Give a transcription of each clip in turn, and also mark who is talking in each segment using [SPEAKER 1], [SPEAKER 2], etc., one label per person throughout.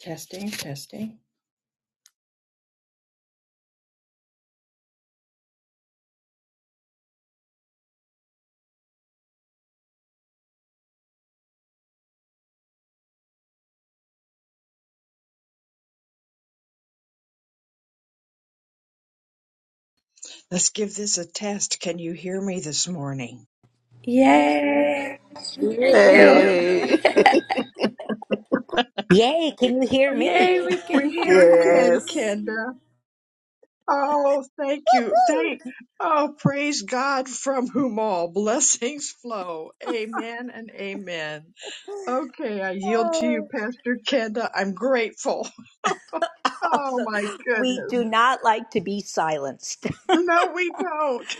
[SPEAKER 1] Testing, testing. Let's give this a test. Can you hear me this morning?
[SPEAKER 2] Yay!
[SPEAKER 3] Hey.
[SPEAKER 4] Yay, can you hear me?
[SPEAKER 2] Yay, we can
[SPEAKER 1] We
[SPEAKER 2] hear
[SPEAKER 1] sure
[SPEAKER 2] you.
[SPEAKER 1] can,
[SPEAKER 3] yes.
[SPEAKER 1] Kenda. Oh, thank you. Thank.
[SPEAKER 4] Woo!
[SPEAKER 1] Oh, praise God from whom all blessings flow. Amen and amen. Okay, I yield to you, Pastor Kenda. I'm grateful. Oh
[SPEAKER 4] Also,
[SPEAKER 1] my
[SPEAKER 4] we
[SPEAKER 1] goodness.
[SPEAKER 4] do not like to be silenced,
[SPEAKER 1] No, we don't.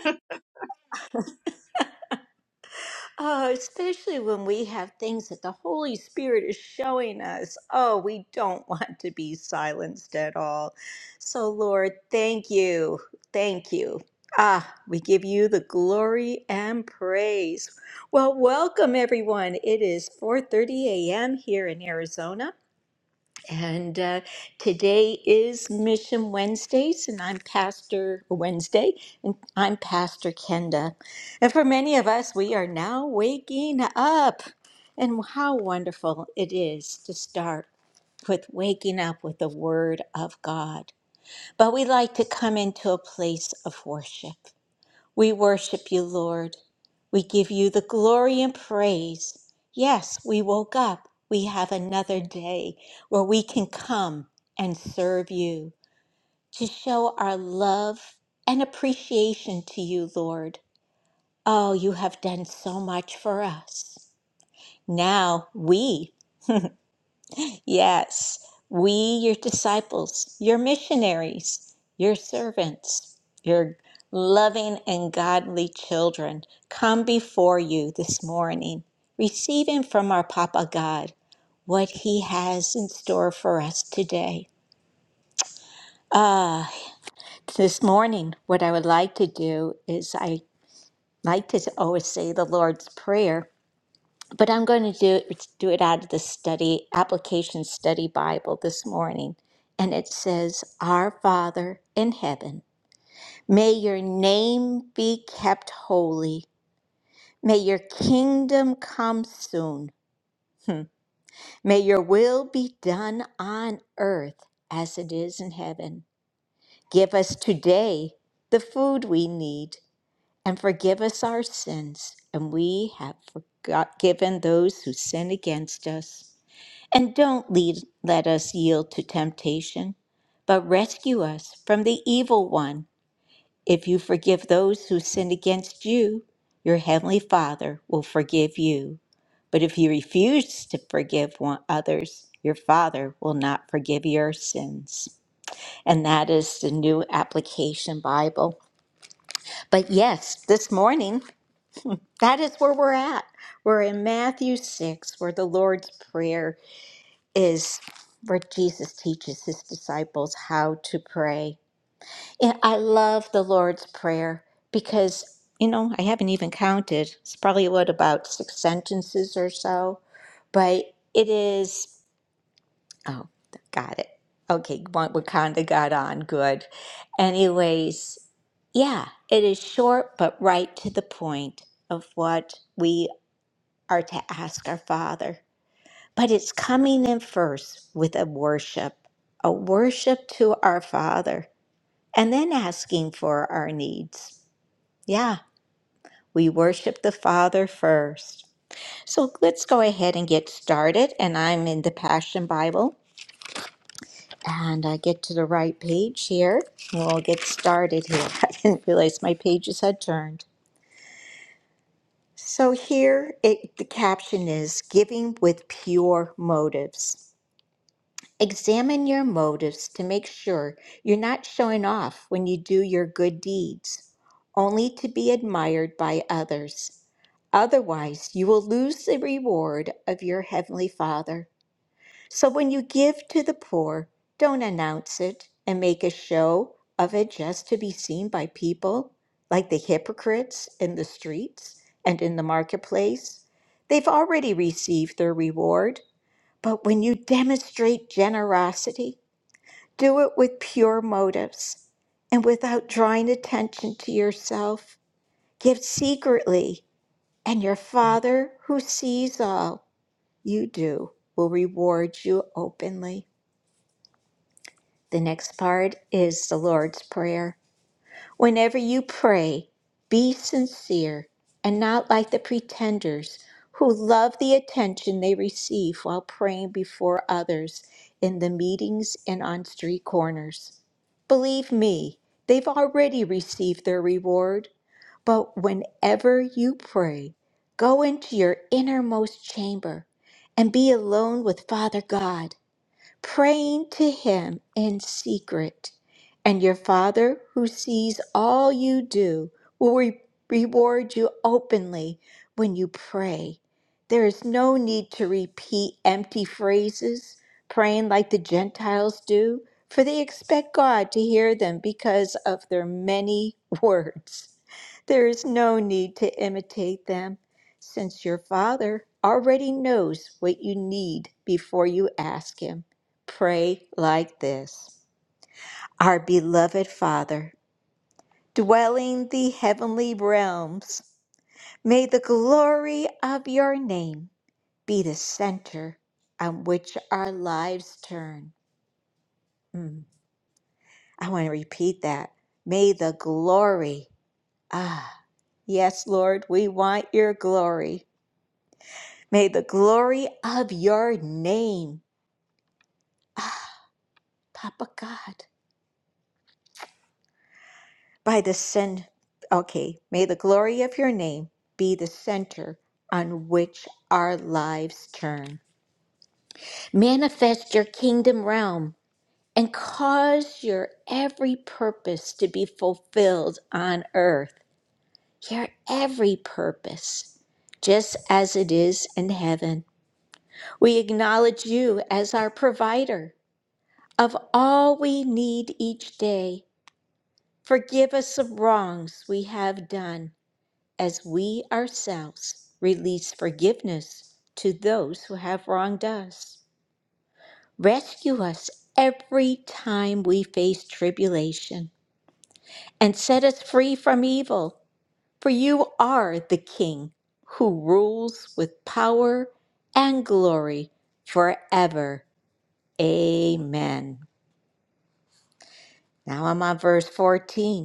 [SPEAKER 4] oh, especially when we have things that the Holy Spirit is showing us. Oh, we don't want to be silenced at all. So, Lord, thank you. Thank you. Ah, we give you the glory and praise. Well, welcome everyone. It is 4:30 a.m. here in Arizona. And uh, today is Mission Wednesdays, and I'm Pastor Wednesday, and I'm Pastor Kenda. And for many of us, we are now waking up. And how wonderful it is to start with waking up with the Word of God. But we like to come into a place of worship. We worship you, Lord. We give you the glory and praise. Yes, we woke up. We have another day where we can come and serve you to show our love and appreciation to you, Lord. Oh, you have done so much for us. Now we Yes, we, your disciples, your missionaries, your servants, your loving and godly children, come before you this morning, receiving from our Papa God what He has in store for us today. Ah, this morning, what I would like to do is I like to always say the Lord's Prayer. but I'm going to do it, do it out of the study application study Bible this morning. And it says, Our Father in heaven, may your name be kept holy. May your kingdom come soon. Hmm. May your will be done on earth as it is in heaven. Give us today the food we need and forgive us our sins. And we have forgot, given those who sin against us. And don't lead, let us yield to temptation, but rescue us from the evil one. If you forgive those who sin against you, your heavenly Father will forgive you. But if you refuse to forgive one, others, your Father will not forgive your sins. And that is the new application Bible. But yes, this morning, that is where we're at. We're in Matthew 6, where the Lord's Prayer is where Jesus teaches his disciples how to pray. And I love the Lord's Prayer because, you know, I haven't even counted. It's probably what about six sentences or so, but it is. Oh, got it. Okay, one- Wakanda got on good. Anyways, yeah, it is short but right to the point of what we are to ask our Father. But it's coming in first with a worship, a worship to our Father, and then asking for our needs. Yeah, we worship the Father first. So let's go ahead and get started. And I'm in the Passion Bible. And I get to the right page here. We'll get started here. I didn't realize my pages had turned. So here it, the caption is Giving with Pure Motives. Examine your motives to make sure you're not showing off when you do your good deeds, only to be admired by others. Otherwise, you will lose the reward of your Heavenly Father. So when you give to the poor, don't announce it and make a show of it just to be seen by people, like the hypocrites in the streets and in the marketplace. They've already received their reward. But when you demonstrate generosity, do it with pure motives and without drawing attention to yourself. Give secretly, and your Father, who sees all you do, will reward you openly. The next part is the Lord's Prayer. Whenever you pray, be sincere and not like the pretenders who love the attention they receive while praying before others in the meetings and on street corners. Believe me, they've already received their reward. But whenever you pray, go into your innermost chamber and be alone with Father God praying to Him in secret. And your Father, who sees all you do, will re- reward you openly when you pray. There is no need to repeat empty phrases, praying like the Gentiles do, for they expect God to hear them because of their many words. There is no need to imitate them, since your Father already knows what you need before you ask Him pray like this Our beloved Father, dwelling the heavenly realms, may the glory of your name be the center on which our lives turn. Mm, I want to repeat that. May the glory, ah, yes, Lord, we want your glory. May the glory of your name, Papa God by the sin, okay may the glory of your name be the center on which our lives turn manifest your kingdom realm and cause your every purpose to be fulfilled on earth your every purpose just as it is in heaven we acknowledge you as our provider of all we need each day forgive us of wrongs we have done as we ourselves release forgiveness to those who have wronged us. Rescue us every time we face tribulation and set us free from evil, for you are the King who rules with power and glory forever. Amen. Now I'm on verse 14.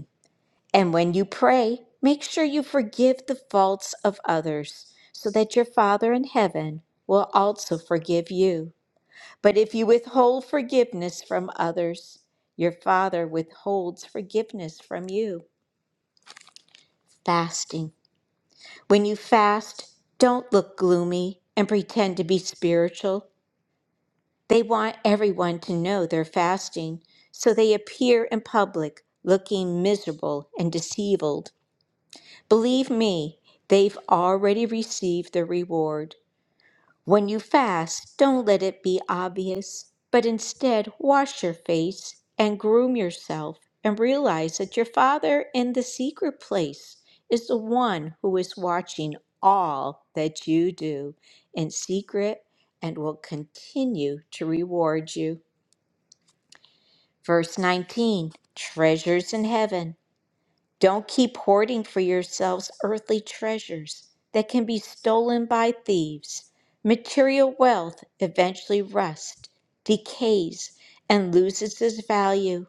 [SPEAKER 4] And when you pray, make sure you forgive the faults of others, so that your Father in heaven will also forgive you. But if you withhold forgiveness from others, your Father withholds forgiveness from you. Fasting. When you fast, don't look gloomy and pretend to be spiritual. They want everyone to know they're fasting, so they appear in public looking miserable and deceived. Believe me, they've already received their reward. When you fast, don't let it be obvious, but instead wash your face and groom yourself and realize that your Father in the secret place is the one who is watching all that you do in secret and will continue to reward you. Verse 19 Treasures in heaven. Don't keep hoarding for yourselves earthly treasures that can be stolen by thieves. Material wealth eventually rusts, decays, and loses its value.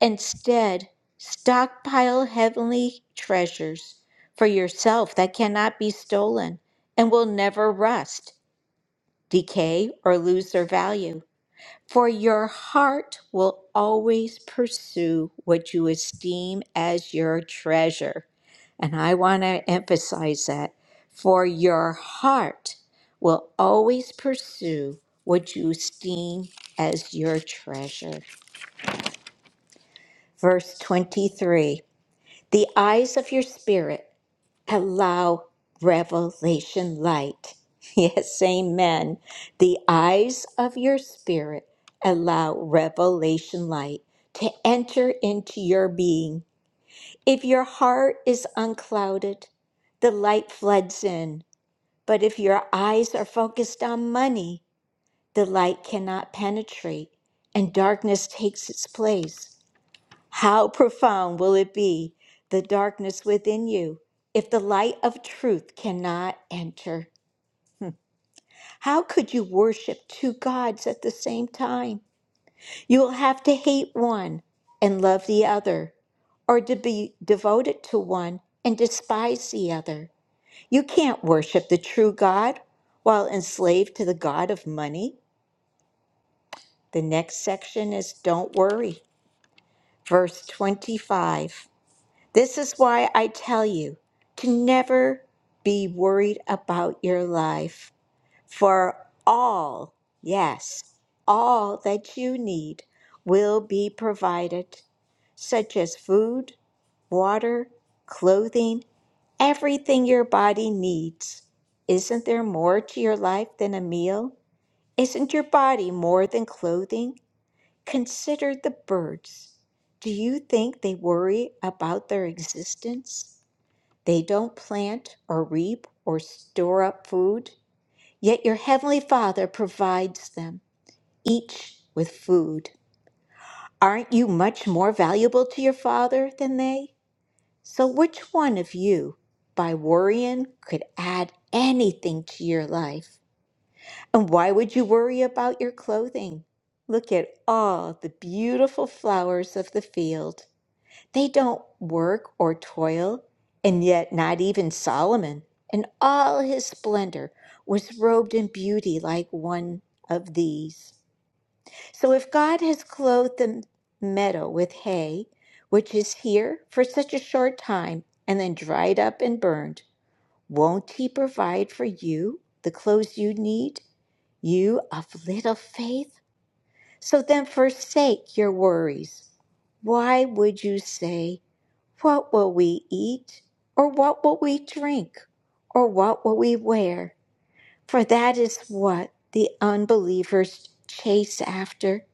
[SPEAKER 4] Instead, stockpile heavenly treasures for yourself that cannot be stolen and will never rust, decay, or lose their value. For your heart will always pursue what you esteem as your treasure. And I want to emphasize that. For your heart will always pursue what you esteem as your treasure. Verse 23 The eyes of your spirit allow revelation light. Yes, amen. The eyes of your spirit allow revelation light to enter into your being. If your heart is unclouded, the light floods in. But if your eyes are focused on money, the light cannot penetrate and darkness takes its place. How profound will it be, the darkness within you, if the light of truth cannot enter? How could you worship two gods at the same time? You will have to hate one and love the other, or to be devoted to one and despise the other. You can't worship the true God while enslaved to the God of money. The next section is Don't Worry, verse 25. This is why I tell you to never be worried about your life, for all, yes, all that you need will be provided, such as food, water, clothing, everything your body needs. Isn't there more to your life than a meal? Isn't your body more than clothing? Consider the birds. Do you think they worry about their existence? They don't plant or reap or store up food, yet your heavenly Father provides them, each with food. Aren't you much more valuable to your Father than they? So, which one of you, by worrying, could add anything to your life? And why would you worry about your clothing? Look at all the beautiful flowers of the field. They don't work or toil, and yet not even Solomon in all his splendor was robed in beauty like one of these. So if God has clothed the meadow with hay, which is here for such a short time and then dried up and burned, won't he provide for you the clothes you need? You of little faith? So then forsake your worries. Why would you say, What will we eat? Or what will we drink? Or what will we wear? For that is what the unbelievers chase after.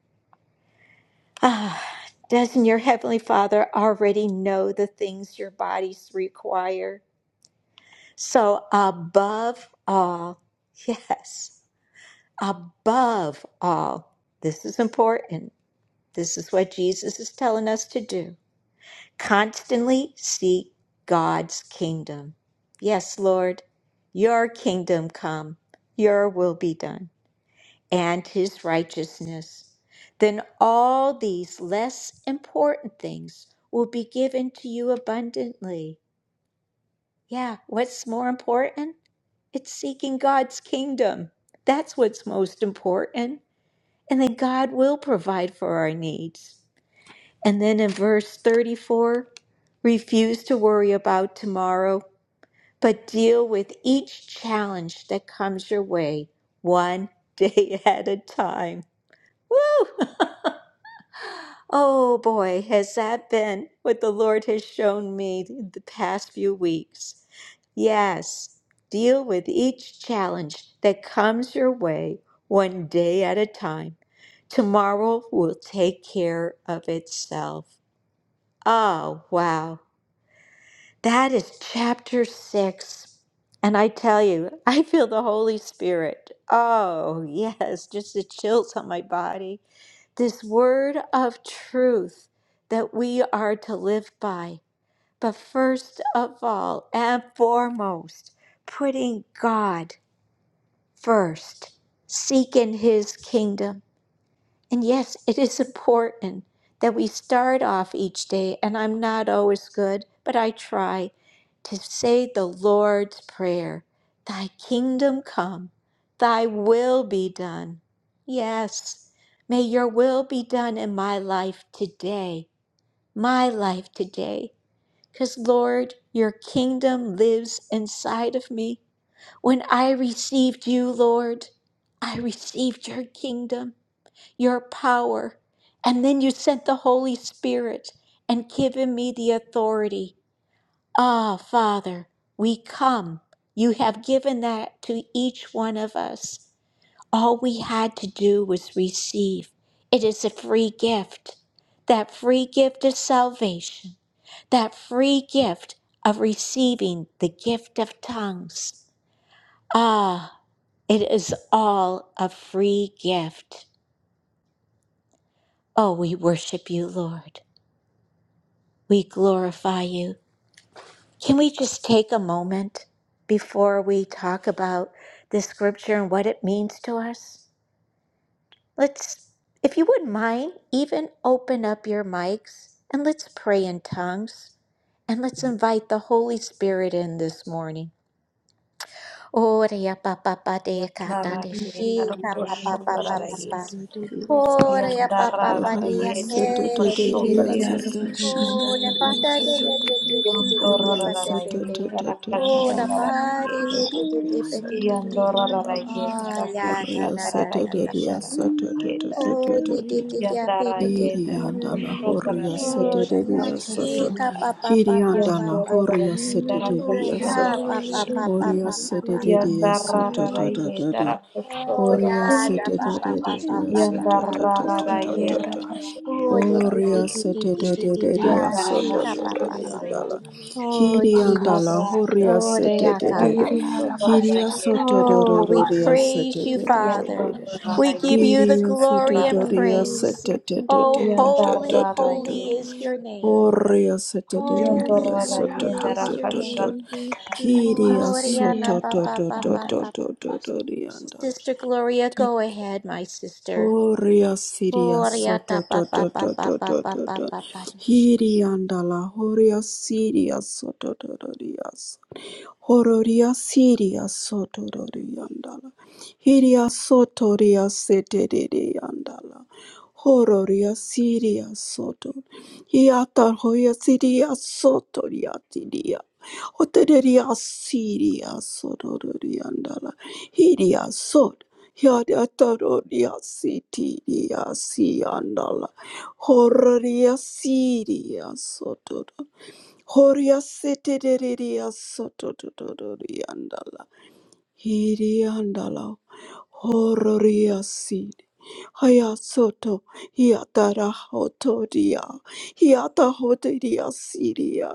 [SPEAKER 4] Ah, doesn't your Heavenly Father already know the things your bodies require? So, above all, yes, above all, this is important This is what Jesus is telling us to do constantly seek God's kingdom. Yes, Lord, your kingdom come, your will be done, and his righteousness. Then all these less important things will be given to you abundantly. Yeah, what's more important? It's seeking God's kingdom. That's what's most important. And then God will provide for our needs. And then in verse 34, refuse to worry about tomorrow, but deal with each challenge that comes your way one day at a time. Woo! oh boy, has that been what the Lord has shown me the past few weeks? Yes, deal with each challenge that comes your way one day at a time. Tomorrow will take care of itself. Oh, wow. That is chapter six. And I tell you, I feel the Holy Spirit. Oh, yes, just the chills on my body. This word of truth that we are to live by. But first of all and foremost, putting God first, seeking his kingdom. And yes, it is important that we start off each day, and I'm not always good, but I try to say the Lord's Prayer Thy kingdom come, thy will be done. Yes, may your will be done in my life today, my life today. Because, Lord, your kingdom lives inside of me. When I received you, Lord, I received your kingdom your power. And then you sent the Holy Spirit and given me the authority. Ah, Father, we come. You have given that to each one of us. All we had to do was receive. It is a free gift. That free gift of salvation, that free gift of receiving the gift of tongues. Ah, it is all a free gift. Oh, we worship you, Lord. We glorify you. Can we just take a moment before we talk about this scripture and what it means to us? Let's, if you wouldn't mind, even open up your mics and let's pray in tongues and let's invite the Holy Spirit in this morning. Oreya pa pa pa de ka da de shi
[SPEAKER 5] Yandarayetara
[SPEAKER 4] ka pa pa pa pa
[SPEAKER 6] Krishna
[SPEAKER 4] pa
[SPEAKER 5] koshotararaye.
[SPEAKER 4] pa.
[SPEAKER 6] Masada
[SPEAKER 4] Oreya pa
[SPEAKER 6] Krishna
[SPEAKER 4] pa pa de ya
[SPEAKER 6] Makaira
[SPEAKER 7] Thank
[SPEAKER 5] Yandarararayetara
[SPEAKER 4] ke de
[SPEAKER 6] Shukrishna
[SPEAKER 4] de de de.
[SPEAKER 5] koshotararaye.
[SPEAKER 6] Isura
[SPEAKER 4] Oh, the bada de de de
[SPEAKER 6] Shukrishna
[SPEAKER 4] de de de de
[SPEAKER 6] Aira
[SPEAKER 4] de ba ba ba ba.
[SPEAKER 5] Yondorararayetara
[SPEAKER 4] Oh, the bada de
[SPEAKER 6] Shukrishna
[SPEAKER 5] kashandararayetara.
[SPEAKER 4] de de de de ba
[SPEAKER 6] Aira
[SPEAKER 4] de de de.
[SPEAKER 6] Yandra
[SPEAKER 4] Oh,
[SPEAKER 5] Yondorararayetara
[SPEAKER 4] yeah, da da da da da.
[SPEAKER 6] Shukrishna
[SPEAKER 3] Oriya
[SPEAKER 6] Aira
[SPEAKER 5] kashatararayetara.
[SPEAKER 4] Oh, de de de
[SPEAKER 6] Sanda
[SPEAKER 4] de ah, ba
[SPEAKER 5] Yandara
[SPEAKER 6] Kai
[SPEAKER 4] de de.
[SPEAKER 5] yedara
[SPEAKER 3] Hirianda la
[SPEAKER 6] Ila Yandra
[SPEAKER 3] horia
[SPEAKER 5] koshodara
[SPEAKER 4] Oh,
[SPEAKER 6] Shukrishna
[SPEAKER 5] yedara
[SPEAKER 4] yeah,
[SPEAKER 3] seteria
[SPEAKER 4] she
[SPEAKER 6] Aira
[SPEAKER 3] sotot.
[SPEAKER 4] ka
[SPEAKER 5] yedara.
[SPEAKER 4] ba ba ba ba
[SPEAKER 3] Hirianda
[SPEAKER 4] ba
[SPEAKER 3] la
[SPEAKER 4] ba ba.
[SPEAKER 5] Yandorara
[SPEAKER 6] Shukrishna
[SPEAKER 3] horia sete
[SPEAKER 5] yedara
[SPEAKER 6] Yandra
[SPEAKER 4] Oh,
[SPEAKER 3] seteria sot.
[SPEAKER 4] ka
[SPEAKER 5] koshandara
[SPEAKER 4] ba ba
[SPEAKER 6] Shukrishna
[SPEAKER 4] ba ba
[SPEAKER 5] yedara.
[SPEAKER 3] Horia
[SPEAKER 4] ba ba
[SPEAKER 3] sete
[SPEAKER 4] ba ba
[SPEAKER 6] Ila
[SPEAKER 3] devia
[SPEAKER 4] ba ba.
[SPEAKER 6] Yandra
[SPEAKER 3] soto
[SPEAKER 5] Yandarara
[SPEAKER 3] da da da da.
[SPEAKER 6] Shukrishna
[SPEAKER 5] yedara
[SPEAKER 6] Aira
[SPEAKER 4] Oh,
[SPEAKER 3] Horia
[SPEAKER 5] koshodara
[SPEAKER 4] yeah, da
[SPEAKER 3] sete
[SPEAKER 4] ba
[SPEAKER 5] yedara.
[SPEAKER 4] ba
[SPEAKER 6] Shukrishna
[SPEAKER 4] ba ba
[SPEAKER 3] devia
[SPEAKER 4] ba ba
[SPEAKER 3] soto
[SPEAKER 4] ba
[SPEAKER 3] da
[SPEAKER 4] ba
[SPEAKER 3] da da
[SPEAKER 5] Yandarara
[SPEAKER 4] ba
[SPEAKER 3] da
[SPEAKER 4] ba.
[SPEAKER 3] da da.
[SPEAKER 5] yedara
[SPEAKER 4] Oh, de
[SPEAKER 5] koshodara
[SPEAKER 4] de de
[SPEAKER 3] Horia
[SPEAKER 6] Yandra
[SPEAKER 5] yedara.
[SPEAKER 4] de de
[SPEAKER 3] sete
[SPEAKER 4] de
[SPEAKER 6] Shukrishna
[SPEAKER 4] de de de.
[SPEAKER 3] devia
[SPEAKER 4] Yeah,
[SPEAKER 5] Yandara
[SPEAKER 4] she
[SPEAKER 3] soto da
[SPEAKER 4] ka ba
[SPEAKER 5] hashudara
[SPEAKER 4] ba ba.
[SPEAKER 3] sotototorianda la.
[SPEAKER 5] yedara.
[SPEAKER 4] Oh,
[SPEAKER 7] you.
[SPEAKER 3] Hirianda la
[SPEAKER 4] Jesus.
[SPEAKER 3] horia
[SPEAKER 5] Arara
[SPEAKER 4] Oh,
[SPEAKER 3] sete
[SPEAKER 4] Reaka
[SPEAKER 5] yedara
[SPEAKER 3] devia. Hiri
[SPEAKER 7] Good
[SPEAKER 5] koshodara
[SPEAKER 3] seteria. da
[SPEAKER 5] yedara.
[SPEAKER 4] Oh, we
[SPEAKER 3] sotototoria
[SPEAKER 4] praise you, Father.
[SPEAKER 3] seteria.
[SPEAKER 5] Yandorara
[SPEAKER 4] We give you
[SPEAKER 5] yedara.
[SPEAKER 4] the glory and
[SPEAKER 5] Yandara yedara.
[SPEAKER 4] praise. Oh, holy,
[SPEAKER 5] Yandarara
[SPEAKER 4] holy
[SPEAKER 5] yedara.
[SPEAKER 4] is your name. Holy,
[SPEAKER 5] Yondorara
[SPEAKER 4] holy
[SPEAKER 5] yendara
[SPEAKER 4] is your
[SPEAKER 5] kasha
[SPEAKER 4] name. Oh, Rihanna, Baba, Baba, Baba.
[SPEAKER 3] Thank
[SPEAKER 4] Sister Gloria, go ahead, my sister.
[SPEAKER 3] Oria siria
[SPEAKER 4] Oh,
[SPEAKER 3] soto
[SPEAKER 4] Rihanna,
[SPEAKER 3] to
[SPEAKER 4] Baba,
[SPEAKER 3] to to
[SPEAKER 4] Baba,
[SPEAKER 3] to
[SPEAKER 4] Baba, Baba, Baba.
[SPEAKER 3] hiriandala horia siria soto to rias hororia siria soto to hiria soto ria sete riandala hororia siria soto hiata horia siria soto Otereria Siria Sororiandala Hiria Sod Hiadatororia Sitiria Siandala Horaria Siria Sotodo Horia Sitiria Sotodoriandala Hiriandala Horaria Sid Hayasoto Hiatara Hotoria Hiata Hoteria Siria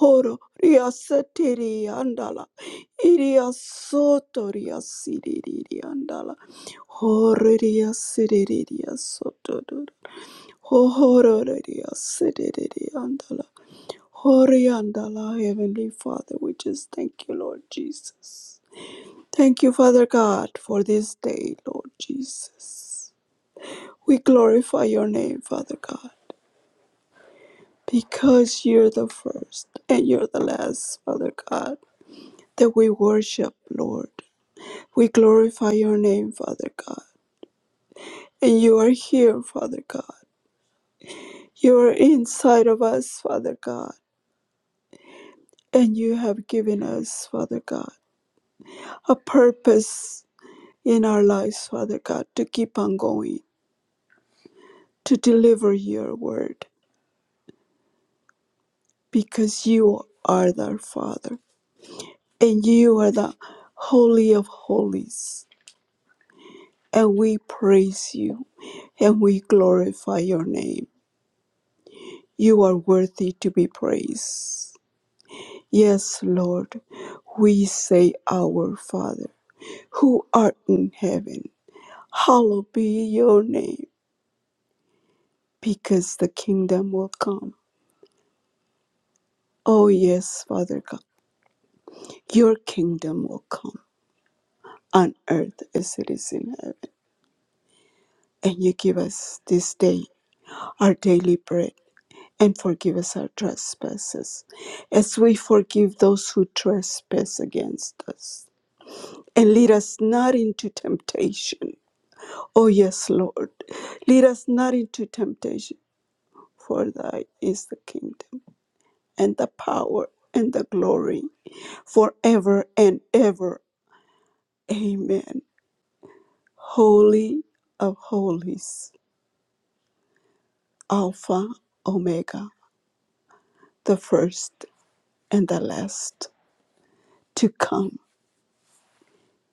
[SPEAKER 3] Horo riasatiri andala. Iria soto riasiriri andala. Horo riasiriri soto Horo riasiriri andala. Hori andala, Heavenly Father, we just thank you, Lord Jesus. Thank you, Father God, for this day, Lord Jesus. We glorify your name, Father God, because you're the first and you're the last, Father God. that we worship, Lord. We glorify your name, Father God. And you are here, Father God. You are inside of us, Father God. And you have given us, Father God, a purpose in our lives, Father God, to keep on going, to deliver your word, because you are our Father. And you are the Holy of Holies. And we praise you and we glorify your name. You are worthy to be praised. Yes, Lord, we say, Our Father, who art in heaven, hallowed be your name, because the kingdom will come. Oh, yes, Father God, your kingdom will come on earth as it is in heaven. And you give us this day our daily bread, and forgive us our trespasses, as we forgive those who trespass against us and lead us not into temptation. Oh, yes, Lord. Lead us not into temptation, for thy is the kingdom and the power and the glory forever and ever. Amen. Holy of holies, Alpha, Omega, the first and the last to come.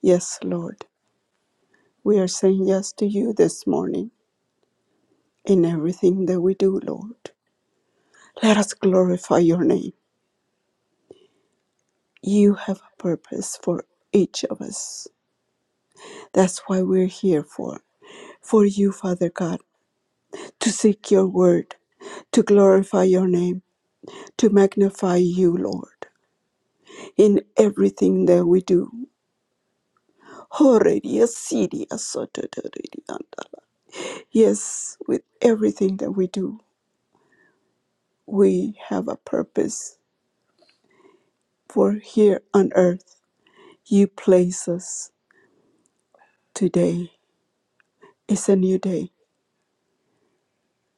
[SPEAKER 3] Yes, Lord. We are saying yes to you this morning in everything that we do, Lord. Let us glorify your name. You have a purpose for each of us. That's why we're here for. For you, Father God, to seek your word, to glorify your name, to magnify you, Lord, in everything that we do. Horeria siria sototorianda. Yes, with everything that we do, we have a purpose for here on earth. You place us today. It's a new day.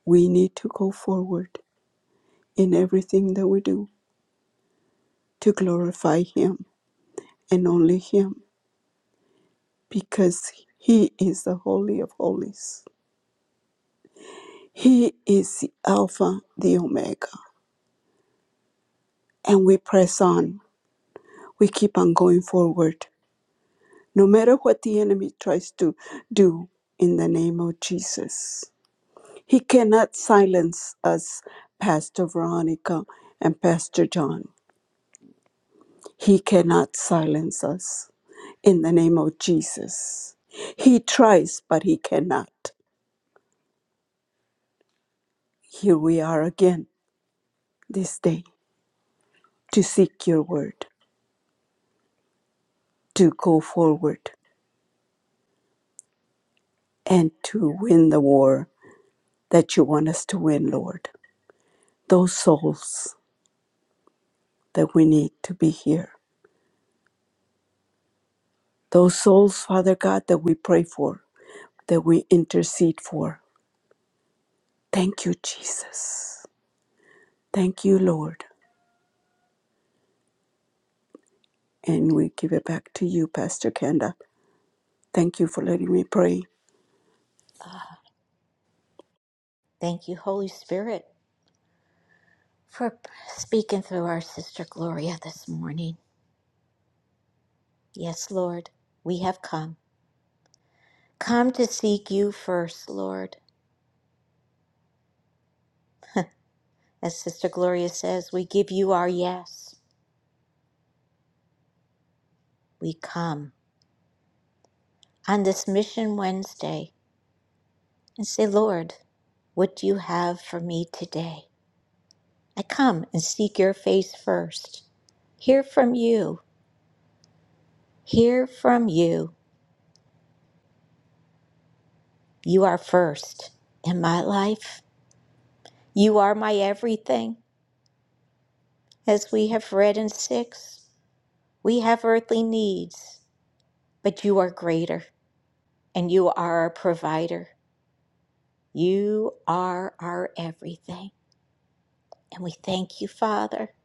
[SPEAKER 3] We need to go forward in everything that we do to glorify Him and only Him because He is the Holy of Holies. He is the Alpha, the Omega. And we press on, we keep on going forward, no matter what the enemy tries to do in the name of Jesus. He cannot silence us, Pastor Veronica and Pastor John. He cannot silence us. in the name of Jesus. He tries, but he cannot. Here we are again this day to seek your word, to go forward, and to win the war that you want us to win, Lord. Those souls that we need to be here, those souls, Father God, that we pray for, that we intercede for. Thank you, Jesus. Thank you, Lord. And we give it back to you, Pastor Kenda. Thank you for letting me pray.
[SPEAKER 4] Thank you, Holy Spirit, for speaking through our sister Gloria this morning. Yes, Lord, we have come. Come to seek you first, Lord. As Sister Gloria says, we give you our yes. We come on this Mission Wednesday and say, Lord, what do you have for me today? I come and seek your face first. Hear from you. Hear from you. You are first in my life. You are my everything. As we have read in 6, we have earthly needs, but you are greater. and you are our provider. You are our everything. And we thank you, Father.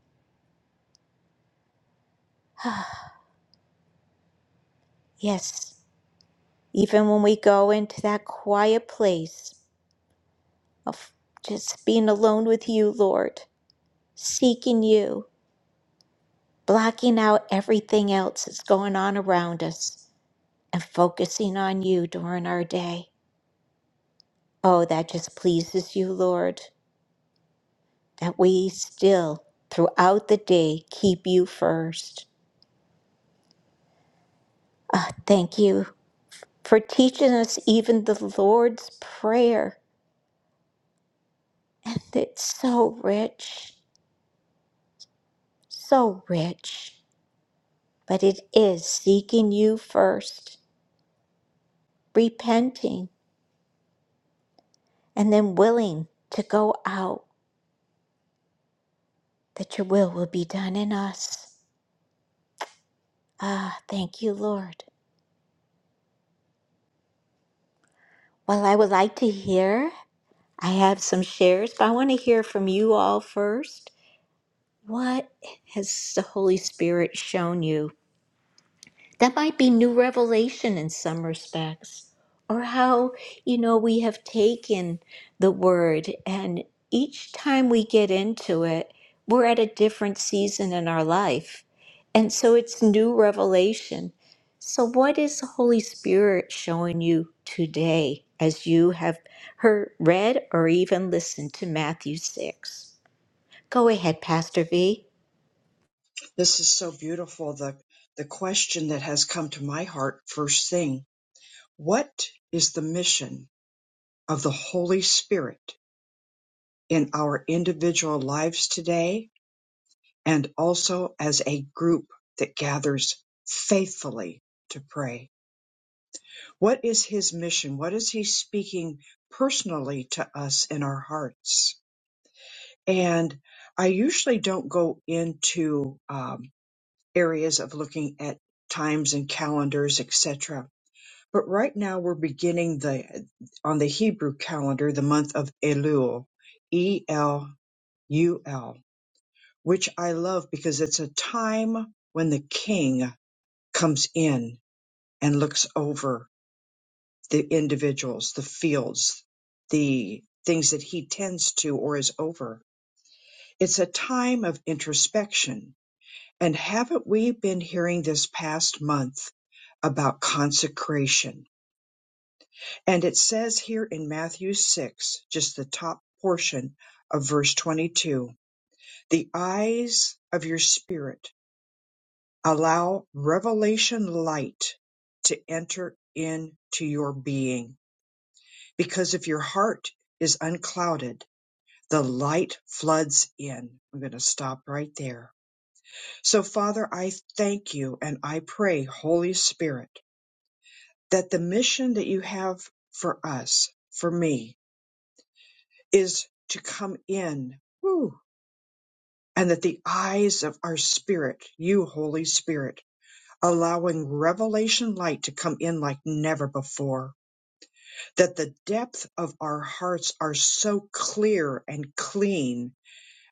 [SPEAKER 4] Ah, Yes, even when we go into that quiet place of just being alone with you, Lord, seeking you, blocking out everything else that's going on around us, and focusing on you during our day. Oh, that just pleases you, Lord, that we still, throughout the day, keep you first. Ah, thank you for teaching us even the Lord's Prayer. And it's so rich, so rich. But it is seeking you first, repenting, and then willing to go out that your will will be done in us. Ah, thank you, Lord. Well, I would like to hear, I have some shares, but I want to hear from you all first. What has the Holy Spirit shown you? that might be new revelation in some respects or how you know we have taken the word and each time we get into it we're at a different season in our life and so it's new revelation so what is the holy spirit showing you today as you have heard read or even listened to matthew 6 go ahead pastor v
[SPEAKER 1] This is so beautiful. The the question that has come to my heart first thing. What is the mission of the Holy Spirit in our individual lives today and also as a group that gathers faithfully to pray. What is his mission? What is he speaking personally to us in our hearts? And I usually don't go into um, areas of looking at times and calendars, etc. But right now we're beginning the on the Hebrew calendar the month of Elul, E L U L which I love because it's a time when the king comes in and looks over the individuals, the fields, the things that he tends to or is over. It's a time of introspection. And haven't we been hearing this past month about consecration? And it says here in Matthew 6, just the top portion of verse 22, the eyes of your spirit Allow revelation light to enter into your being. Because if your heart is unclouded, the light floods in. I'm going to stop right there. So, Father, I thank you and I pray, Holy Spirit, that the mission that you have for us, for me, is to come in. Woo, and that the eyes of our spirit, you, Holy Spirit, allowing revelation light to come in like never before that the depth of our hearts are so clear and clean.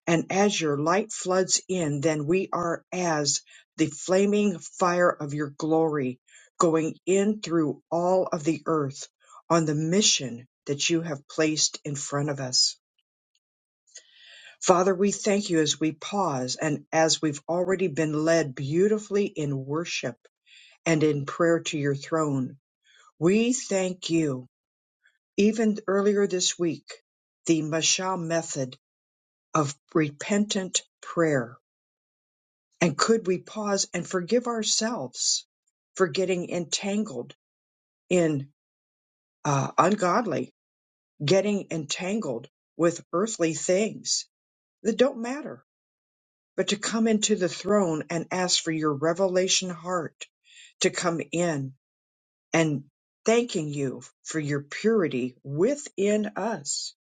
[SPEAKER 1] And as your light floods in, then we are as the flaming fire of your glory going in through all of the earth on the mission that you have placed in front of us. Father, we thank you as we pause and as we've already been led beautifully in worship and in prayer to your throne. We thank you Even earlier this week, the Mashal method of repentant prayer. And could we pause and forgive ourselves for getting entangled in uh, ungodly, getting entangled with earthly things that don't matter, but to come into the throne and ask for your revelation heart to come in and thanking you for your purity within us.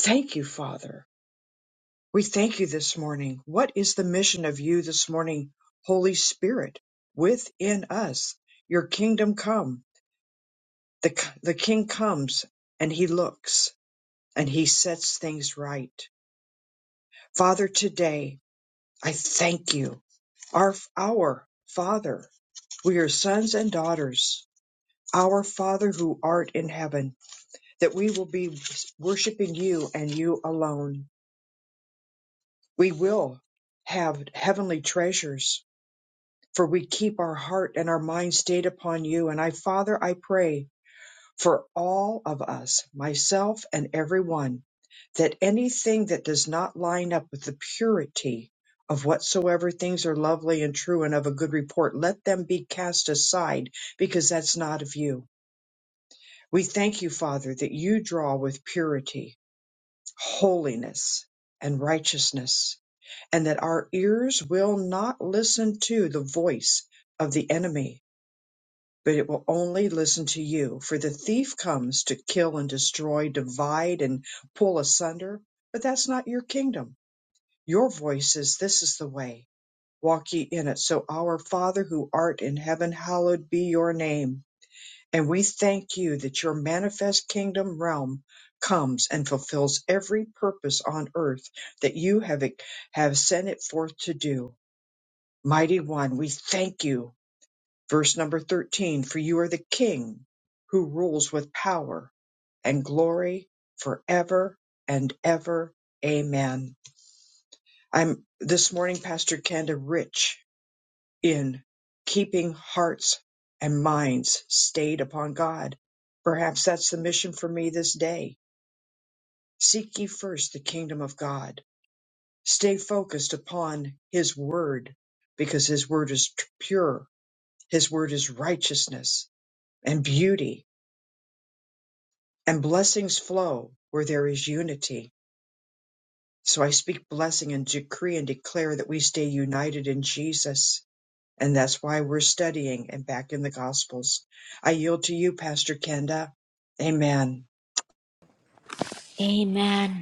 [SPEAKER 1] Thank you, Father We thank you this morning. What is the mission of you this morning, Holy Spirit, within us? Your kingdom come. The, the King comes and he looks and he sets things right. Father, today I thank you. Our, our Father, we are sons and daughters. Our Father who art in heaven, that we will be worshiping you and you alone. We will have heavenly treasures for we keep our heart and our mind stayed upon you. And I, Father, I pray for all of us, myself and everyone, that anything that does not line up with the purity of whatsoever things are lovely and true and of a good report, let them be cast aside because that's not of you. We thank you, Father, that you draw with purity, holiness, and righteousness, and that our ears will not listen to the voice of the enemy but it will only listen to you. For the thief comes to kill and destroy, divide and pull asunder, but that's not your kingdom. Your voice is, This is the way, walk ye in it. So, our Father who art in heaven, hallowed be your name. And we thank you that your manifest kingdom realm comes and fulfills every purpose on earth that you have, have sent it forth to do. Mighty One, we thank you Verse number 13 For you are the King who rules with power and glory forever and ever. Amen. I'm this morning, Pastor Kenda, rich in keeping hearts and minds stayed upon God. Perhaps that's the mission for me this day. Seek ye first the kingdom of God. Stay focused upon His word because His word is tr- pure. His word is righteousness and beauty and blessings flow where there is unity. So I speak blessing and decree and declare that we stay united in Jesus. And that's why we're studying and back in the Gospels. I yield to you, Pastor Kenda. Amen.
[SPEAKER 4] amen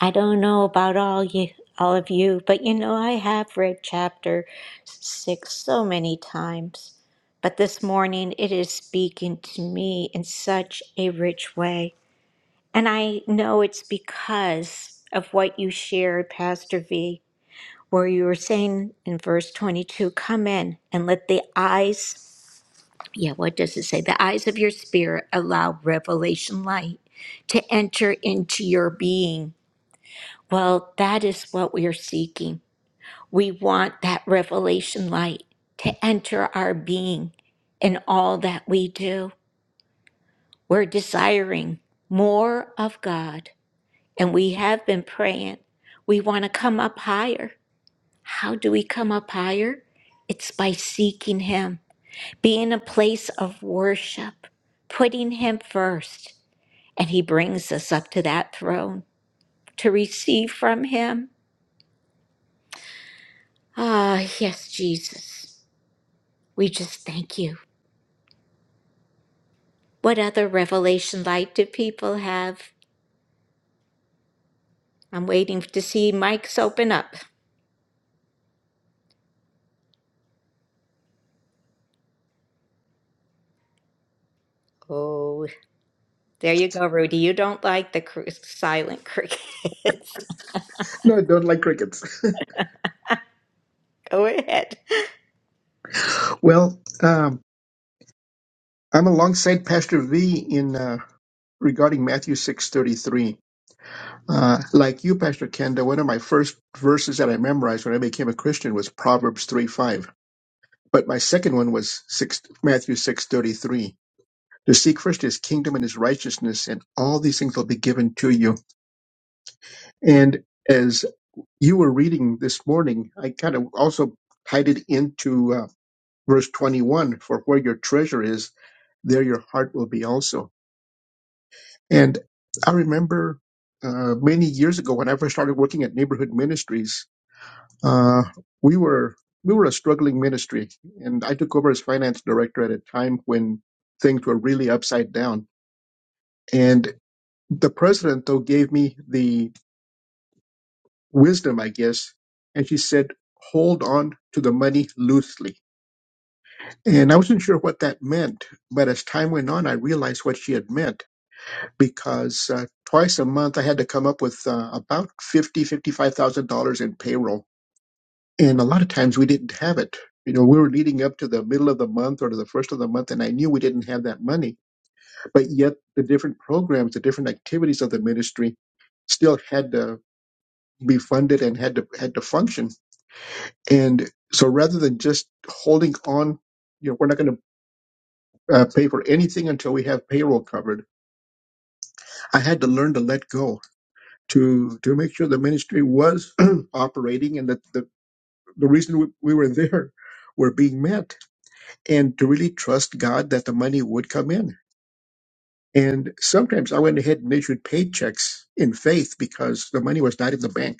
[SPEAKER 4] I don't know about all you all of you, but you know I have read chapter 6 so many times. But this morning it is speaking to me in such a rich way. And I know it's because of what you shared, Pastor V, where you were saying in verse 22, come in and let the eyes, yeah, what does it say? The eyes of your spirit allow revelation light to enter into your being well, that is what we are seeking. We want that revelation light to enter our being in all that we do. We're desiring more of God, and we have been praying. We want to come up higher. How do we come up higher? It's by seeking Him, being in a place of worship, putting Him first, and He brings us up to that throne to receive from Him. Ah, yes, Jesus. We just thank you. What other revelation light do people have? I'm waiting to see mics open up. Oh, there you go, Rudy. You don't like the cr- silent crickets.
[SPEAKER 8] No, I don't like crickets.
[SPEAKER 4] go ahead.
[SPEAKER 8] well, um, I'm alongside Pastor V in uh, regarding Matthew six thirty three. Uh, like you, Pastor Kenda, one of my first verses that I memorized when I became a Christian was Proverbs three five. But my second one was six, Matthew six thirty three. To seek first His kingdom and His righteousness, and all these things will be given to you. And as you were reading this morning, I kind of also tied it into uh, verse twenty one. For where your treasure is, there your heart will be also. And I remember uh, many years ago when I first started working at Neighborhood Ministries, uh, we were we were a struggling ministry, and I took over as finance director at a time when things were really upside down. And the president though gave me the wisdom, I guess, and she said, "Hold on to the money loosely." And I wasn't sure what that meant, but as time went on, I realized what she had meant because uh, twice a month I had to come up with uh, about fifty, fifty-five thousand dollars in payroll, and a lot of times we didn't have it. You know, we were leading up to the middle of the month or to the first of the month, and I knew we didn't have that money. But yet, the different programs, the different activities of the ministry, still had to be funded and had to had to function. And so, rather than just holding on, you know, we're not going to uh, pay for anything until we have payroll covered. I had to learn to let go to to make sure the ministry was operating and that the, the reason we, we were there were being met and to really trust God that the money would come in. And sometimes I went ahead and issued paychecks in faith because the money was not in the bank.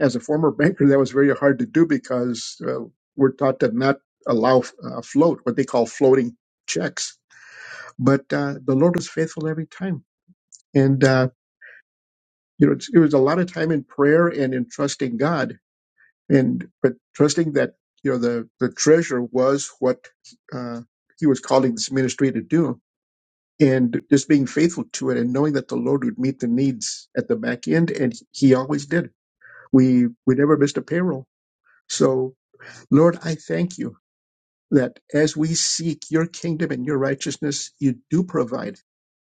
[SPEAKER 8] As a former banker, that was very hard to do because uh, we're taught to not allow uh, float, what they call floating checks. But uh, the Lord was faithful every time. And, uh, you know, it's- it was a lot of time in prayer and in trusting God and but trusting that you know the the treasure was what uh, he was calling this ministry to do and just being faithful to it and knowing that the lord would meet the needs at the back end and he always did we we never missed a payroll so lord i thank you that as we seek your kingdom and your righteousness you do provide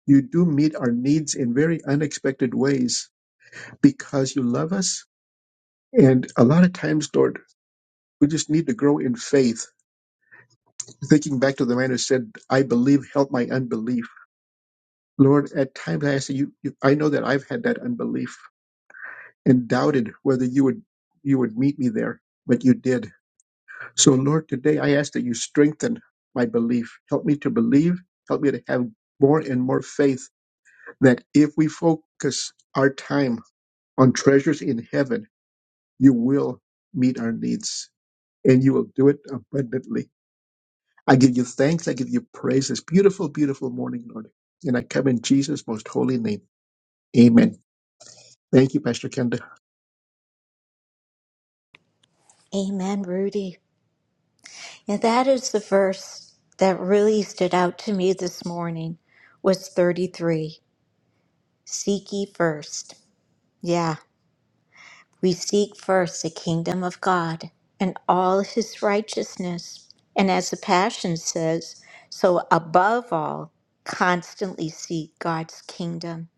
[SPEAKER 8] you do meet our needs in very unexpected ways because you love us and a lot of times lord we just need to grow in faith Thinking back to the man who said, I believe, help my unbelief. Lord, at times I ask you, you, I know that I've had that unbelief and doubted whether you would, you would meet me there, but you did. So Lord, today I ask that you strengthen my belief. Help me to believe. Help me to have more and more faith that if we focus our time on treasures in heaven, you will meet our needs and you will do it abundantly. I give you thanks. I give you praise. This beautiful, beautiful morning, Lord. And I come in Jesus' most holy name. Amen. Thank you, Pastor Kenda.
[SPEAKER 4] Amen, Rudy. And that is the verse that really stood out to me this morning was 33. Seek ye first. Yeah. We seek first the kingdom of God and all his righteousness. And as the Passion says, so above all, constantly seek God's kingdom.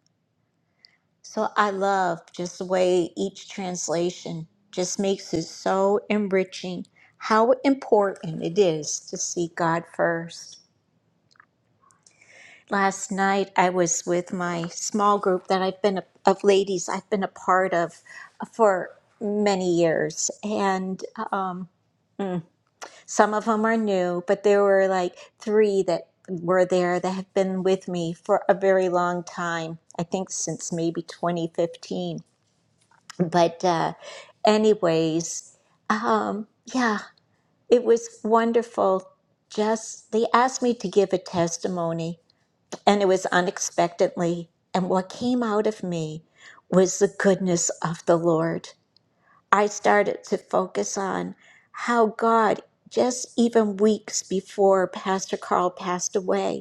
[SPEAKER 4] So I love just the way each translation just makes it so enriching how important it is to seek God first. Last night, I was with my small group that I've been a, of ladies I've been a part of uh, for many years, and um, mm, some of them are new, but there were like three that were there that have been with me for a very long time. I think since maybe 2015. But uh, anyways, um, yeah, it was wonderful. Just they asked me to give a testimony and it was unexpectedly. And what came out of me was the goodness of the Lord. I started to focus on how God, just even weeks before Pastor Carl passed away,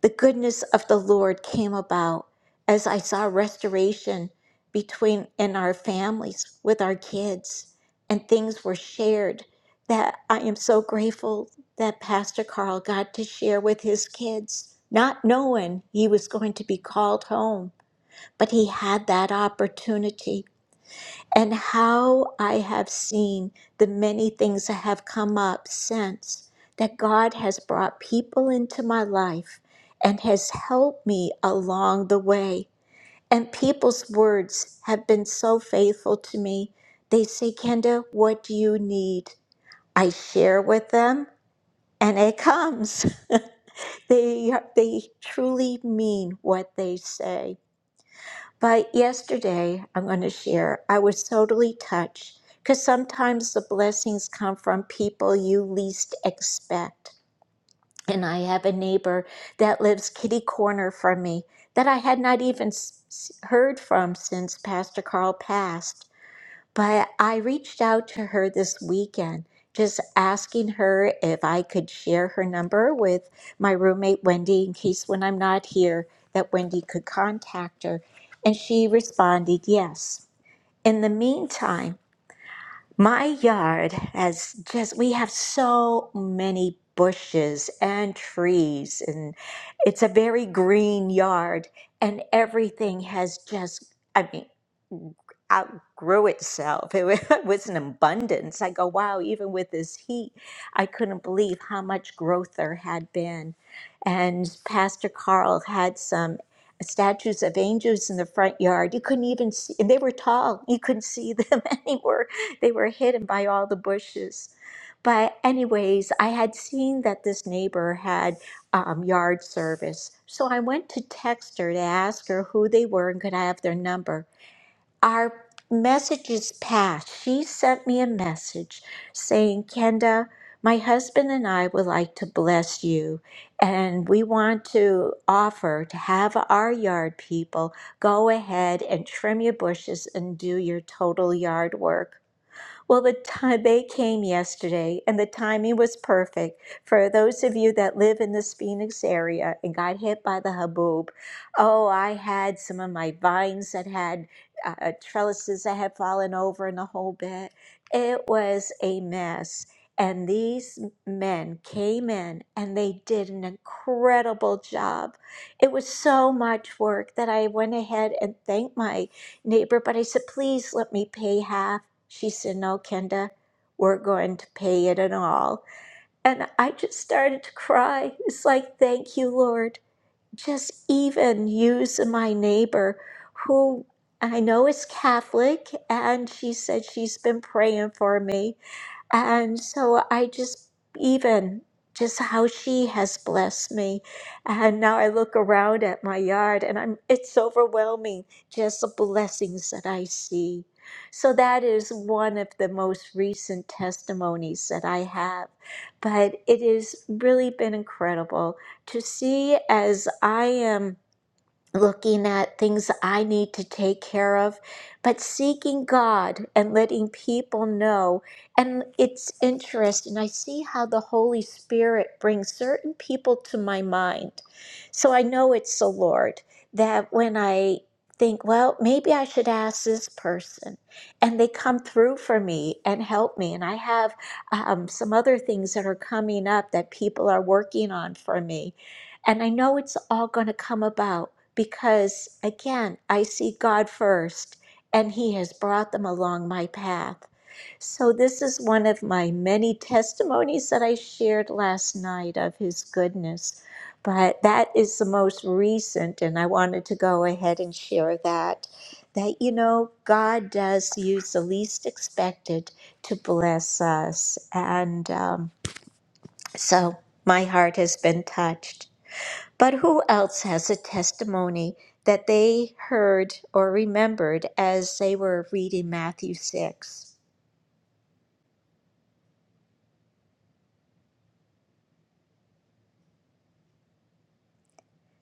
[SPEAKER 4] the goodness of the Lord came about as I saw restoration between in our families with our kids and things were shared that I am so grateful that Pastor Carl got to share with his kids, not knowing he was going to be called home, but he had that opportunity and how I have seen the many things that have come up since that God has brought people into my life and has helped me along the way. And people's words have been so faithful to me. They say, Kenda, what do you need? I share with them and it comes. they, they truly mean what they say. But yesterday, I'm going to share, I was totally touched because sometimes the blessings come from people you least expect. And I have a neighbor that lives kitty corner from me that I had not even s- s- heard from since Pastor Carl passed. But I reached out to her this weekend, just asking her if I could share her number with my roommate Wendy in case when I'm not here that Wendy could contact her. And she responded yes. In the meantime, my yard has just, we have so many bushes and trees, and it's a very green yard, and everything has just, I mean, outgrew itself. It wa- was an abundance. I go, wow, even with this heat, I couldn't believe how much growth there had been. And Pastor Carl had some statues of angels in the front yard. You couldn't even see, and they were tall. You couldn't see them anywhere. They were hidden by all the bushes. But, anyways, I had seen that this neighbor had um, yard service. So I went to text her to ask her who they were and could I have their number our messages passed. She sent me a message saying, Kenda, my husband and I would like to bless you, and we want to offer to have our yard people go ahead and trim your bushes and do your total yard work. Well, the time they came yesterday, and the timing was perfect for those of you that live in this Phoenix area and got hit by the haboob. Oh, I had some of my vines that had uh, uh, trellises that had fallen over and the whole bit. It was a mess. And these men came in and they did an incredible job. It was so much work that I went ahead and thanked my neighbor, but I said, please let me pay half. She said, No, Kenda, we're going to pay it and all. And I just started to cry. It's like, Thank you, Lord. Just even use my neighbor who I know is Catholic. And she said she's been praying for me. And so I just, even just how she has blessed me. And now I look around at my yard and I'm, it's overwhelming just the blessings that I see. So that is one of the most recent testimonies that I have. But it has really been incredible to see as I am looking at things I need to take care of, but seeking God and letting people know. And it's interesting. I see how the Holy Spirit brings certain people to my mind. So I know it's the Lord that when I think, well, maybe I should ask this person, and they come through for me and help me. And I have um, some other things that are coming up that people are working on for me. And I know it's all going to come about because again, I see God first and He has brought them along my path. So, this is one of my many testimonies that I shared last night of His goodness. But that is the most recent, and I wanted to go ahead and share that. That, you know, God does use the least expected to bless us. And um, so, my heart has been touched. But who else has a testimony that they heard or remembered as they were reading Matthew 6?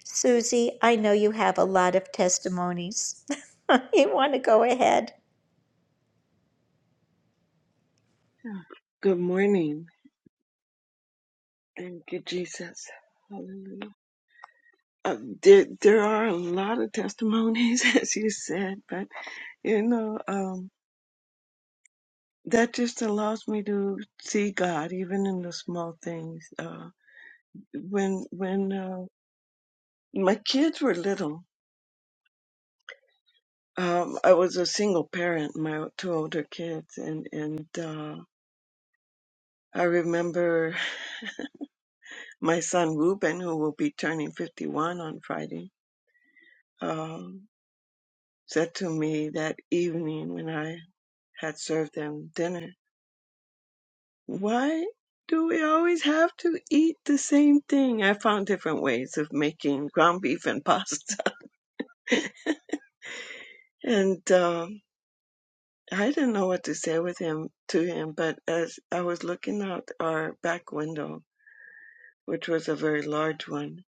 [SPEAKER 4] Susie, I know you have a lot of testimonies. you want to go ahead?
[SPEAKER 7] morning. Thank you, Jesus. Hallelujah. Uh, there, there are a lot of testimonies, as you said, but you know, um, that just allows me to see God even in the small things. Uh, when when uh, my kids were little, um, I was a single parent, my two older kids, and and uh, I remember my son Ruben, who will be turning 51 on Friday, um, said to me that evening when I had served them dinner, "Why do we always have to eat the same thing?" I found different ways of making ground beef and pasta, and um, I didn't know what to say with him to him. But as I was looking out our back window which was a very large one.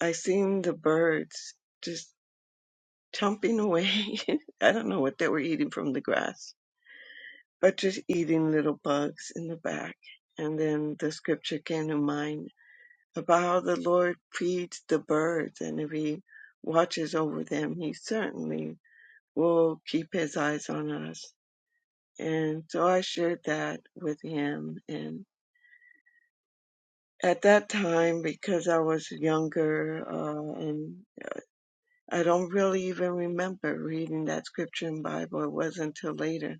[SPEAKER 7] I seen the birds just chomping away. I don't know what they were eating from the grass, but just eating little bugs in the back. And then the scripture came to mind about how the Lord feeds the birds, and if He watches over them, He certainly will keep His eyes on us. And so I shared that with him. And at that time, because I was younger uh, and I don't really even remember reading that scripture in Bible. It wasn't until later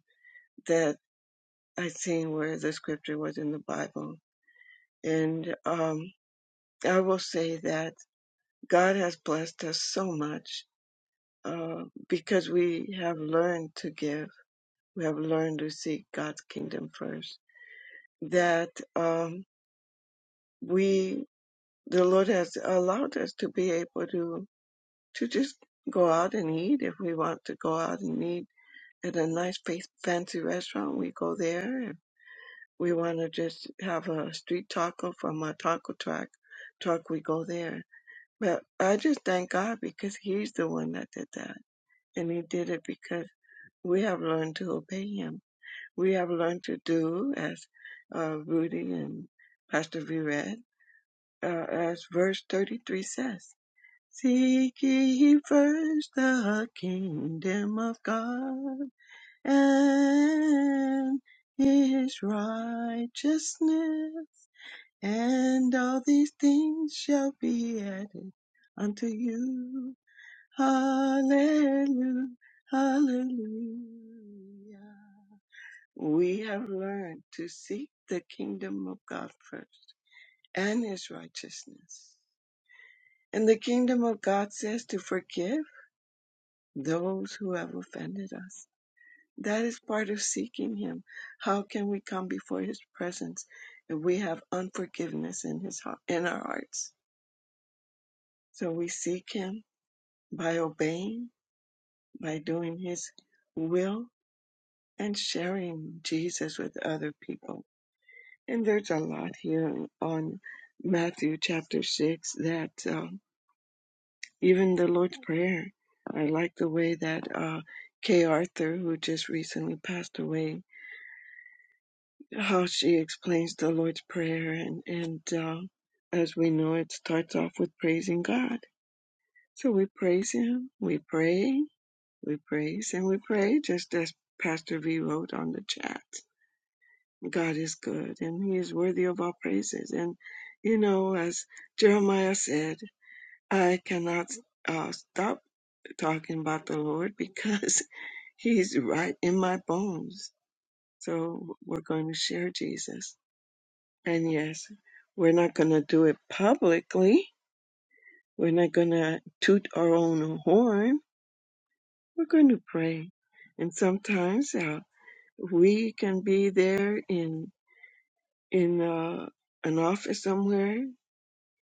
[SPEAKER 7] that I seen where the scripture was in the Bible. And um, I will say that God has blessed us so much uh, because we have learned to give. We have learned to seek God's kingdom first. That um, we, the Lord has allowed us to be able to to just go out and eat if we want to go out and eat at a nice place, fancy restaurant. We go there and we want to just have a street taco from our taco truck. Truck, we go there. But I just thank God because He's the one that did that, and He did it because we have learned to obey Him. We have learned to do as uh, Rudy and Pastor V read, uh, as verse 33 says. Seek ye first the kingdom of God and his righteousness, and all these things shall be added unto you. Hallelujah, hallelujah. We have learned to seek the kingdom of God first and his righteousness. And the kingdom of God says to forgive those who have offended us That is part of seeking Him. How can we come before His presence if we have unforgiveness in His heart, in our hearts? So we seek Him by obeying, by doing His will, and sharing Jesus with other people. And there's a lot here on Matthew chapter six that um, even the Lord's Prayer. I like the way that uh, K. Arthur, who just recently passed away, how she explains the Lord's Prayer, and and um, as we know, it starts off with praising God. So we praise Him, we pray, we praise, and we pray, just as Pastor V wrote on the chat. God is good, and He is worthy of our praises. And you know, as Jeremiah said, I cannot uh, stop talking about the Lord because He's right in my bones. So we're going to share Jesus And yes, we're not going to do it publicly. We're not going to toot our own horn. We're going to pray. And sometimes uh, we can be there in in uh, an office somewhere,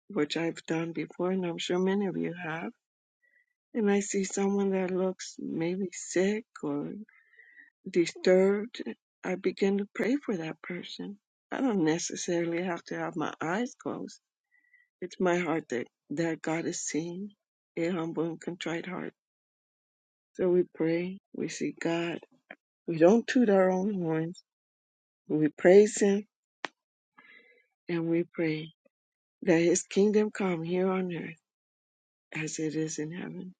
[SPEAKER 7] which I've done before, and I'm sure many of you have. And I see someone that looks maybe sick or disturbed. I begin to pray for that person. I don't necessarily have to have my eyes closed. It's my heart that, that God is seeing a humble and contrite heart. So we pray, we see God. We don't toot our own horns. We praise Him and we pray that His kingdom come here on earth as it is in heaven.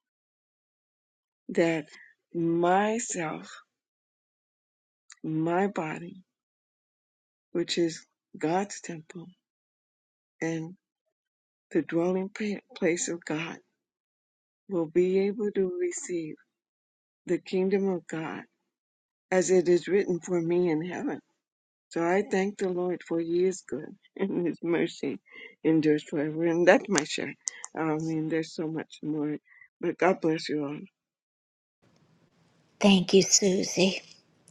[SPEAKER 7] That myself, my body, which is God's temple and the dwelling pa- place of God, will be able to receive the kingdom of God as it is written for me in heaven So I thank the Lord for He is good and His mercy endures forever. And that's my share. I mean, there's so much more, but God bless you all.
[SPEAKER 4] Thank you, Susie.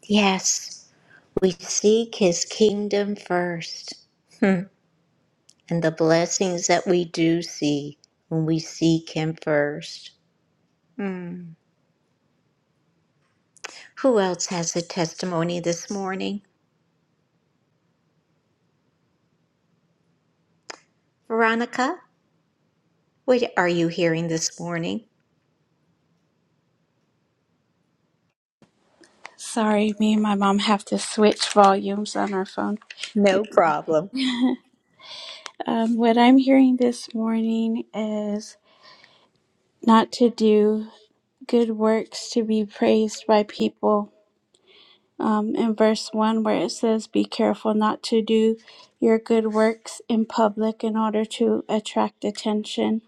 [SPEAKER 4] Yes, we seek his kingdom first. Hmm. And the blessings that we do see when we seek him first. Hmm. Who else has a testimony this morning? Veronica? What are you hearing this morning?
[SPEAKER 2] Sorry, me and my mom have to switch volumes on our phone.
[SPEAKER 4] No problem.
[SPEAKER 2] Um, what I'm hearing this morning is not to do good works to be praised by people. um, in verse 1 where it says, Be careful not to do your good works in public in order to attract attention.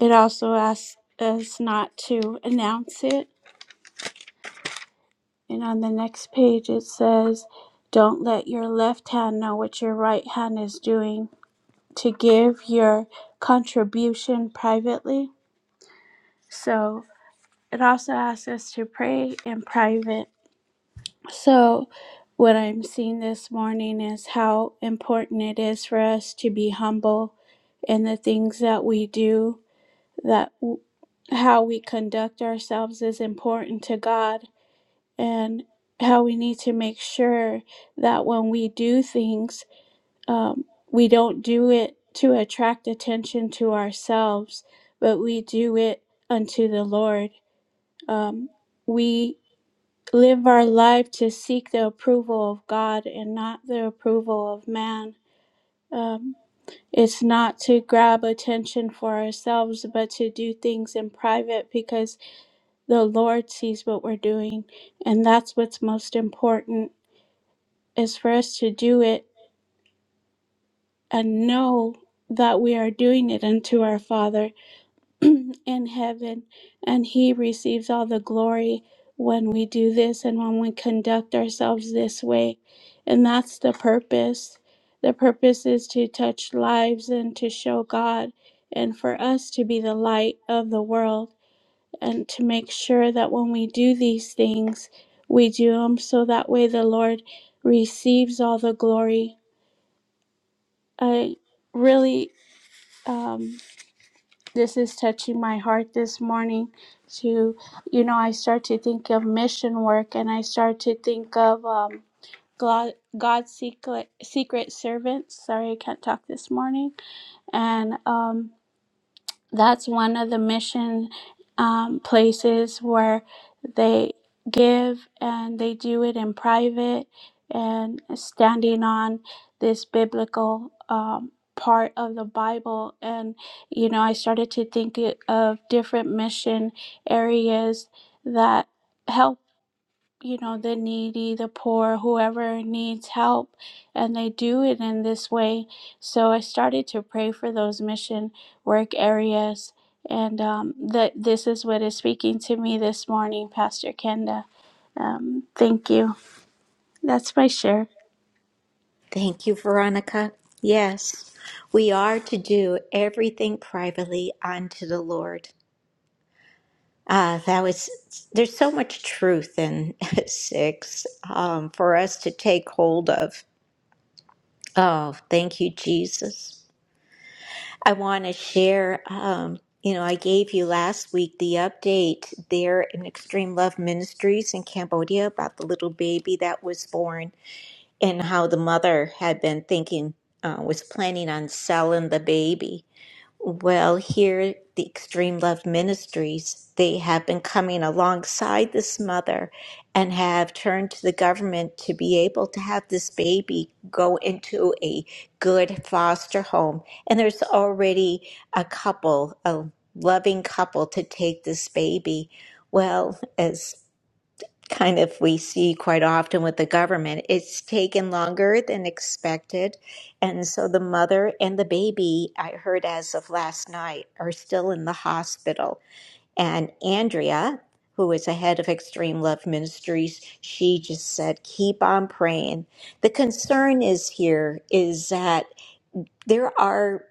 [SPEAKER 2] It also asks us not to announce it. And on the next page, it says, Don't let your left hand know what your right hand is doing, to give your contribution privately. So it also asks us to pray in private So, what I'm seeing this morning is how important it is for us to be humble in the things that we do, that w- how we conduct ourselves is important to God, and how we need to make sure that when we do things, um, we don't do it to attract attention to ourselves, but we do it unto the Lord. Um, we live our life to seek the approval of God and not the approval of man. Um, it's not to grab attention for ourselves, but to do things in private because the Lord sees what we're doing. And that's what's most important is for us to do it and know that we are doing it unto our Father in heaven, and He receives all the glory when we do this and when we conduct ourselves this way. And that's the purpose. The purpose is to touch lives and to show God, and for us to be the light of the world, and to make sure that when we do these things, we do them so that way the Lord receives all the glory. I really. Um, this is touching my heart this morning to you know i start to think of mission work and i start to think of um, god god's secret secret servants sorry i can't talk this morning and um that's one of the mission um, places where they give and they do it in private and standing on this biblical um, part of the Bible. And, you know, I started to think it- of different mission areas that help you know, the needy, the poor, whoever needs help, and they do it in this way. So I started to pray for those mission work areas, and um, that this is what is speaking to me this morning, Pastor Kenda. Um, thank you. That's my share.
[SPEAKER 4] Thank you, Veronica. Yes, we are to do everything privately unto the Lord. Ah, that was, there's so much truth in six um, for us to take hold of. Oh, thank you, Jesus. I want to share, um, you know, I gave you last week the update there in Extreme Love Ministries in Cambodia about the little baby that was born. and how the mother had been thinking, uh, was planning on selling the baby. Well, here, the Extreme Love Ministries, they have been coming alongside this mother and have turned to the government to be able to have this baby go into a good foster home. And there's already a couple, a loving couple, to take this baby. Well, as kind of we see quite often with the government. It's taken longer than expected. And so the mother and the baby, I heard as of last night, are still in the hospital. And Andrea, who is the head of Extreme Love Ministries, she just said, keep on praying. The concern is here is that there are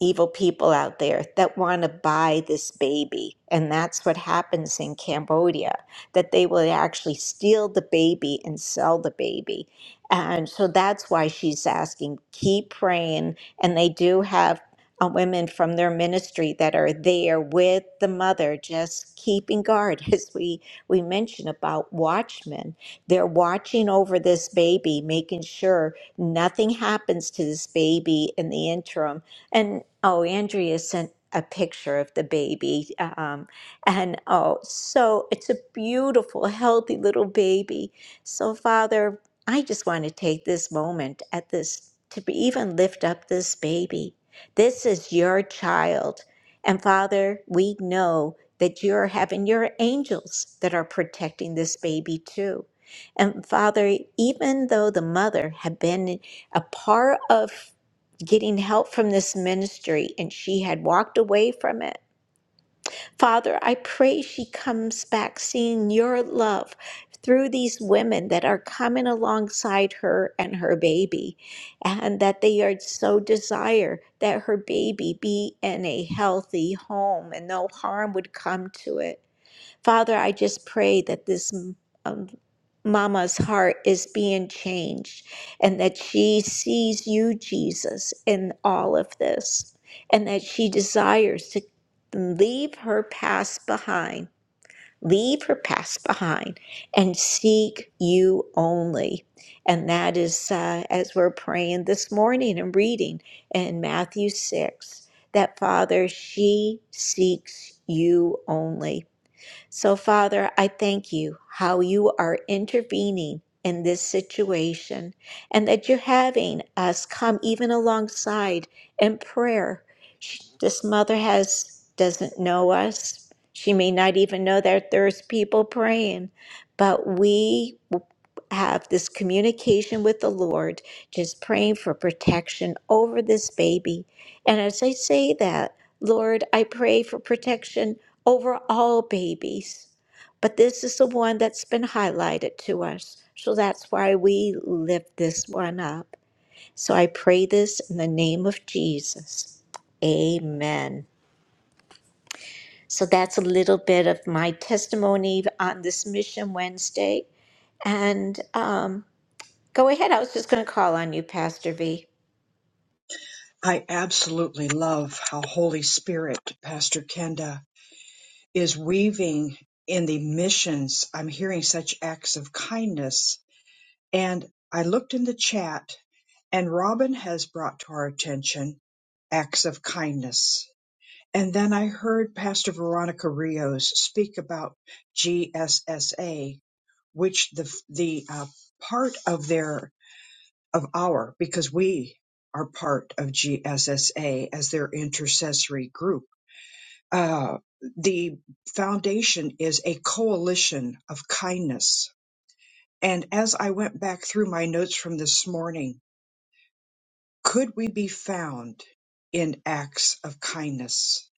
[SPEAKER 4] evil people out there that want to buy this baby. And that's what happens in Cambodia, that they will actually steal the baby and sell the baby. And so that's why she's asking, keep praying. And they do have uh, women from their ministry that are there with the mother, just keeping guard, as we, we mentioned about watchmen. They're watching over this baby, making sure nothing happens to this baby in the interim and oh, Andrea sent a picture of the baby. Um, and oh, so it's a beautiful, healthy little baby. So, Father, I just want to take this moment at this to be, even lift up this baby. This is your child. And Father, we know that you're having your angels that are protecting this baby too. And Father, even though the mother had been a part of getting help from this ministry and she had walked away from it. Father, I pray she comes back seeing your love through these women that are coming alongside her and her baby, and that they are so desire that her baby be in a healthy home and no harm would come to it. Father, I just pray that this um, mama's heart is being changed and that she sees you, Jesus, in all of this and that she desires to leave her past behind, leave her past behind and seek you only. And that is uh, as we're praying this morning and reading in Matthew 6 that Father, she seeks you only so, Father, I thank you how you are intervening in this situation and that you're having us come even alongside in prayer. She, this mother has doesn't know us. She may not even know that there's people praying, but we have this communication with the Lord, just praying for protection over this baby. And as I say that, Lord, I pray for protection over all babies. But this is the one that's been highlighted to us. So that's why we lift this one up. So I pray this in the name of Jesus. Amen. So that's a little bit of my testimony on this Mission Wednesday. And um. Go ahead. I was just going to call on you, Pastor V.
[SPEAKER 1] I absolutely love how Holy Spirit, Pastor Kenda, is weaving in the missions. I'm hearing such acts of kindness And I looked in the chat, and Robin has brought to our attention acts of kindness. And then I heard Pastor Veronica Rios speak about GSSA, which the the uh, part of their of our because we are part of GSSA as their intercessory group. Uh, the foundation is a coalition of kindness. And as I went back through my notes from this morning, Could we be found in acts of kindness?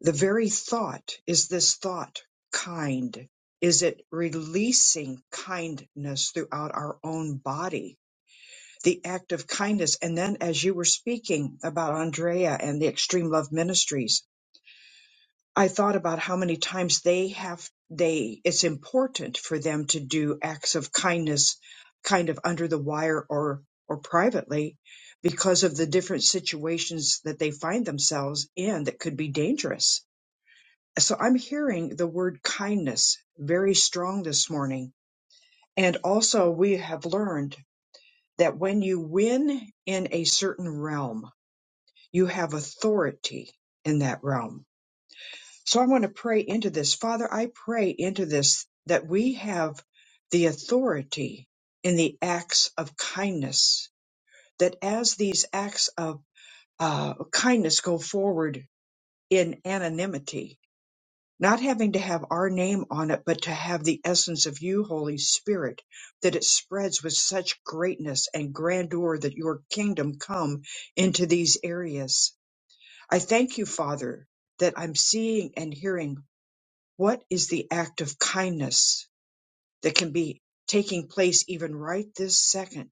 [SPEAKER 1] The very thought is this thought kind? Is it releasing kindness throughout our own body? The act of kindness. And then, as you were speaking about Andrea and the Extreme Love Ministries, I thought about how many times they have they it's important for them to do acts of kindness kind of under the wire or or privately because of the different situations that they find themselves in that could be dangerous. So I'm hearing the word kindness very strong this morning. And also we have learned that when you win in a certain realm, you have authority in that realm So I want to pray into this. Father, I pray into this that we have the authority in the acts of kindness, that as these acts of uh, kindness go forward in anonymity, not having to have our name on it, but to have the essence of you, Holy Spirit, that it spreads with such greatness and grandeur that your kingdom come into these areas. I thank you, Father, that I'm seeing and hearing what is the act of kindness that can be taking place even right this second?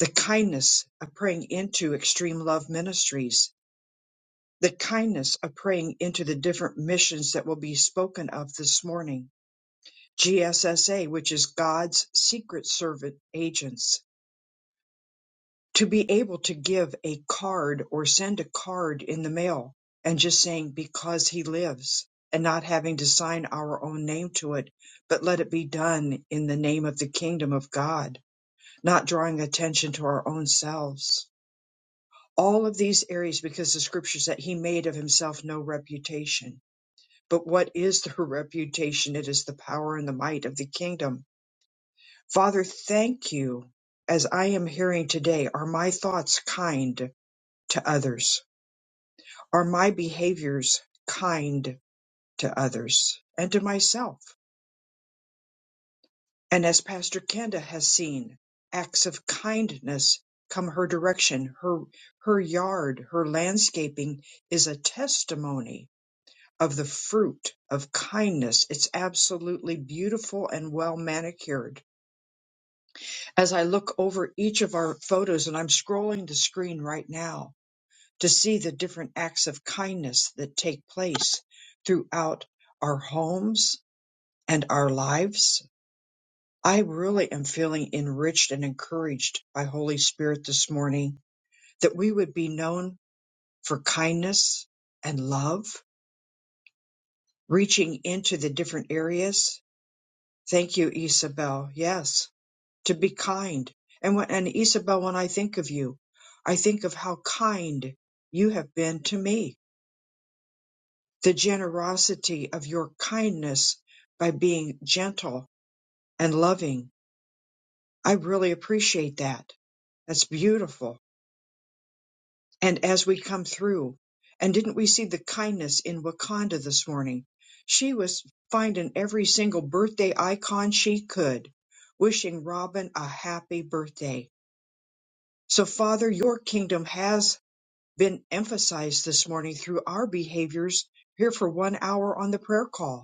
[SPEAKER 1] The kindness of praying into Extreme Love Ministries, the kindness of praying into the different missions that will be spoken of this morning. GSSA, which is God's secret servant agents, to be able to give a card or send a card in the mail and just saying because he lives and not having to sign our own name to it, but let it be done in the name of the kingdom of God, not drawing attention to our own selves. All of these areas, because the scriptures that he made of himself no reputation. But what is the reputation? It is the power and the might of the kingdom. Father, thank you. As I am hearing today, are my thoughts kind? to others? Are my behaviors kind to others and to myself? And as Pastor Kenda has seen, acts of kindness come her direction. Her, her yard, her landscaping is a testimony of the fruit of kindness. It's absolutely beautiful and well manicured. As I look over each of our photos, and I'm scrolling the screen right now, to see the different acts of kindness that take place throughout our homes and our lives. I really am feeling enriched and encouraged by Holy Spirit this morning that we would be known for kindness and love, reaching into the different areas. Thank you, Isabel. Yes, to be kind. And when, and Isabel, when I think of you, I think of how kind you have been to me the generosity of your kindness by being gentle and loving. I really appreciate that. That's beautiful. And as we come through, and didn't we see the kindness in Wakanda this morning? She was finding every single birthday icon she could, wishing Robin a happy birthday. So, Father, your kingdom has been emphasized this morning through our behaviors here for one hour on the prayer call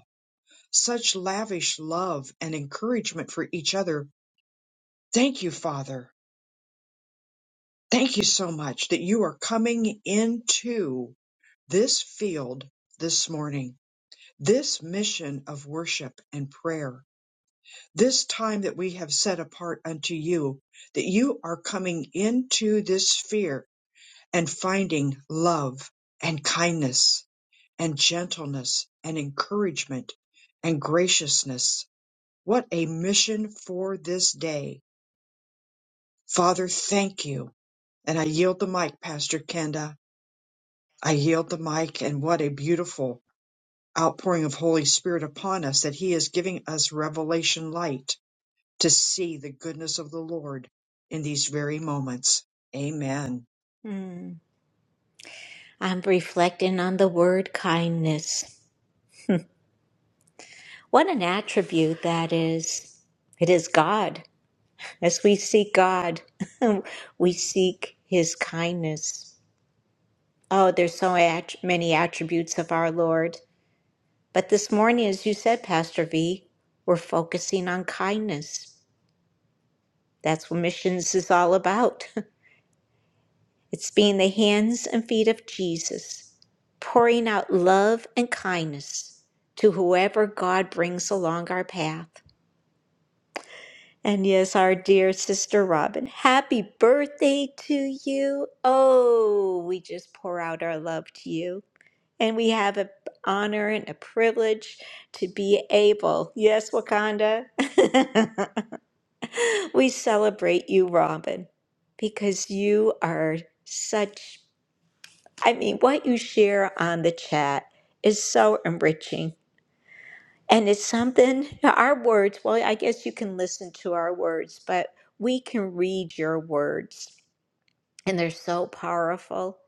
[SPEAKER 1] such lavish love and encouragement for each other. Thank you, Father. Thank you so much that you are coming into this field this morning, this mission of worship and prayer, this time that we have set apart unto you, that you are coming into this sphere and finding love and kindness and gentleness and encouragement and graciousness What a mission for this day. Father, thank you. And I yield the mic, Pastor Kenda. I yield the mic, and what a beautiful outpouring of Holy Spirit upon us that He is giving us revelation light to see the goodness of the Lord in these very moments. Amen.
[SPEAKER 4] Hmm. I'm reflecting on the word kindness. What an attribute that is. It is God. As we seek God, we seek his kindness. Oh, there's so at- many attributes of our Lord. But this morning, as you said, Pastor V, we're focusing on kindness. That's what missions is all about. It's being the hands and feet of Jesus, pouring out love and kindness to whoever God brings along our path. And yes, our dear sister Robin, happy birthday to you. Oh, we just pour out our love to you. And we have an honor and a privilege to be able, yes, Wakanda, we celebrate you, Robin, because you are such I mean, what you share on the chat is so enriching. And it's something, our words, well, I guess you can listen to our words, but we can read your words, and they're so powerful.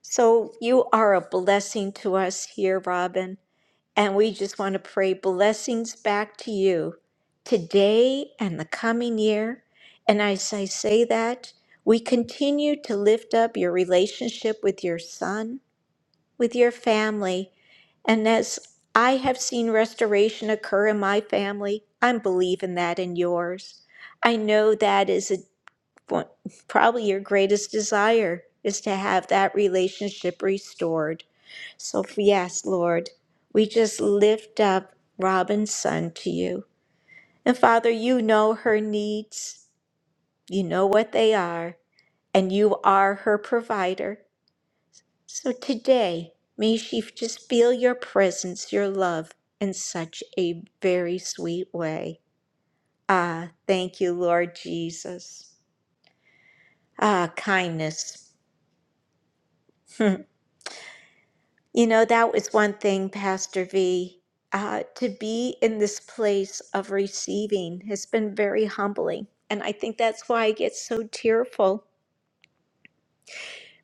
[SPEAKER 4] So you are a blessing to us here, Robin. And we just want to pray blessings back to you today and the coming year. And as I say that, we continue to lift up your relationship with your son with your family. And as I have seen restoration occur in my family, I'm believing that in yours. I know that is a, one- probably your greatest desire is to have that relationship restored. So, yes, Lord, we just lift up Robin's son to you. And Father, you know her needs, you know what they are, and you are her provider. So today, may she just feel your presence, your love, in such a very sweet way. Ah, thank you, Lord Jesus. Ah, kindness. Hmm. you know, that was one thing, Pastor V. Uh, to be in this place of receiving has been very humbling. And I think that's why I get so tearful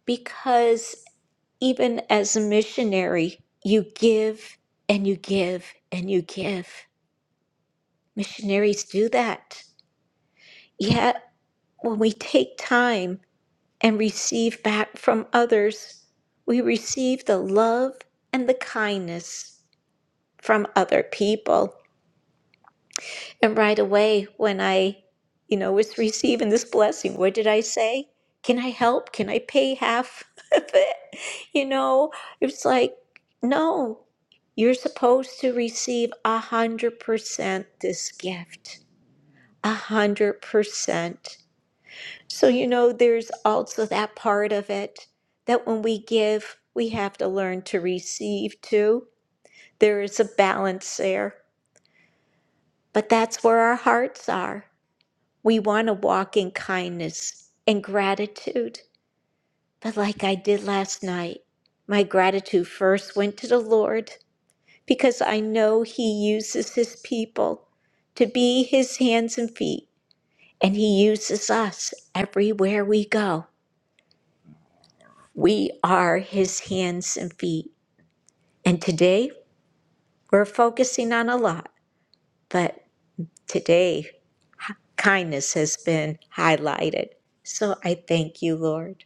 [SPEAKER 4] because even as a missionary, you give and you give and you give. Missionaries do that. Yet, when we take time and receive back from others, we receive the love and the kindness from other people. And right away, when I, you know, was receiving this blessing, what did I say? Can I help? Can I pay half of it? You know, it's like, no, you're supposed to receive a hundred percent this gift. A hundred percent. So, you know, there's also that part of it that when we give, we have to learn to receive too. There is a balance there, but that's where our hearts are. We want to walk in kindness and gratitude. But like I did last night, my gratitude first went to the Lord because I know He uses His people to be His hands and feet, and He uses us everywhere we go. We are his hands and feet. And today, we're focusing on a lot, but today, kindness has been highlighted. So I thank you, Lord.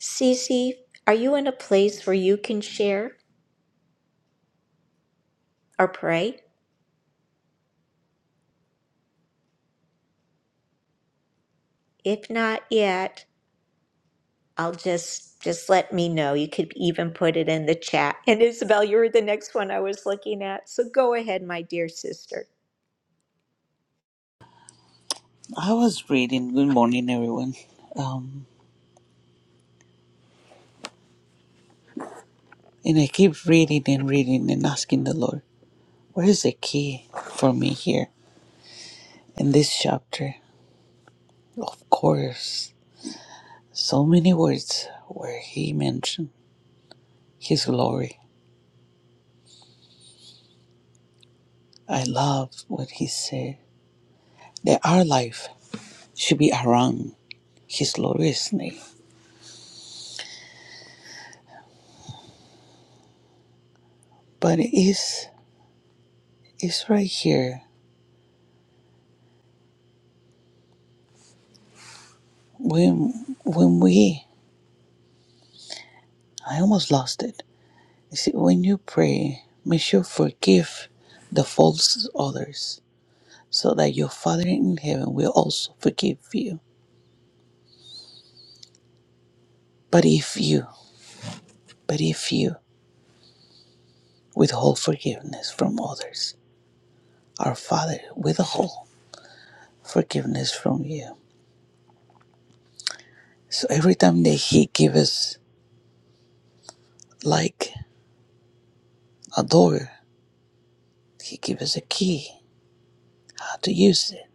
[SPEAKER 4] Cece, are you in a place where you can share or pray? If not yet, I'll just just let me know. You could even put it in the chat. And Isabel, you were the next one I was looking at. So go ahead, my dear sister.
[SPEAKER 9] I was reading. Good morning, everyone. Um, and I keep reading and reading and asking the Lord, where is the key for me here in this chapter? Of course, so many words where He mentioned His glory. I love what He said that our life should be around His glorious name. But it is it's right here when when we I almost lost it You see, when you pray, may you forgive the faults of others, so that your Father in heaven will also forgive you. But if you, but if you withhold forgiveness from others, our Father withhold forgiveness from you. So every time that He gives us like a door, He gives us a key, how to use it,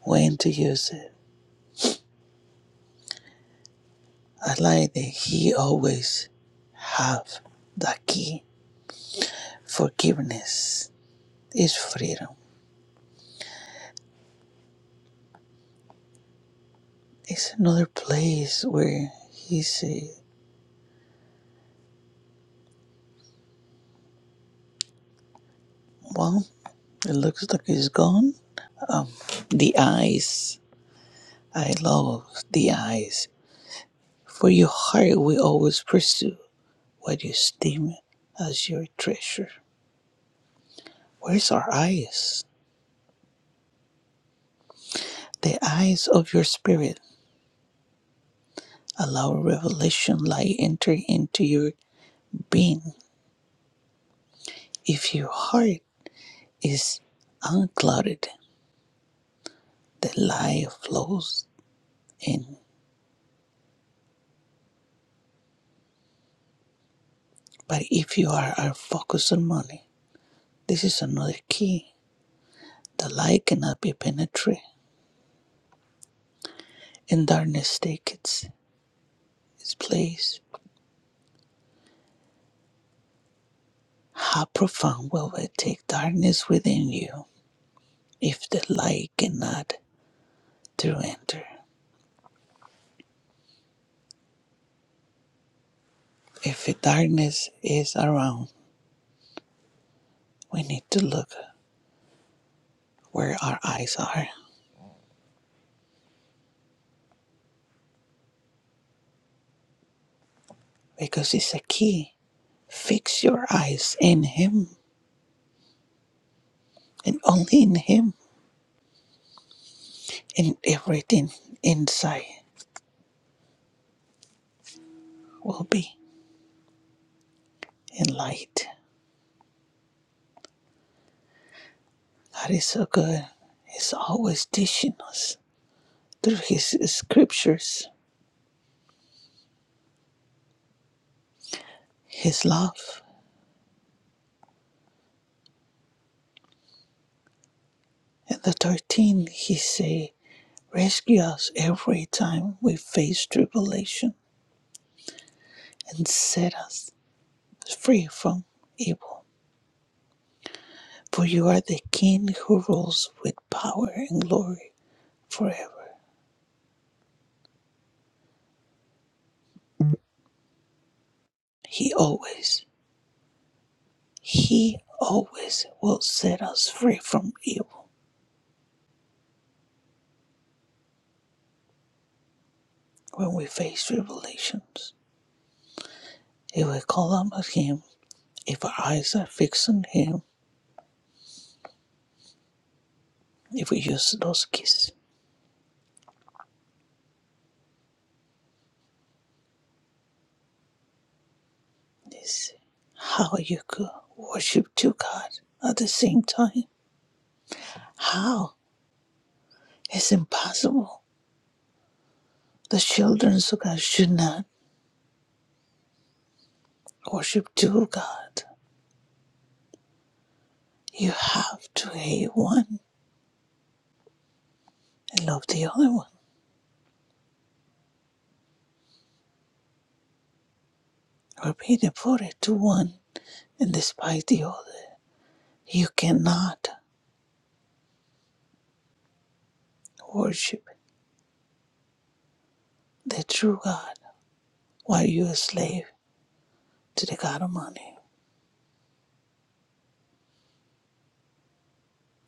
[SPEAKER 9] when to use it. I like that He always have the key, forgiveness is freedom. It's another place where he's, uh, well, it looks like he's gone. The eyes, I love the eyes. For your heart we always pursue what you esteem as your treasure. Where's our eyes? The eyes of your spirit allow revelation light enter into your being. If your heart is unclouded, the light flows in But if you are, are focused on money, this is another key. The light cannot be penetrated, and darkness take its, its place. How profound will it take darkness within you if the light cannot to enter? If the darkness is around, we need to look where our eyes are because it's a key. Fix your eyes in Him and only in Him, and everything inside will be in light. God is so good. He's always teaching us through His scriptures, His love. And the 13, He say, rescue us every time we face tribulation and set us free from evil. For you are the King who rules with power and glory forever. He always, He always will set us free from evil when we face tribulations. If we call on Him, If our eyes are fixed on Him, if we use those gifts, this how you could worship two gods at the same time? How? It's impossible. The children of God should not worship two gods. You have to hate one and love the other one, or be devoted to one and despise the other. You cannot worship the true God while you are a slave to the God of money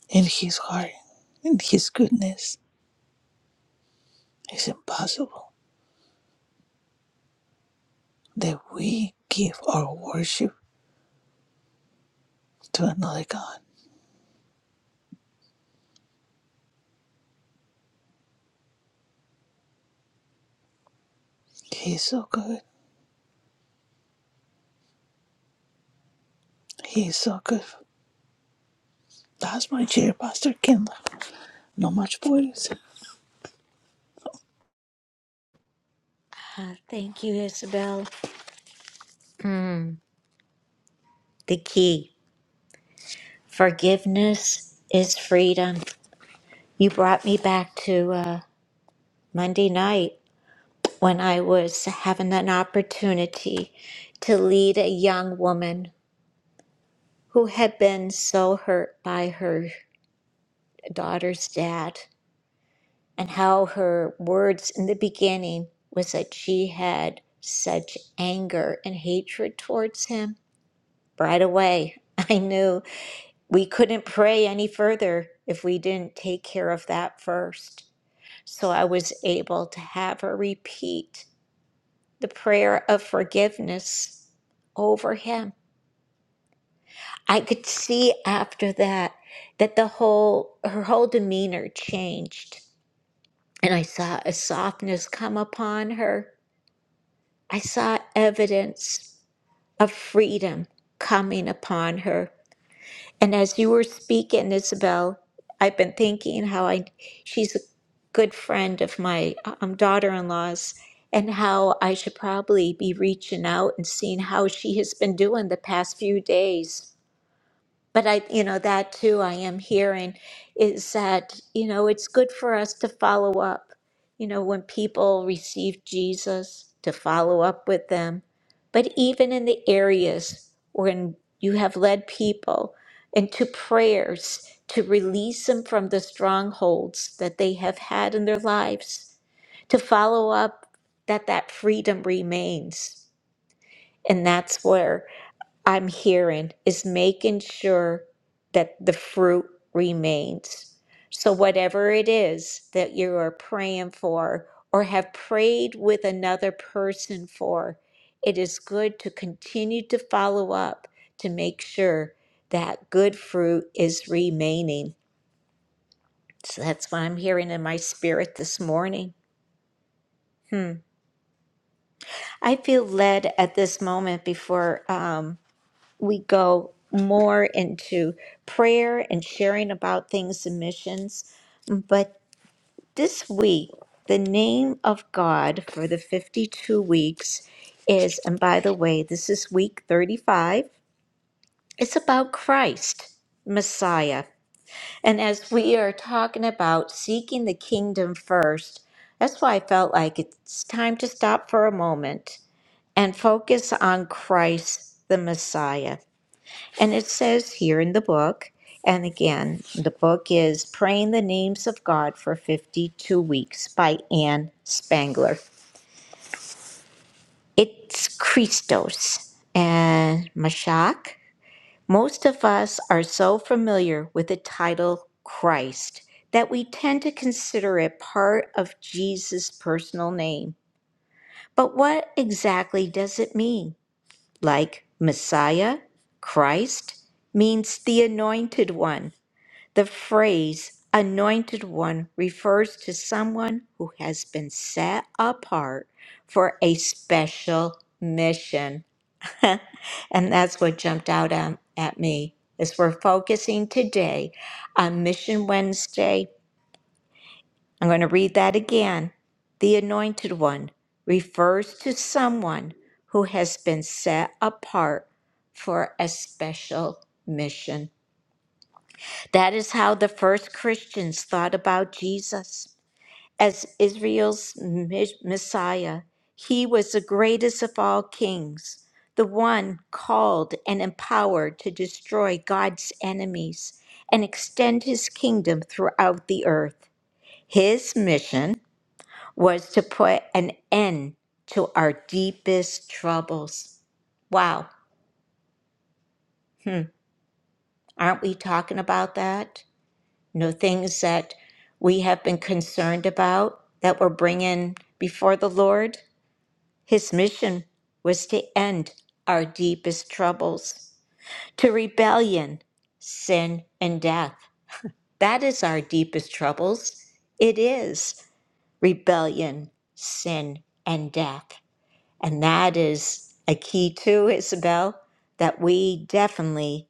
[SPEAKER 9] in His heart, in His goodness. It's impossible that we give our worship to another God. He's so good. He is so good. That's my chair, Pastor Kendall. No much words.
[SPEAKER 4] Ah, thank you, Isabel. The key. Forgiveness is freedom. You brought me back to uh, Monday night when I was having an opportunity to lead a young woman who had been so hurt by her daughter's dad and how her words in the beginning was that she had such anger and hatred towards him. Right away, I knew we couldn't pray any further if we didn't take care of that first. So I was able to have her repeat the prayer of forgiveness over him. I could see after that that the whole her whole demeanor changed and I saw a softness come upon her. I saw evidence of freedom coming upon her. And as you were speaking, Isabel, I've been thinking how I she's a good friend of my um, daughter-in-law's, and how I should probably be reaching out and seeing how she has been doing the past few days but I, you know, that too I am hearing is that, you know, it's good for us to follow up. You know, when people receive Jesus, to follow up with them. But even in the areas when you have led people into prayers to release them from the strongholds that they have had in their lives, to follow up that that freedom remains. And that's where I'm hearing is making sure that the fruit remains. So, whatever it is that you are praying for or have prayed with another person for, it is good to continue to follow up to make sure that good fruit is remaining. So, that's what I'm hearing in my spirit this morning. Hmm. I feel led at this moment before. Um, we go more into prayer and sharing about things and missions. But this week, the name of God for the 52 weeks is, and by the way, this is week 35, it's about Christ, Messiah. And as we are talking about seeking the kingdom first, that's why I felt like it's time to stop for a moment and focus on Christ, the Messiah. And it says here in the book, and again, the book is Praying the Names of God for 52 Weeks by Anne Spangler. It's Christos and Mashak. Most of us are so familiar with the title Christ that we tend to consider it part of Jesus' personal name. But what exactly does it mean? Like Messiah, Christ means the anointed one The phrase anointed one refers to someone who has been set apart for a special mission. and that's what jumped out at, at me as we're focusing today on Mission Wednesday. I'm going to read that again. The anointed one refers to someone who has been set apart for a special mission. That is how the first Christians thought about Jesus. As Israel's mi- Messiah, he was the greatest of all kings, the one called and empowered to destroy God's enemies and extend his kingdom throughout the earth. His mission was to put an end to our deepest troubles. Wow. Hmm. Aren't we talking about that? you know, things that we have been concerned about that we're bringing before the Lord. His mission was to end our deepest troubles, to rebellion, sin, and death. That is our deepest troubles. It is rebellion, sin, and death. And that is a key, too, Isabel, that we definitely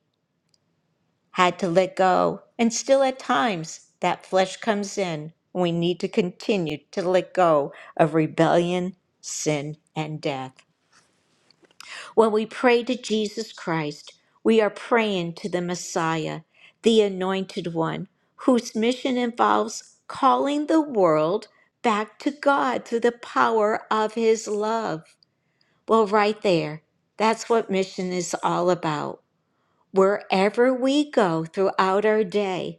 [SPEAKER 4] had to let go. And still, at times, that flesh comes in. We need to continue to let go of rebellion, sin, and death. When we pray to Jesus Christ, we are praying to the Messiah, the Anointed One, whose mission involves calling the world back to God through the power of His love. Well, right there, that's what mission is all about. Wherever we go throughout our day,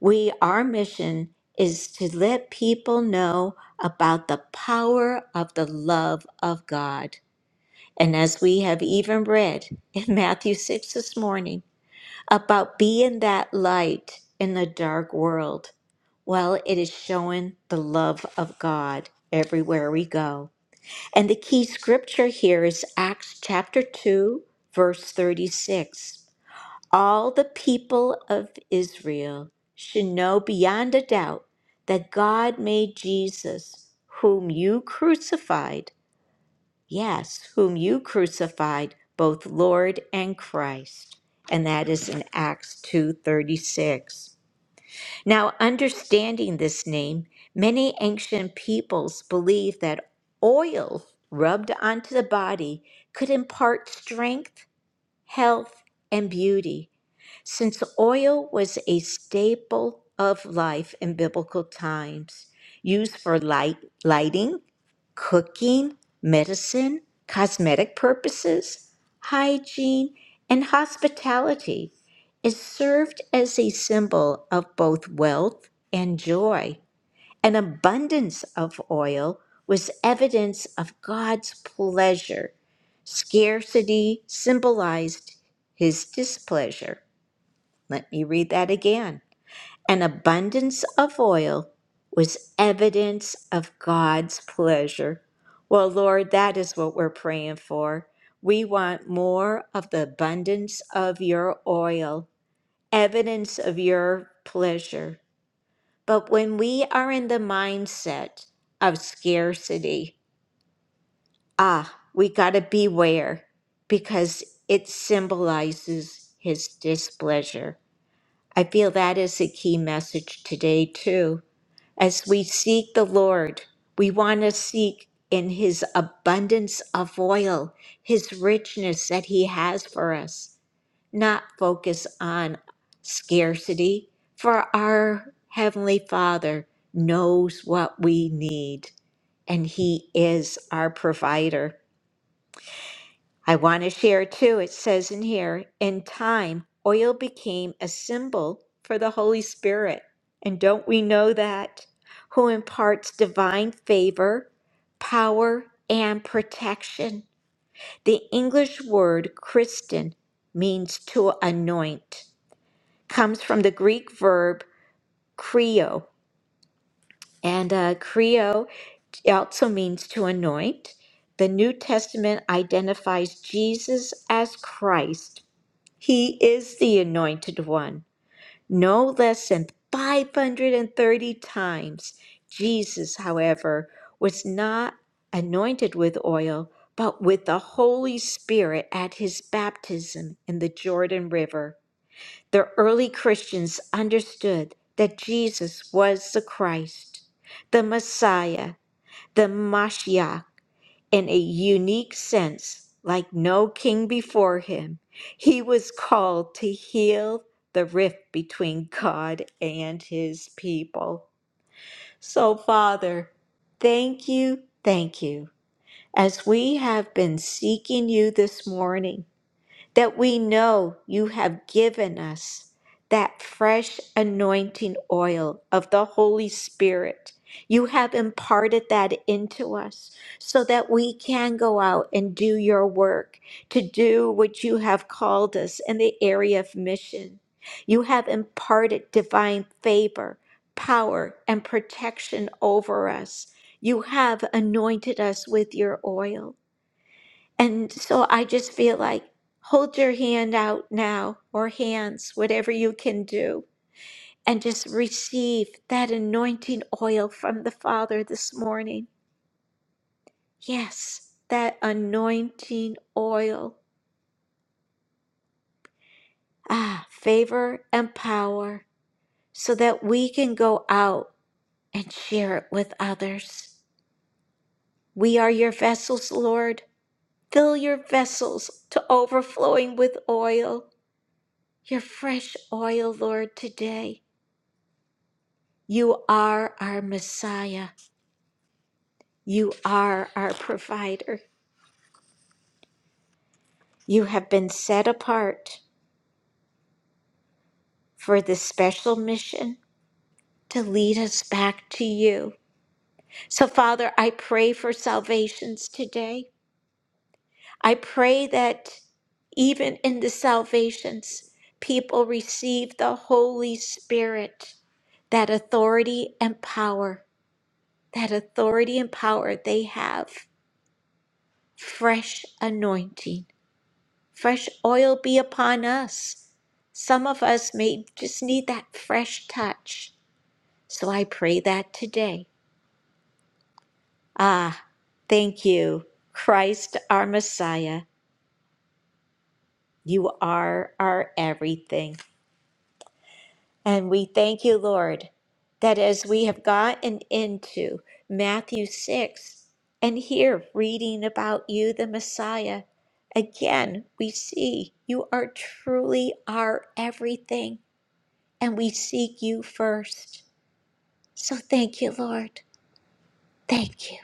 [SPEAKER 4] we, our mission is to let people know about the power of the love of God. And as we have even read in Matthew 6 this morning about being that light in the dark world, well, it is showing the love of God everywhere we go. And the key scripture here is Acts chapter 2, verse 36. All the people of Israel should know beyond a doubt that God made Jesus, whom you crucified, yes, whom you crucified, both Lord and Christ. And that is in Acts 2:36. Now, understanding this name, many ancient peoples believed that oil rubbed onto the body could impart strength health, and beauty, since oil was a staple of life in biblical times, used for light, lighting, cooking, medicine, cosmetic purposes, hygiene, and hospitality. It served as a symbol of both wealth and joy. An abundance of oil was evidence of God's pleasure. Scarcity symbolized his displeasure. Let me read that again. An abundance of oil was evidence of God's pleasure. Well, Lord, that is what we're praying for. We want more of the abundance of your oil, evidence of your pleasure. But when we are in the mindset of scarcity, ah, we got to beware because it symbolizes his displeasure. I feel that is a key message today, too. As we seek the Lord, we want to seek in his abundance of oil, his richness that he has for us not focus on scarcity, for our Heavenly Father knows what we need and He is our provider. I want to share too, it says in here, in time, oil became a symbol for the Holy Spirit. And don't we know that? Who imparts divine favor, power, and protection. The English word Christian means to anoint comes from the Greek verb kreo, and uh, kreo also means to anoint. The New Testament identifies Jesus as Christ. He is the anointed one. No less than 530 times. Jesus, however, was not anointed with oil, but with the Holy Spirit at his baptism in the Jordan River. The early Christians understood that Jesus was the Christ, the Messiah, the Mashiach, in a unique sense, like no king before him. He was called to heal the rift between God and his people. So, Father, thank you, thank you, as we have been seeking you this morning that we know you have given us that fresh anointing oil of the Holy Spirit. You have imparted that into us so that we can go out and do your work, to do what you have called us in the area of mission. You have imparted divine favor, power, and protection over us. You have anointed us with your oil. And so I just feel like hold your hand out now or hands, whatever you can do, and just receive that anointing oil from the Father this morning. Yes, that anointing oil. Ah, favor and power so that we can go out and share it with others. We are your vessels, Lord. Fill your vessels to overflowing with oil, your fresh oil, Lord, today. You are our Messiah. You are our provider. You have been set apart for this special mission to lead us back to you. So, Father, I pray for salvations today. I pray that even in the salvations, people receive the Holy Spirit, that authority and power, that authority and power they have, fresh anointing. Fresh oil be upon us. Some of us may just need that fresh touch. So I pray that today. Ah, thank you, Christ, our Messiah. You are our everything. And we thank you, Lord, that as we have gotten into Matthew 6 and here reading about you, the Messiah, again, we see you are truly our everything. and we seek you first. So thank you, Lord. Thank you.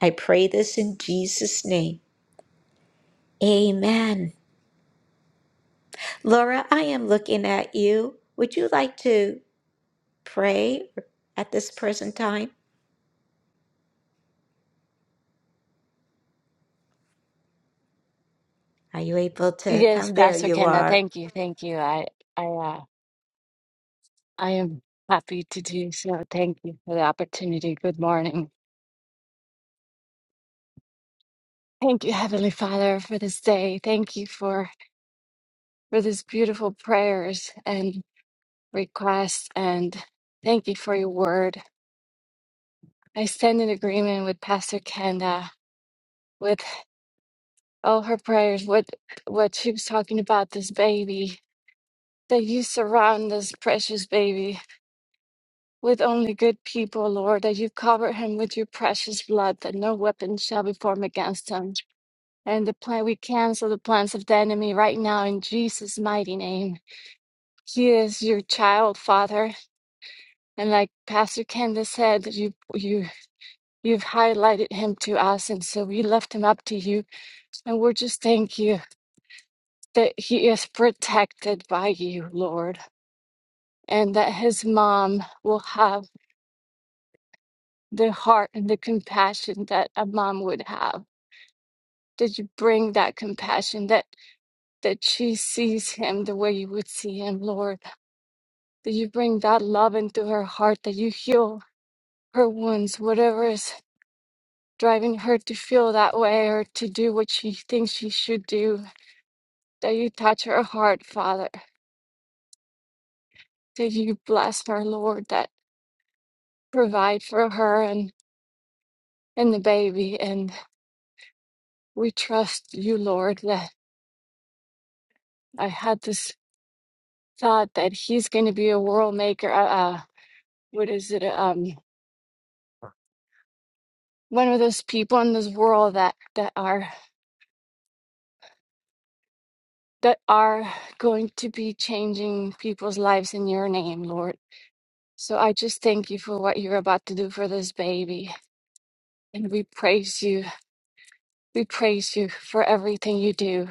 [SPEAKER 4] I pray this in Jesus' name. Amen. Laura, I am looking at you. Would you like to pray at this present time? Are you able to
[SPEAKER 10] Yes,
[SPEAKER 4] come? There
[SPEAKER 10] Pastor
[SPEAKER 4] you
[SPEAKER 10] Kenda,
[SPEAKER 4] are.
[SPEAKER 10] thank you, thank you. I, I, uh, I am happy to do so. Thank you for the opportunity. Good morning. Thank you, Heavenly Father, for this day. Thank you for for these beautiful prayers and requests, and thank you for your word. I stand in agreement with Pastor Kenda with all her prayers. What what she was talking about this baby that you surround this precious baby with only good people, Lord, that you cover him with your precious blood, that no weapon shall be formed against him. And the plan we cancel the plans of the enemy right now in Jesus' mighty name. He is your child, Father, and like Pastor Candace said, you you you've highlighted him to us, and so we left him up to you, and we're just thank you that he is protected by you, Lord, and that his mom will have the heart and the compassion that a mom would have that you bring that compassion, that that she sees him the way you would see him, Lord. That you bring that love into her heart, that you heal her wounds, whatever is driving her to feel that way or to do what she thinks she should do. That you touch her heart, Father. That you bless her, Lord, that provide for her and, and the baby. And we trust you, Lord, that I had this thought that he's going to be a world maker. Uh, uh, what is it? Um. one of those people in this world that that are that are going to be changing people's lives in your name, Lord. So I just thank you for what you're about to do for this baby. And we praise you. We praise you for everything you do,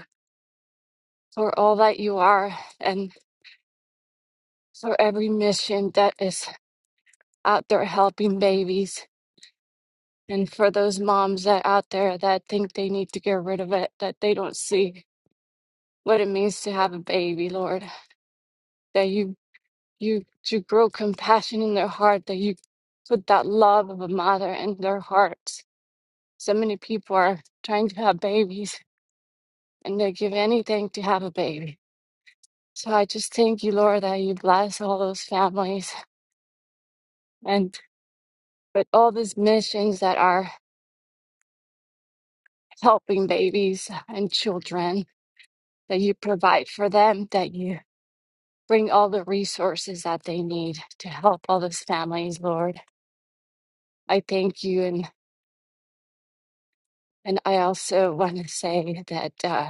[SPEAKER 10] for all that you are, and for every mission that is out there helping babies. And for those moms that out there that think they need to get rid of it, that they don't see what it means to have a baby, Lord that you. you to grow compassion in their heart, that you put that love of a mother in their hearts. So many people are trying to have babies and they give anything to have a baby. So I just thank you, Lord, that you bless all those families and with all these missions that are helping babies and children, that you provide for them, that you bring all the resources that they need to help all those families, Lord. I thank you and and I also want to say that. Uh,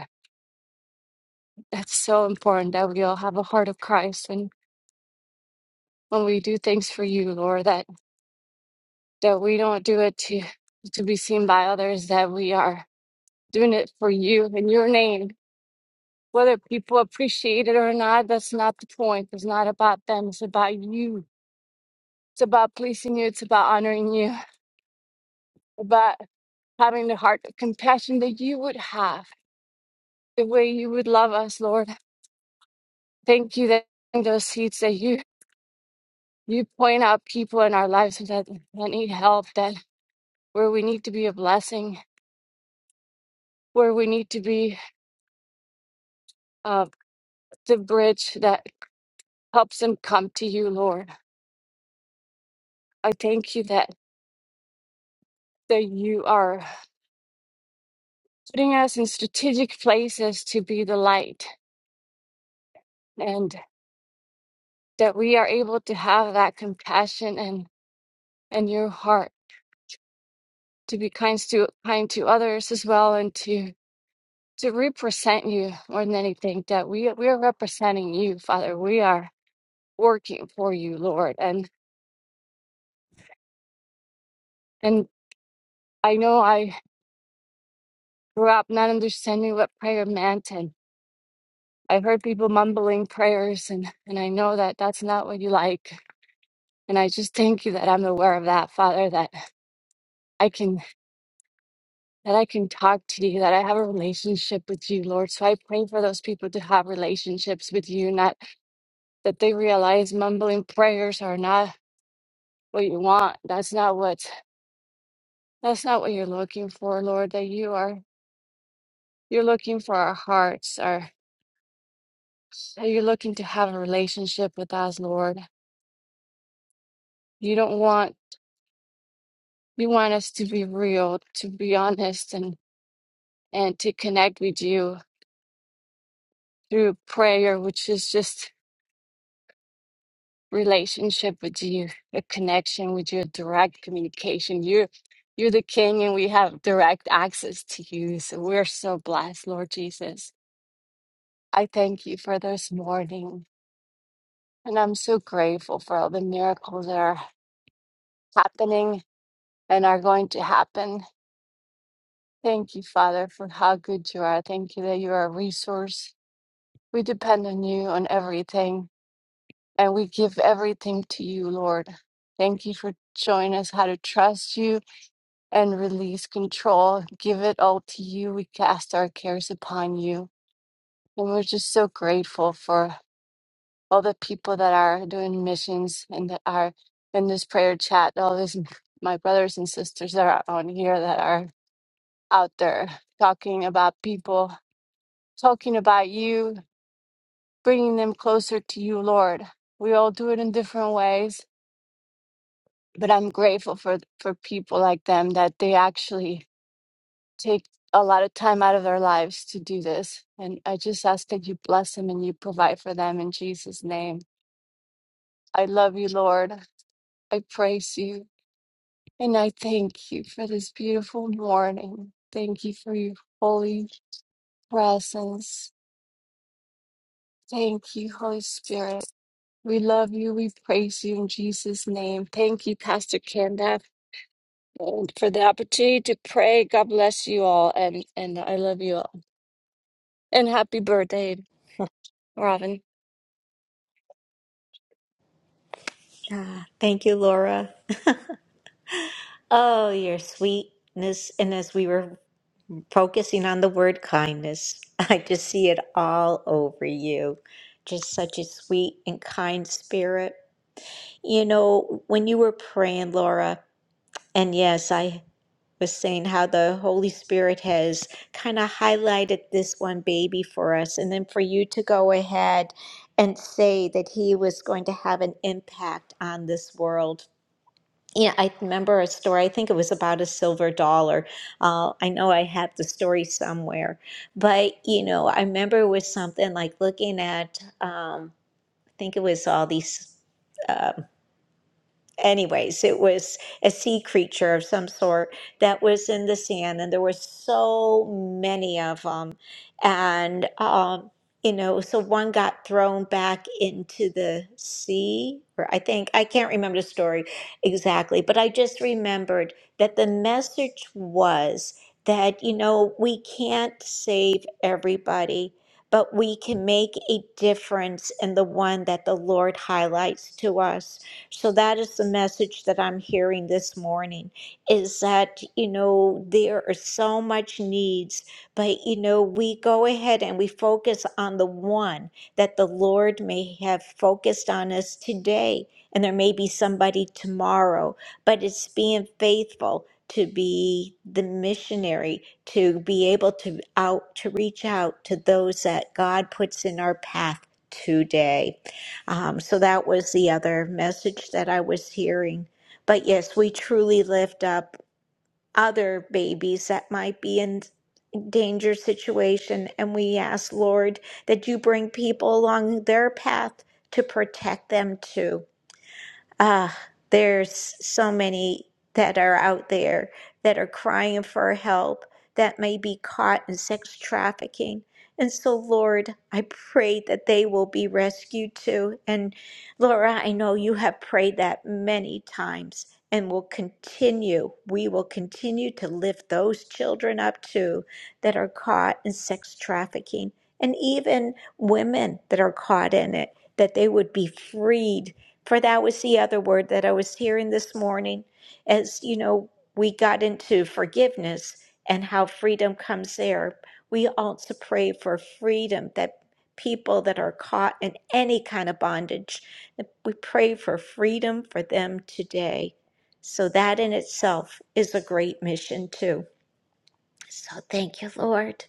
[SPEAKER 10] That's so important that we all have a heart of Christ and when we do things for you, Lord, that that we don't do it to to be seen by others, that we are doing it for you in your name. Whether people appreciate it or not, that's not the point. It's not about them. It's about you. It's about pleasing you. It's about honoring you. About having the heart of compassion that you would have, the way you would love us, Lord. Thank you that in those seeds that you you point out people in our lives that, that need help, that where we need to be a blessing, where we need to be uh, the bridge that helps them come to you, Lord. I thank you that, that you are putting us in strategic places to be the light and that we are able to have that compassion and, and your heart to be kind to kind to others as well and to to represent you more than anything that we we are representing you father we are working for you lord and and i know i grew up not understanding what prayer meant and i heard people mumbling prayers and and i know that that's not what you like and i just thank you that i'm aware of that father that i can that i can talk to you that i have a relationship with you lord so i pray for those people to have relationships with you not that they realize mumbling prayers are not what you want that's not what that's not what you're looking for lord that you are you're looking for our hearts our that you're looking to have a relationship with us lord You don't want you want us to be real, to be honest and and to connect with you through prayer, which is just relationship with you, a connection with you, direct communication. You're you're the king and we have direct access to you. So we're so blessed, Lord Jesus. I thank you for this morning. And I'm so grateful for all the miracles that are happening and are going to happen. Thank you, Father, for how good you are. Thank you that you are a resource We depend on you on everything, and we give everything to you, Lord. Thank you for showing us how to trust you and release control. Give it all to you. We cast our cares upon you. And we're just so grateful for all the people that are doing missions and that are in this prayer chat, all these my brothers and sisters that are on here that are out there talking about people, talking about you, bringing them closer to you, Lord. We all do it in different ways, but I'm grateful for for people like them that they actually take a lot of time out of their lives to do this. And I just ask that you bless them and you provide for them in Jesus' name. I love you, Lord. I praise you and I thank you for this beautiful morning. Thank you for your holy presence. Thank you, Holy Spirit. We love you. We praise you in Jesus' name. Thank you, Pastor Kenda, um, for the opportunity to pray. God bless you all, and and I love you all. And happy birthday, Robin.
[SPEAKER 4] Ah, thank you, Laura. Oh, your sweetness. And as we were focusing on the word kindness, I just see it all over you. Just such a sweet and kind spirit. You know, when you were praying, Laura, and yes, I was saying how the Holy Spirit has kind of highlighted this one baby for us, and then for you to go ahead and say that he was going to have an impact on this world. Yeah, I remember a story, I think it was about a silver dollar. Uh, I know I have the story somewhere, but you know, I remember it was something like looking at, um, I think it was all these. um, anyways, it was a sea creature of some sort that was in the sand, and there were so many of them. And, um, you know, so one got thrown back into the sea, or I think, I can't remember the story exactly, but I just remembered that the message was that, you know, we can't save everybody. But we can make a difference in the one that the Lord highlights to us. So that is the message that I'm hearing this morning is that, you know, there are so much needs, but you know, we go ahead and we focus on the one that the Lord may have focused on us today. And there may be somebody tomorrow, but it's being faithful to be the missionary, to be able to out to reach out to those that God puts in our path today. Um, so that was the other message that I was hearing. But yes, we truly lift up other babies that might be in danger situation and we ask lord that you bring people along their path to protect them too Ah, there's so many that are out there that are crying for help that may be caught in sex trafficking. And so, Lord, I pray that they will be rescued too. And Laura, I know you have prayed that many times and will continue. We will continue to lift those children up too that are caught in sex trafficking and even women that are caught in it, that they would be freed for that was the other word that I was hearing this morning as you know we got into forgiveness and how freedom comes there we also pray for freedom that people that are caught in any kind of bondage we pray for freedom for them today so that in itself is a great mission too so thank you lord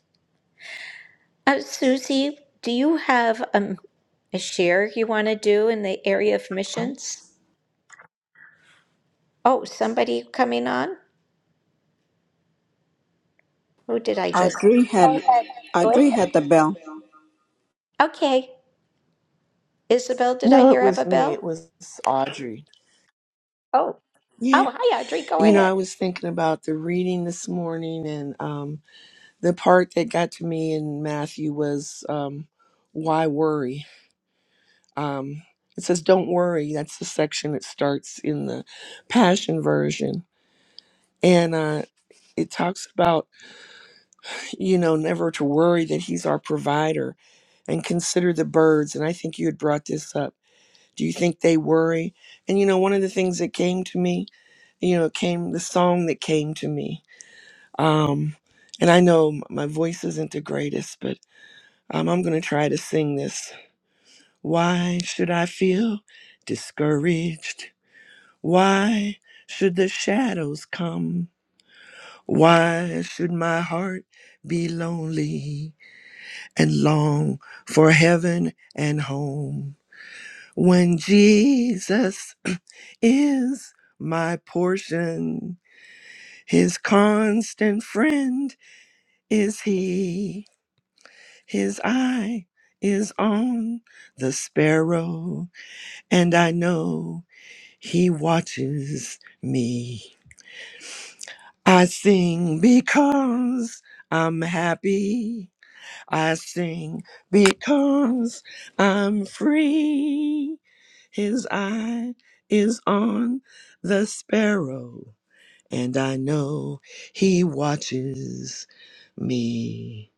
[SPEAKER 4] uh, susie do you have um, a share you want to do in the area of missions Oh, somebody coming on? Who did I just?
[SPEAKER 3] Audrey
[SPEAKER 4] Go
[SPEAKER 3] had
[SPEAKER 4] ahead. Go ahead.
[SPEAKER 3] Audrey had the bell.
[SPEAKER 4] Okay, Isabel, did I
[SPEAKER 11] No, it
[SPEAKER 4] hear have
[SPEAKER 11] was
[SPEAKER 4] a
[SPEAKER 11] me. It
[SPEAKER 4] bell?
[SPEAKER 11] was Audrey.
[SPEAKER 4] Oh,
[SPEAKER 11] Yeah.
[SPEAKER 4] oh, hi, Audrey, go
[SPEAKER 11] You know,
[SPEAKER 4] ahead.
[SPEAKER 11] I was thinking about the reading this morning, and um, the part that got to me in Matthew was um, why worry? Um, it says, don't worry. That's the section that starts in the Passion Version. And uh, it talks about, you know, never to worry that He's our provider and consider the birds. And I think you had brought this up Do you think they worry? And you know, one of the things that came to me, you know, came the song that came to me. Um, and I know m- my voice isn't the greatest, but um, I'm going to try to sing this. Why should I feel discouraged? Why should the shadows come? Why should my heart be lonely and long for heaven and home? When Jesus is my portion, his constant friend is he. His eye is on the sparrow, and I know he watches me. I sing because I'm happy. I sing because I'm free. His eye is on the sparrow, and I know he watches me.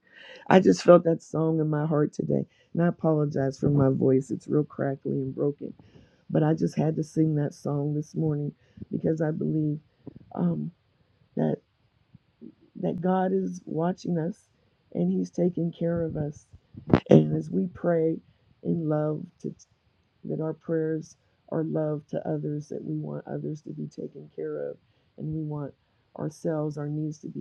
[SPEAKER 11] I just felt that song in my heart today, and I apologize for my voice. It's real crackly and broken, but I just had to sing that song this morning because I believe um, that that God is watching us and He's taking care of us. And as we pray in love to that our prayers are love to others, that we want others to be taken care of, and we want ourselves, our needs to be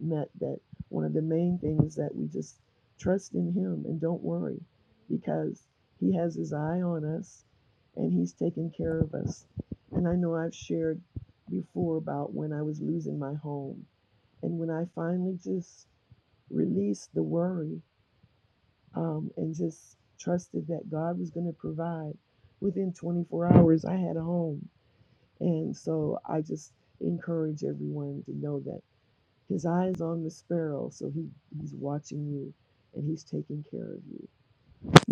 [SPEAKER 11] met. That one of the main things that we just trust in Him and don't worry because He has His eye on us and He's taking care of us. And I know I've shared before about when I was losing my home and when I finally just released the worry um, and just trusted that God was going to provide. Within 24 hours, I had a home. And so I just encourage everyone to know that his eye is on the sparrow, so he, he's watching you and he's taking care of you.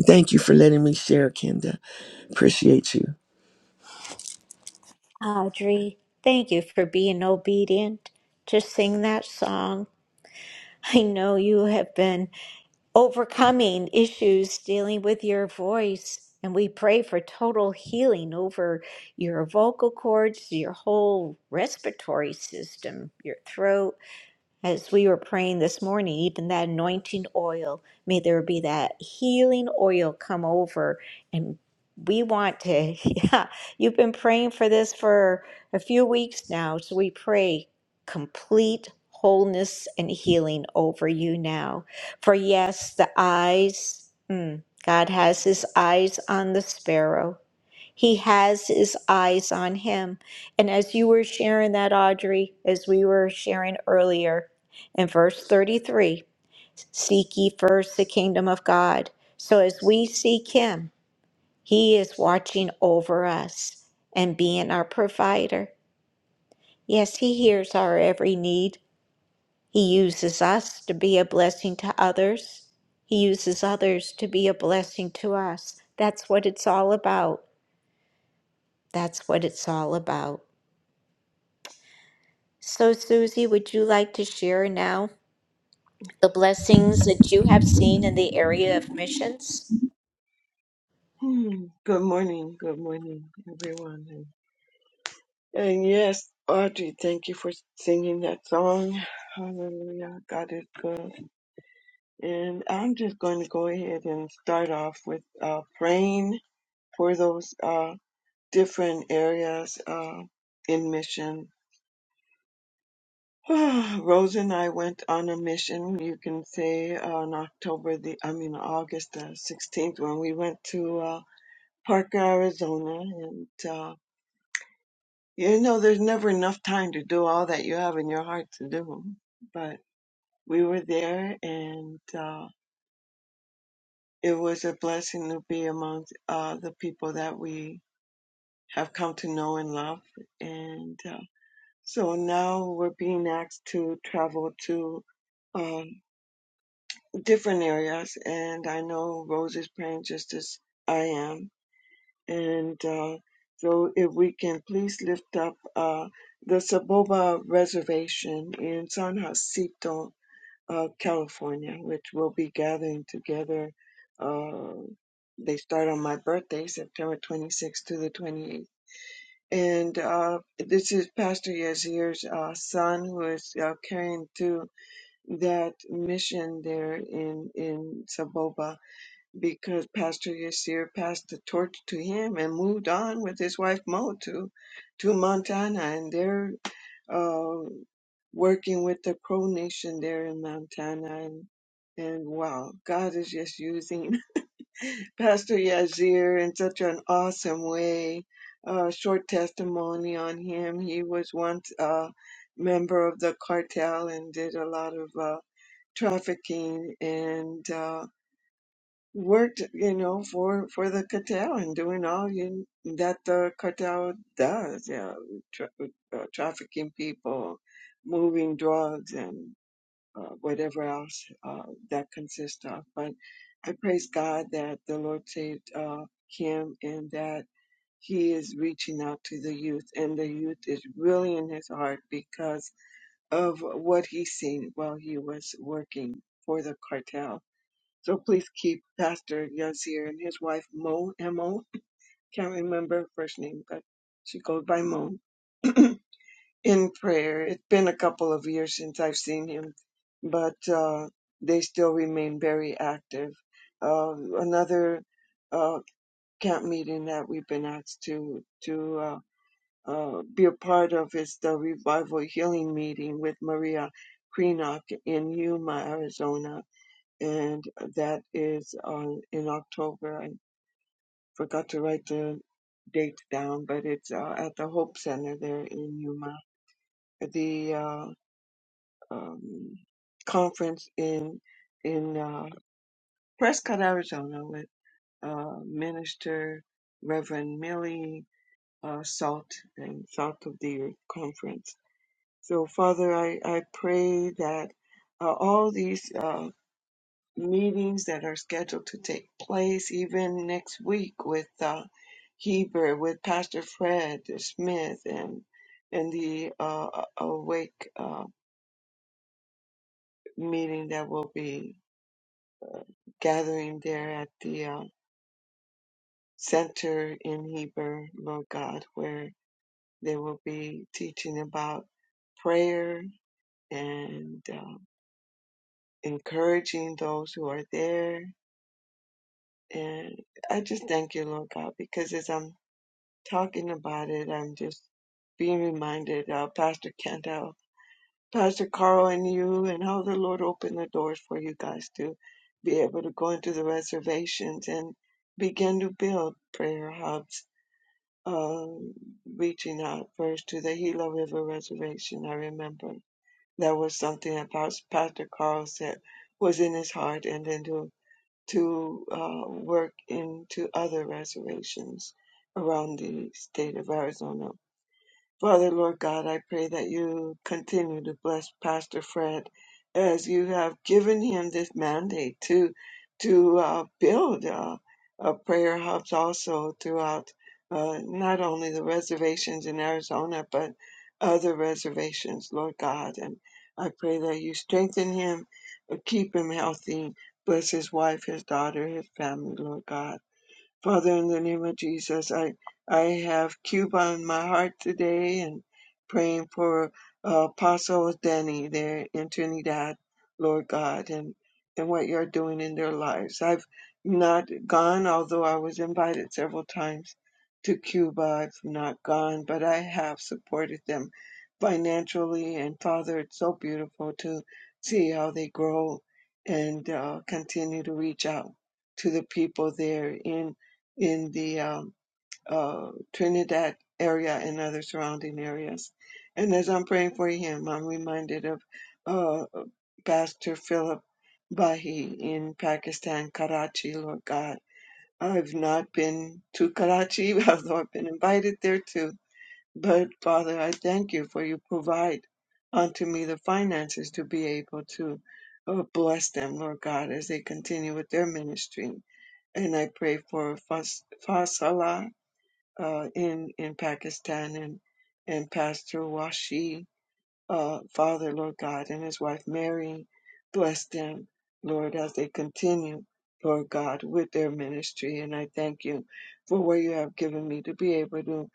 [SPEAKER 11] Thank you for letting me share, Kenda. Appreciate you.
[SPEAKER 4] Audrey, thank you for being obedient to sing that song. I know you have been overcoming issues dealing with your voice, and we pray for total healing over your vocal cords, your whole respiratory system, your throat As we were praying this morning, even that anointing oil, may there be that healing oil come over. And we want to, yeah, you've been praying for this for a few weeks now. So we pray complete wholeness and healing over you now. For yes, the eyes, mm, God has his eyes on the sparrow he has his eyes on him. And as you were sharing that, Audrey, as we were sharing earlier in verse 33, seek ye first the kingdom of God. So as we seek him, he is watching over us and being our provider. Yes, he hears our every need. He uses us to be a blessing to others. He uses others to be a blessing to us. That's what it's all about. That's what it's all about. So, Susie, would you like to share now the blessings that you have seen in the area of missions?
[SPEAKER 7] Hmm. Good morning, good morning, everyone. And, and yes, Audrey, thank you for singing that song. Hallelujah, God is good. And I'm just going to go ahead and start off with uh, praying for those uh, different areas uh, in mission Rosa and I went on a mission, you can say, on October the, I mean, August the 16th when we went to uh, Parker, Arizona. And, uh, you know, there's never enough time to do all that you have in your heart to do. But we were there and uh, it was a blessing to be among uh, the people that we have come to know and love. And uh, so now we're being asked to travel to uh, different areas, and I know Rose is praying just as I am. And uh, so, if we can please lift up uh, the Saboba Reservation in San Jacinto, uh, California, which we'll be gathering together. Uh, they start on my birthday, September 26th to the 28th. And uh, this is Pastor Yazir's uh, son who is uh, carrying through that mission there in in Saboba because Pastor Yasir passed the torch to him and moved on with his wife Mo to, to Montana, and they're uh, working with the Crow Nation there in Montana. And, and wow, God is just using Pastor Yazir in such an awesome way. Uh, short testimony on him. He was once a member of the cartel and did a lot of uh, trafficking and. Uh, worked, you know, for for the cartel and doing all you that the cartel does, you know, tra- uh, trafficking people, moving drugs, and uh, whatever else uh, that consists of. But I praise God that the Lord saved uh, him and that he is reaching out to the youth, and the youth is really in his heart because of what he's seen while he was working for the cartel so please keep Pastor Yazir and his wife Mo Mo. Can't remember her first name, but she goes by Mo in prayer. It's been a couple of years since I've seen him, but uh, they still remain very active. Uh, another uh, camp meeting that we've been asked to to uh, uh, be a part of is the revival healing meeting with Maria Krenock in Yuma, Arizona, and that is on in October. I forgot to write the date down, but it's uh, at the Hope Center there in Yuma. The uh, um, conference in in uh, Prescott, Arizona, with uh, Minister Reverend Millie uh, Salt and Salt of the Earth Conference. So, Father, I I pray that uh, all these. Uh, meetings that are scheduled to take place even next week with uh, Heber, with Pastor Fred Smith, and and the uh, Awake uh, meeting that will be gathering there at the uh, center in Heber, Lord God, where they will be teaching about prayer and uh, encouraging those who are there. And I just thank you, Lord God, because as I'm talking about it, I'm just being reminded of Pastor Kendall, Pastor Carl, and you, and how the Lord opened the doors for you guys to be able to go into the reservations and begin to build prayer hubs, um, reaching out first to the Gila River Reservation. I remember that was something that Pas- Pastor Carl said was in his heart, and then to to uh, work into other reservations around the state of Arizona Father, Lord God, I pray that you continue to bless Pastor Fred as you have given him this mandate to to uh, build uh, uh, prayer hubs also throughout uh, not only the reservations in Arizona but other reservations, Lord God. And I pray that you strengthen him, uh, keep him healthy, bless his wife, his daughter, his family, Lord God Father, in the name of Jesus, I I have Cuba on my heart today and praying for uh, Apostle Danny there in Trinidad, Lord God, and and what you're doing in their lives. I've not gone, although I was invited several times to Cuba. I've not gone, but I have supported them financially. And Father, it's so beautiful to see how they grow and uh, continue to reach out to the people there in in the um, uh, Trinidad area and other surrounding areas. And as I'm praying for him, I'm reminded of uh, Pastor Philip Bahi in Pakistan, Karachi, Lord God. I've not been to Karachi, although I've been invited there too. But Father, I thank you for you provide unto me the finances to be able to uh, bless them, Lord God, as they continue with their ministry. And I pray for Fas- Fasala uh, in in Pakistan and and Pastor Washi, uh, Father Lord God, and his wife Mary, bless them, Lord, as they continue, Lord God, with their ministry. And I thank you for where you have given me to be able to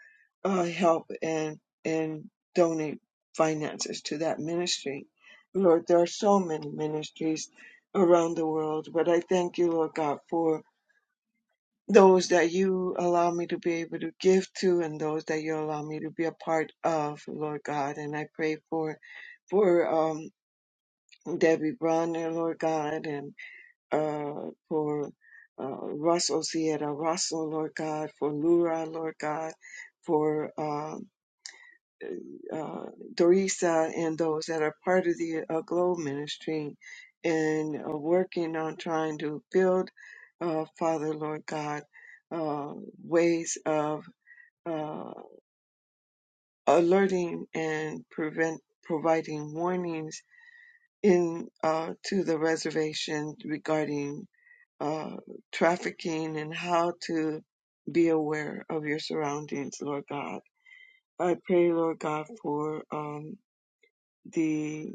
[SPEAKER 7] uh, help and and donate finances to that ministry. Lord, there are so many ministries around the world, but I thank you, Lord God, for those that you allow me to be able to give to and those that you allow me to be a part of, Lord God. And I pray for for um Debbie Bronner, Lord God, and uh for uh Russell Sierra Russell, Lord God, for Lura, Lord God, for um uh, Dorisa and those that are part of the uh, Globe Ministry and uh, working on trying to build, uh, Father Lord God, uh, ways of uh, alerting and prevent providing warnings in uh, to the reservation regarding uh, trafficking and how to be aware of your surroundings, Lord God. I pray, Lord God, for. Um, the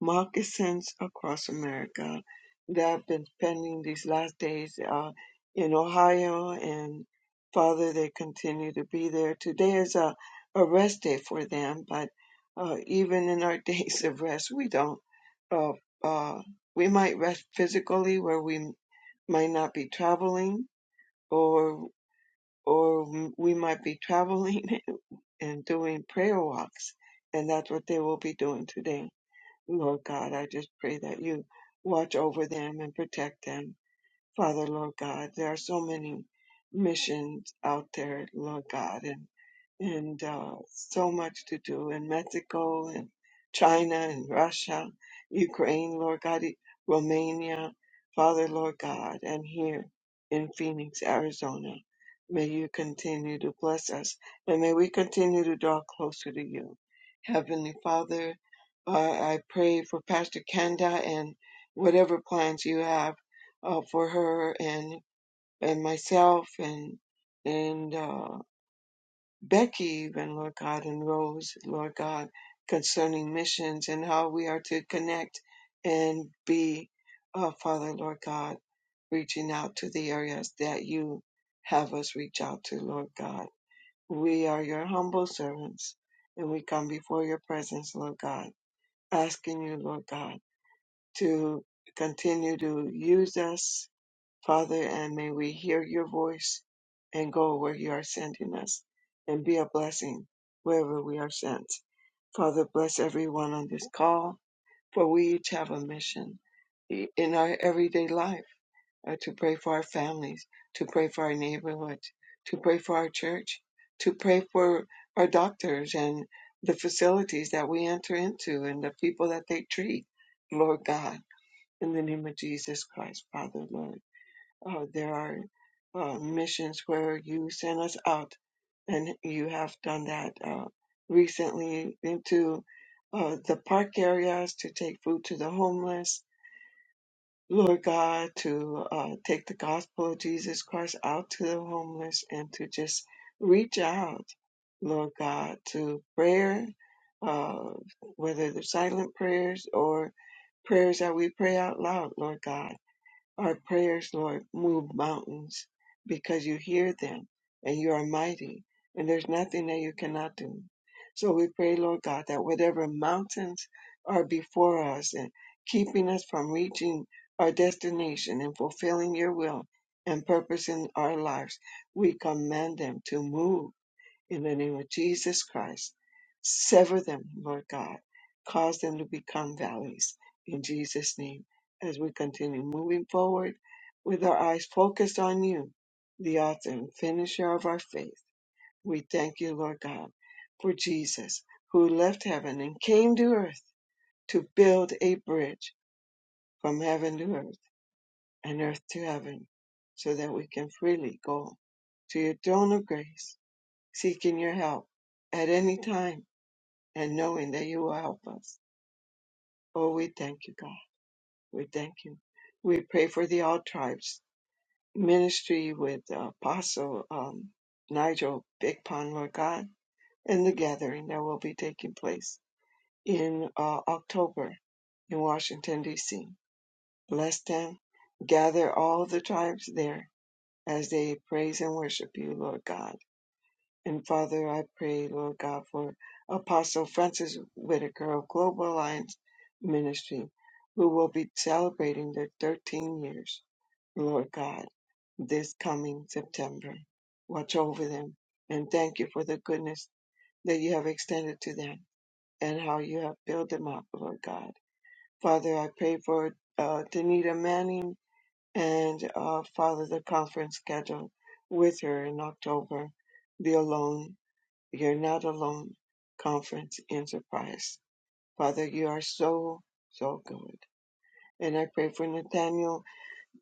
[SPEAKER 7] moccasins across America that I've been spending these last days uh, in Ohio. And Father, they continue to be there. Today is a, a rest day for them, but uh, even in our days of rest, we don't. Uh, uh, we might rest physically where we might not be traveling or or we might be traveling and doing prayer walks and that's what they will be doing today Lord God, I just pray that you watch over them and protect them. Father, Lord God, there are so many missions out there, Lord God, and and uh, so much to do in Mexico and China and Russia, Ukraine, Lord God, E- Romania, Father, Lord God, and here in Phoenix, Arizona. May you continue to bless us and may we continue to draw closer to you. Heavenly Father, uh, I pray for Pastor Kenda and whatever plans you have uh, for her and and myself and and uh, Becky even Lord God and Rose Lord God concerning missions and how we are to connect and be uh, Father Lord God reaching out to the areas that you have us reach out to Lord God we are your humble servants and we come before your presence Lord God asking you Lord God to continue to use us Father, and may we hear your voice and go where you are sending us and be a blessing wherever we are sent. Father, bless everyone on this call, for we each have a mission in our everyday life uh, to pray for our families, to pray for our neighborhood, to pray for our church, to pray for our doctors and the facilities that we enter into and the people that they treat, Lord God. In the name of Jesus Christ, Father, Lord. Uh, there are uh, missions where you send us out, and you have done that uh, recently into uh, the park areas to take food to the homeless. Lord God, to uh, take the gospel of Jesus Christ out to the homeless and to just reach out, Lord God, to prayer, uh, whether they're silent prayers or prayers that we pray out loud, Lord God our prayers, Lord, move mountains because you hear them and you are mighty and there's nothing that you cannot do. So we pray, Lord God, that whatever mountains are before us and keeping us from reaching our destination and fulfilling your will and purpose in our lives, we command them to move in the name of Jesus Christ. Sever them, Lord God. Cause them to become valleys in Jesus' name as we continue moving forward with our eyes focused on you, the author and finisher of our faith. We thank you, Lord God, for Jesus who left heaven and came to earth to build a bridge from heaven to earth and earth to heaven so that we can freely go to your throne of grace, seeking your help at any time and knowing that you will help us. Oh, we thank you, God. We thank you. We pray for the All Tribes ministry with uh, Apostle um, Nigel Big Pond, Lord God, and the gathering that will be taking place in uh, October in Washington, D.C. Bless them. Gather all the tribes there as they praise and worship you, Lord God And Father, I pray, Lord God, for Apostle Francis Whitaker of Global Alliance Ministry, who will be celebrating their 13 years, Lord God, this coming September. Watch over them and thank you for the goodness that you have extended to them and how you have built them up, Lord God. Father, I pray for uh, Danita Manning and uh, Father, the conference scheduled with her in October, the Alone you're not alone, Conference Enterprise. Father, you are so, so good. And I pray for Nathaniel.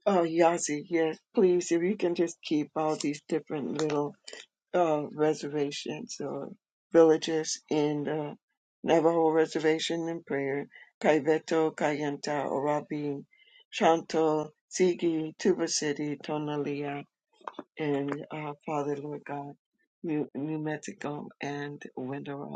[SPEAKER 7] Oh, Yazi, yes, please, if you can just keep all these different little uh, reservations or villages in the Navajo Reservation in prayer. Kaiveto, Kayenta, Orabi, Shanto, Sigi, Tuba City, Tonalia, and uh, Father, Lord God, New, New Mexico, and Window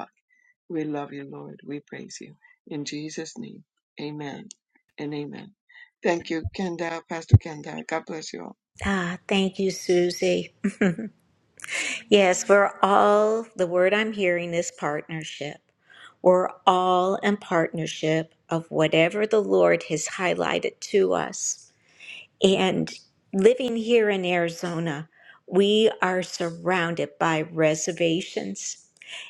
[SPEAKER 7] we love you, Lord. We praise you. In Jesus' name, amen and amen. Thank you, Kenda, Pastor Kenda. God bless you all.
[SPEAKER 4] Ah, thank you, Susie. Yes, we're all, the word I'm hearing is partnership. We're all in partnership of whatever the Lord has highlighted to us. And living here in Arizona, we are surrounded by reservations.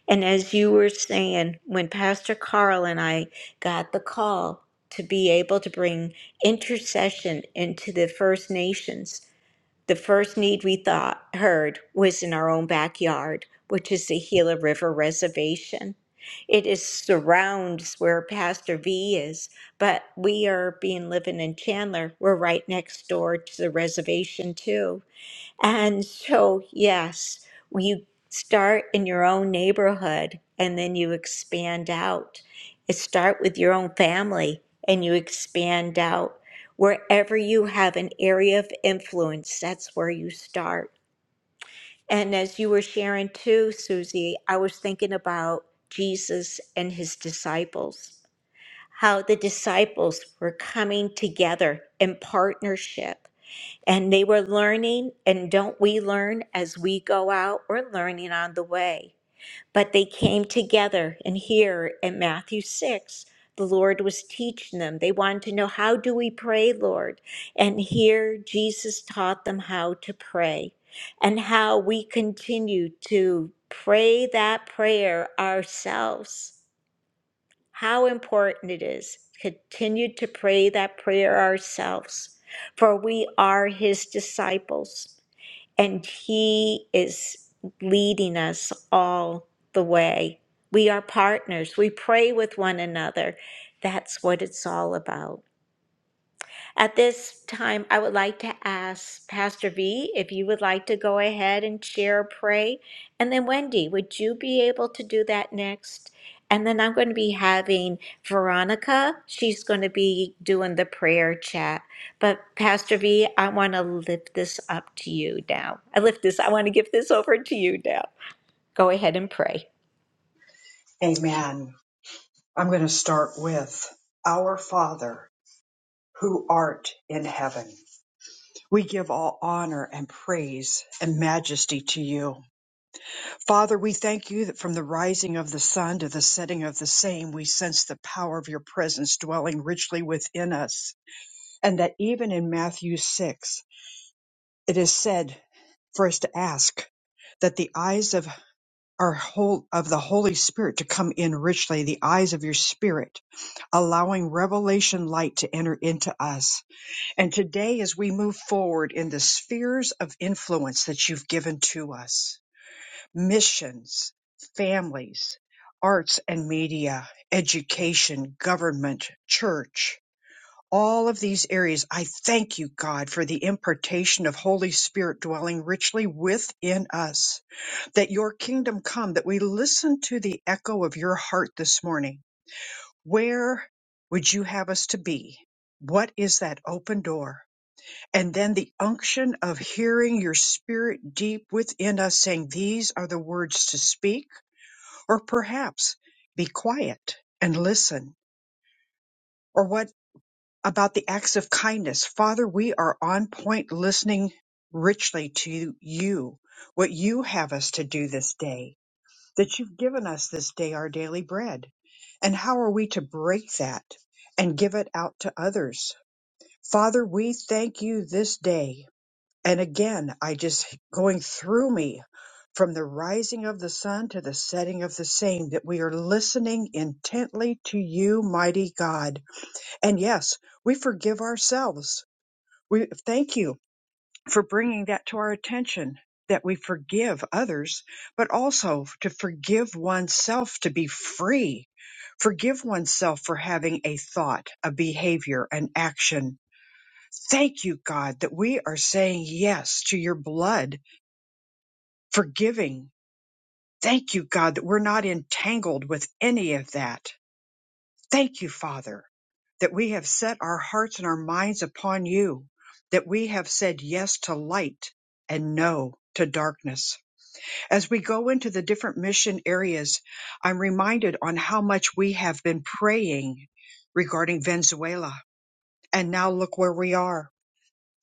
[SPEAKER 4] And as you were saying, when Pastor Carl and I got the call to be able to bring intercession into the First Nations, the first need we thought heard was in our own backyard, which is the Gila River Reservation. It is surrounds where Pastor V is, but we are being living in Chandler. We're right next door to the reservation too. And so, yes, when you start in your own neighborhood and then you expand out. It start with your own family and you expand out. Wherever you have an area of influence, that's where you start. And as you were sharing too, Susie, I was thinking about Jesus and his disciples, how the disciples were coming together in partnership and they were learning, and don't we learn as we go out? We're learning on the way. But they came together, and here in Matthew 6, the Lord was teaching them. They wanted to know, How do we pray, Lord? And here Jesus taught them how to pray and how we continue to pray that prayer ourselves how important it is to continue to pray that prayer ourselves for we are his disciples and he is leading us all the way we are partners we pray with one another that's what it's all about at this time, I would like to ask Pastor V if you would like to go ahead and share or pray. And then Wendy, would you be able to do that next? And then I'm going to be having Veronica. She's going to be doing the prayer chat. But Pastor V, I want to lift this up to you now. I lift this, I want to give this over to you now. Go ahead and pray.
[SPEAKER 1] Amen. I'm going to start with Our Father who art in heaven. We give all honor and praise and majesty to you. Father, we thank you that from the rising of the sun to the setting of the same, we sense the power of your presence dwelling richly within us. And that even in Matthew 6, it is said for us to ask that the eyes of our whole, of the Holy Spirit to come in richly, the eyes of your spirit, allowing revelation light to enter into us. And today, as we move forward in the spheres of influence that you've given to us, missions, families, arts and media, education, government, church. All of these areas, I thank you, God, for the impartation of Holy Spirit dwelling richly within us, that your kingdom come, that we listen to the echo of your heart this morning. Where would you have us to be? What is that open door? And then the unction of hearing your spirit deep within us saying, These are the words to speak or perhaps, be quiet and listen. Or what about the acts of kindness? Father, we are on point listening richly to you, what you have us to do this day, that you've given us this day our daily bread. And how are we to break that and give it out to others? Father, we thank you this day and again, I just going through me from the rising of the sun to the setting of the same, that we are listening intently to you, mighty God. And yes, we forgive ourselves. We thank you for bringing that to our attention that we forgive others, but also to forgive oneself to be free. Forgive oneself for having a thought, a behavior, an action. Thank you, God, that we are saying yes to your blood forgiving. Thank you, God, that we're not entangled with any of that. Thank you, Father, that we have set our hearts and our minds upon you, that we have said yes to light and no to darkness. As we go into the different mission areas, I'm reminded on how much we have been praying regarding Venezuela. And now look where we are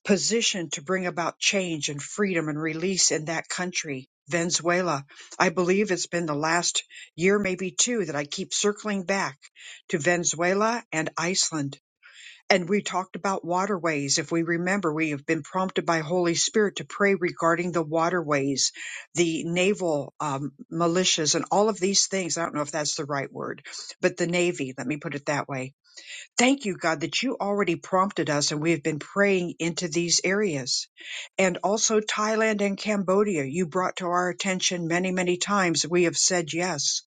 [SPEAKER 1] positioned to bring about change and freedom and release in that country, Venezuela. I believe it's been the last year, maybe two, that I keep circling back to Venezuela and Iceland. And we talked about waterways. If we remember, we have been prompted by Holy Spirit to pray regarding the waterways, the naval um, militias, and all of these things. I don't know if that's the right word, but the Navy, let me put it that way Thank you, God, that you already prompted us and we have been praying into these areas. And also Thailand and Cambodia, you brought to our attention many, many times. We have said yes.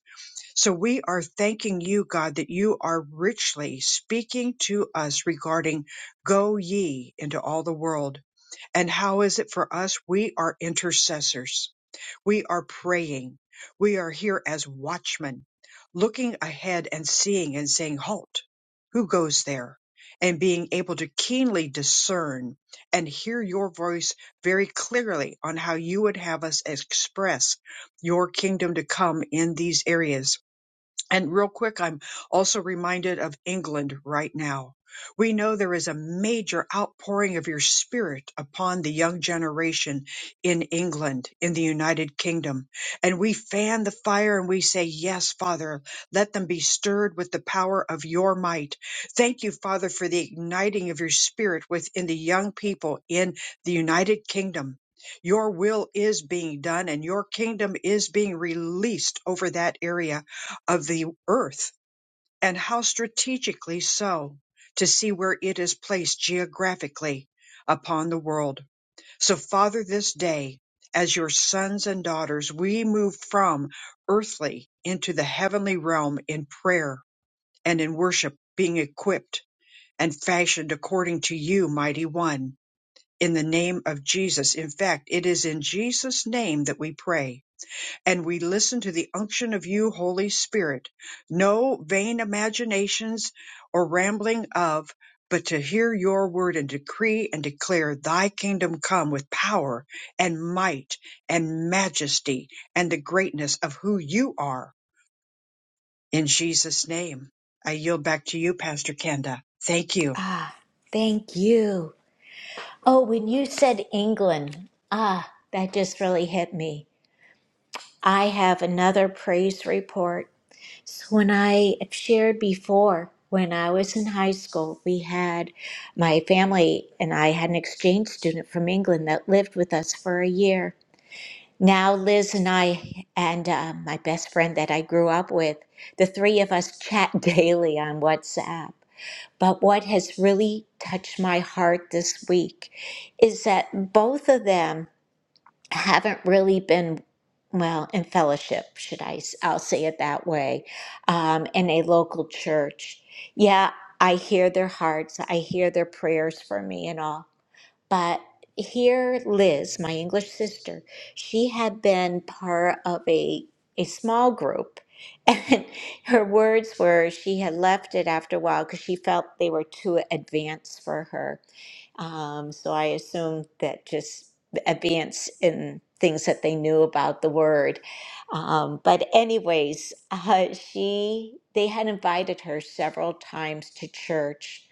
[SPEAKER 1] So we are thanking you, God, that you are richly speaking to us regarding go ye into all the world. And how is it for us? We are intercessors. We are praying. We are here as watchmen, looking ahead and seeing and saying, Halt, who goes there? And being able to keenly discern and hear your voice very clearly on how you would have us express your kingdom to come in these areas and real quick, I'm also reminded of England right now. We know there is a major outpouring of your spirit upon the young generation in England, in the United Kingdom. And we fan the fire and we say, Yes, Father, let them be stirred with the power of your might. Thank you, Father, for the igniting of your spirit within the young people in the United Kingdom. Your will is being done and your kingdom is being released over that area of the earth and how strategically so to see where it is placed geographically upon the world. So Father, this day, as your sons and daughters, we move from earthly into the heavenly realm in prayer and in worship, being equipped and fashioned according to you, mighty one, in the name of Jesus. In fact, it is in Jesus' name that we pray and we listen to the unction of you, Holy Spirit. No vain imaginations or rambling of, but to hear your word and decree and declare thy kingdom come with power and might and majesty and the greatness of who you are. In Jesus' name, I yield back to you, Pastor Kenda. Thank you.
[SPEAKER 4] Ah, thank you. Oh, when you said England, ah, that just really hit me I have another praise report. So, when I have shared before, when I was in high school, we had my family and I had an exchange student from England that lived with us for a year. Now, Liz and I, and uh, my best friend that I grew up with, the three of us chat daily on WhatsApp. But what has really touched my heart this week is that both of them haven't really been well in fellowship should i s- i'll say it that way um, in a local church yeah i hear their hearts i hear their prayers for me and all but here, Liz, my English sister, she had been part of a, a small group. And her words were she had left it after a while because she felt they were too advanced for her. Um, so I assumed that just advance in things that they knew about the word. Um, but anyways, uh, she they had invited her several times to church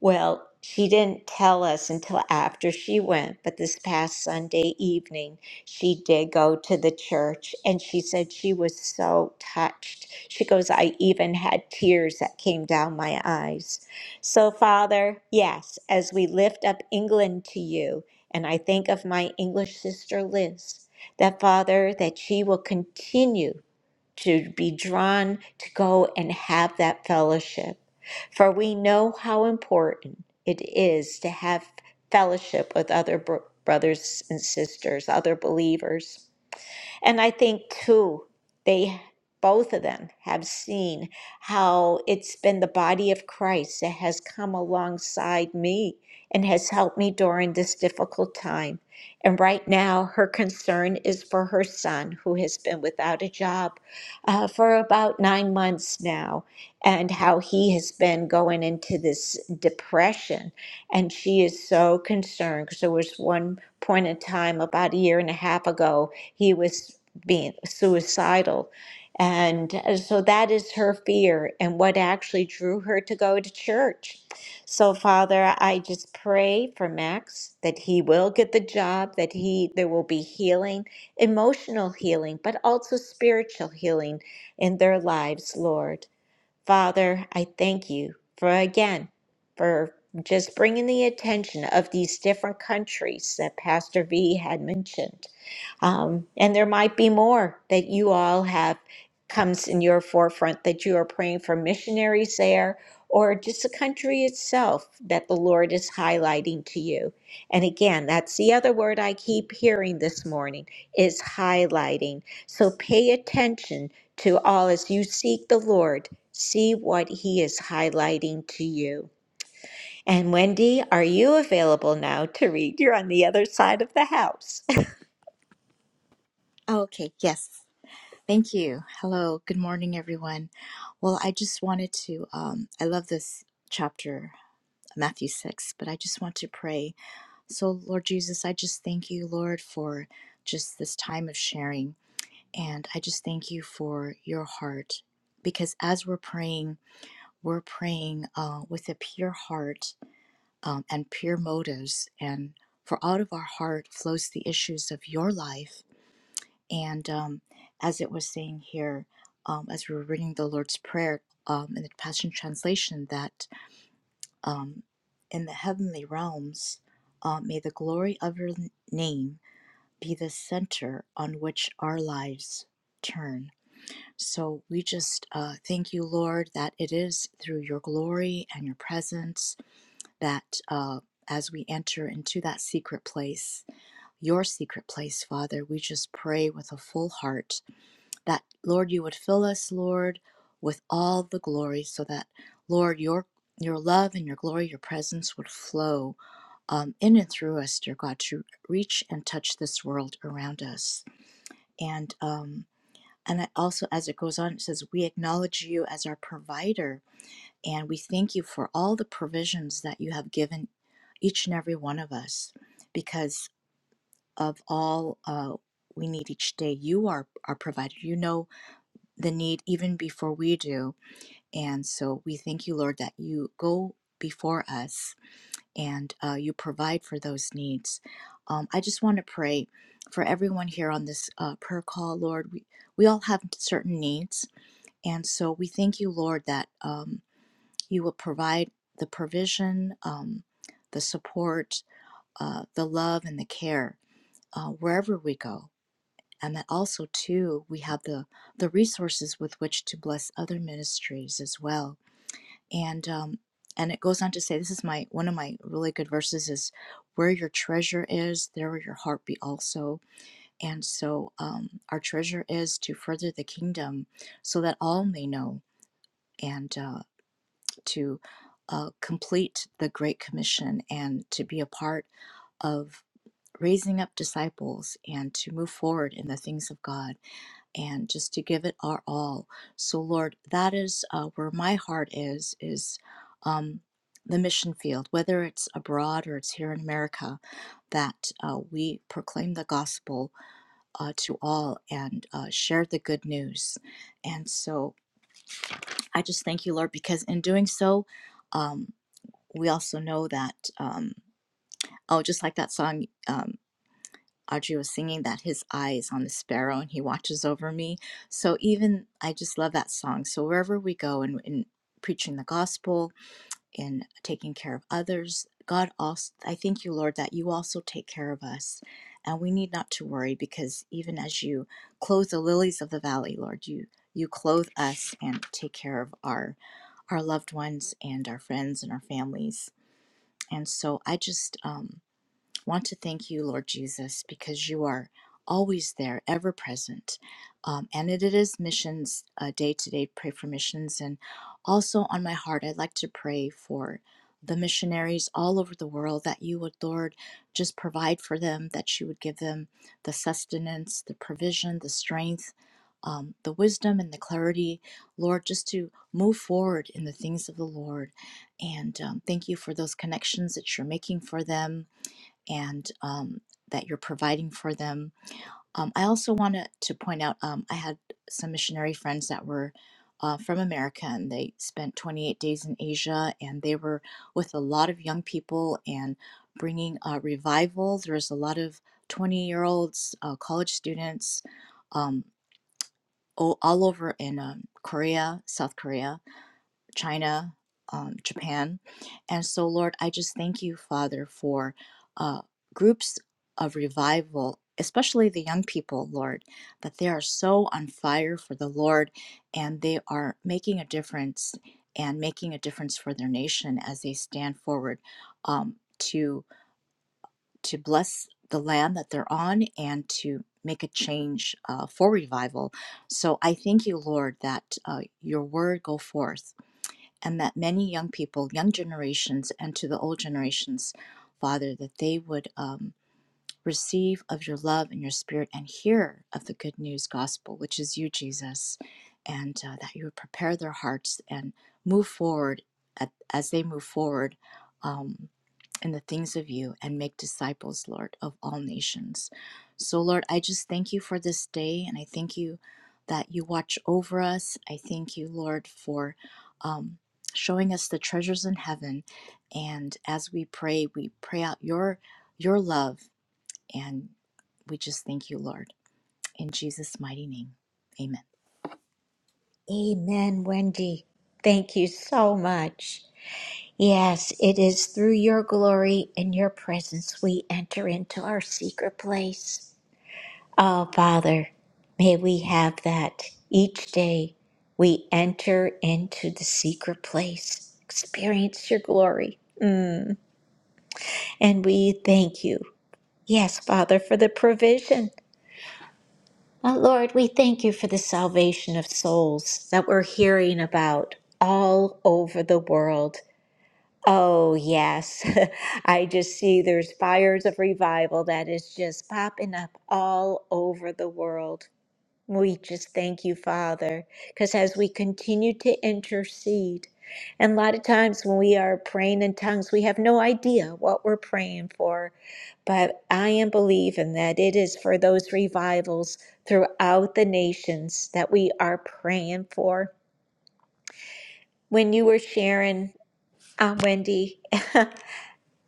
[SPEAKER 4] well, she didn't tell us until after she went, but this past Sunday evening, she did go to the church and she said she was so touched. She goes, I even had tears that came down my eyes. So, Father, yes, as we lift up England to you, and I think of my English sister Liz, that Father, that she will continue to be drawn to go and have that fellowship. For we know how important it is to have fellowship with other bro- brothers and sisters, other believers. And I think too, they both of them have seen how it's been the body of Christ that has come alongside me and has helped me during this difficult time. And right now, her concern is for her son, who has been without a job uh, for about nine months now, and how he has been going into this depression. And she is so concerned because there was one point in time about a year and a half ago he was being suicidal. And uh, so that is her fear and what actually drew her to go to church. So Father, I just pray for Max that he will get the job, that he there will be healing, emotional healing, but also spiritual healing in their lives, Lord. Father, I thank you for again for just bringing the attention of these different countries that Pastor V had mentioned. Um, and there might be more that you all have comes in your forefront that you are praying for missionaries there or just the country itself that the Lord is highlighting to you. And again, that's the other word I keep hearing this morning is highlighting. So pay attention to all as you seek the Lord See what he is highlighting to you. And Wendy, are you available now to read? You're on the other side of the house.
[SPEAKER 6] Okay, yes. Thank you. Hello, good morning, everyone. Well, I just wanted to, um, I love this chapter, Matthew 6, but I just want to pray. So, Lord Jesus, I just thank you, Lord, for just this time of sharing. And I just thank you for your heart because as we're praying, we're praying uh, with a pure heart um, and pure motives. And for out of our heart flows the issues of your life. And um, as it was saying here, um, as we were reading the Lord's Prayer um, in the Passion Translation, that um, in the heavenly realms, uh, may the glory of your name be the center on which our lives turn So we just uh, thank you, Lord, that it is through your glory and your presence that uh, as we enter into that secret place, your secret place, Father, we just pray with a full heart that, Lord, you would fill us, Lord, with all the glory so that, Lord, your your love and your glory, your presence would flow um, in and through us, dear God, to reach and touch this world around us. And um, and it also, as it goes on, it says, We acknowledge you as our provider, and we thank you for all the provisions that you have given each and every one of us because of all uh, we need each day. You are our provider. You know the need even before we do. And so we thank you, Lord, that you go before us and uh, you provide for those needs. Um, I just want to pray for everyone here on this uh, prayer call, Lord. We, we all have certain needs and so we thank you, Lord, that um, you will provide the provision, um, the support, uh, the love, and the care uh, wherever we go. And that also, too, we have the, the resources with which to bless other ministries as well. And um, and it goes on to say, this is my one of my really good verses is where your treasure is, there will your heart be also. And so um, our treasure is to further the kingdom so that all may know. And uh, to uh, complete the Great Commission and to be a part of raising up disciples and to move forward in the things of God and just to give it our all. So, Lord, that is uh, where my heart is, is um, the mission field, whether it's abroad or it's here in America, that uh, we proclaim the gospel uh, to all and uh, share the good news. And so I just thank you, Lord, because in doing so, um, we also know that um, oh just like that song um, audrey was singing that his eye is on the sparrow and he watches over me so even i just love that song so wherever we go and in, preaching the gospel in taking care of others god also i thank you lord that you also take care of us and we need not to worry because even as you clothe the lilies of the valley lord you you clothe us and take care of our our loved ones and our friends and our families and so I just um, want to thank you, Lord Jesus, because you are always there, ever present. Um, and it is missions uh, day to day, pray for missions. And also on my heart, I'd like to pray for the missionaries all over the world that you would, Lord, just provide for them, that you would give them the sustenance, the provision, the strength. Um, the wisdom and the clarity, Lord, just to move forward in the things of the Lord. And um, thank you for those connections that you're making for them and um, that you're providing for them. Um, I also wanted to point out um, I had some missionary friends that were uh, from America and they spent 28 days in Asia and they were with a lot of young people and bringing a revival. There was a lot of 20 year olds, uh, college students um, all, all over in um, Korea, South Korea China, um, Japan. And so, Lord, I just thank you, Father, for uh, groups of revival, especially the young people, Lord, that they are so on fire for the Lord and they are making a difference and making a difference for their nation as they stand forward um, to to bless the land that they're on and to make a change uh, for revival. So I thank you, Lord, that uh, your word go forth and that many young people, young generations, and to the old generations, Father, that they would um, receive of your love and your spirit and hear of the good news gospel, which is you, Jesus, and uh, that you would prepare their hearts and move forward at, as they move forward. Um, and the things of you and make disciples, Lord, of all nations. So, Lord, I just thank you for this day and I thank you that you watch over us. I thank you, Lord, for um, showing us the treasures in heaven. And as we pray, we pray out your your love and we just thank you, Lord. In Jesus' mighty name, amen.
[SPEAKER 4] Amen, Wendy. Thank you so much. Yes, it is through your glory and your presence we enter into our secret place. Oh, Father, may we have that each day we enter into the secret place, experience your glory. Mm. And we thank you Yes, Father, for the provision. Oh, Lord, we thank you for the salvation of souls that we're hearing about all over the world. Oh, yes. I just see there's fires of revival that is just popping up all over the world. We just thank you, Father, because as we continue to intercede, and a lot of times when we are praying in tongues, we have no idea what we're praying for. But I am believing that it is for those revivals throughout the nations that we are praying for. When you were sharing, uh, Wendy,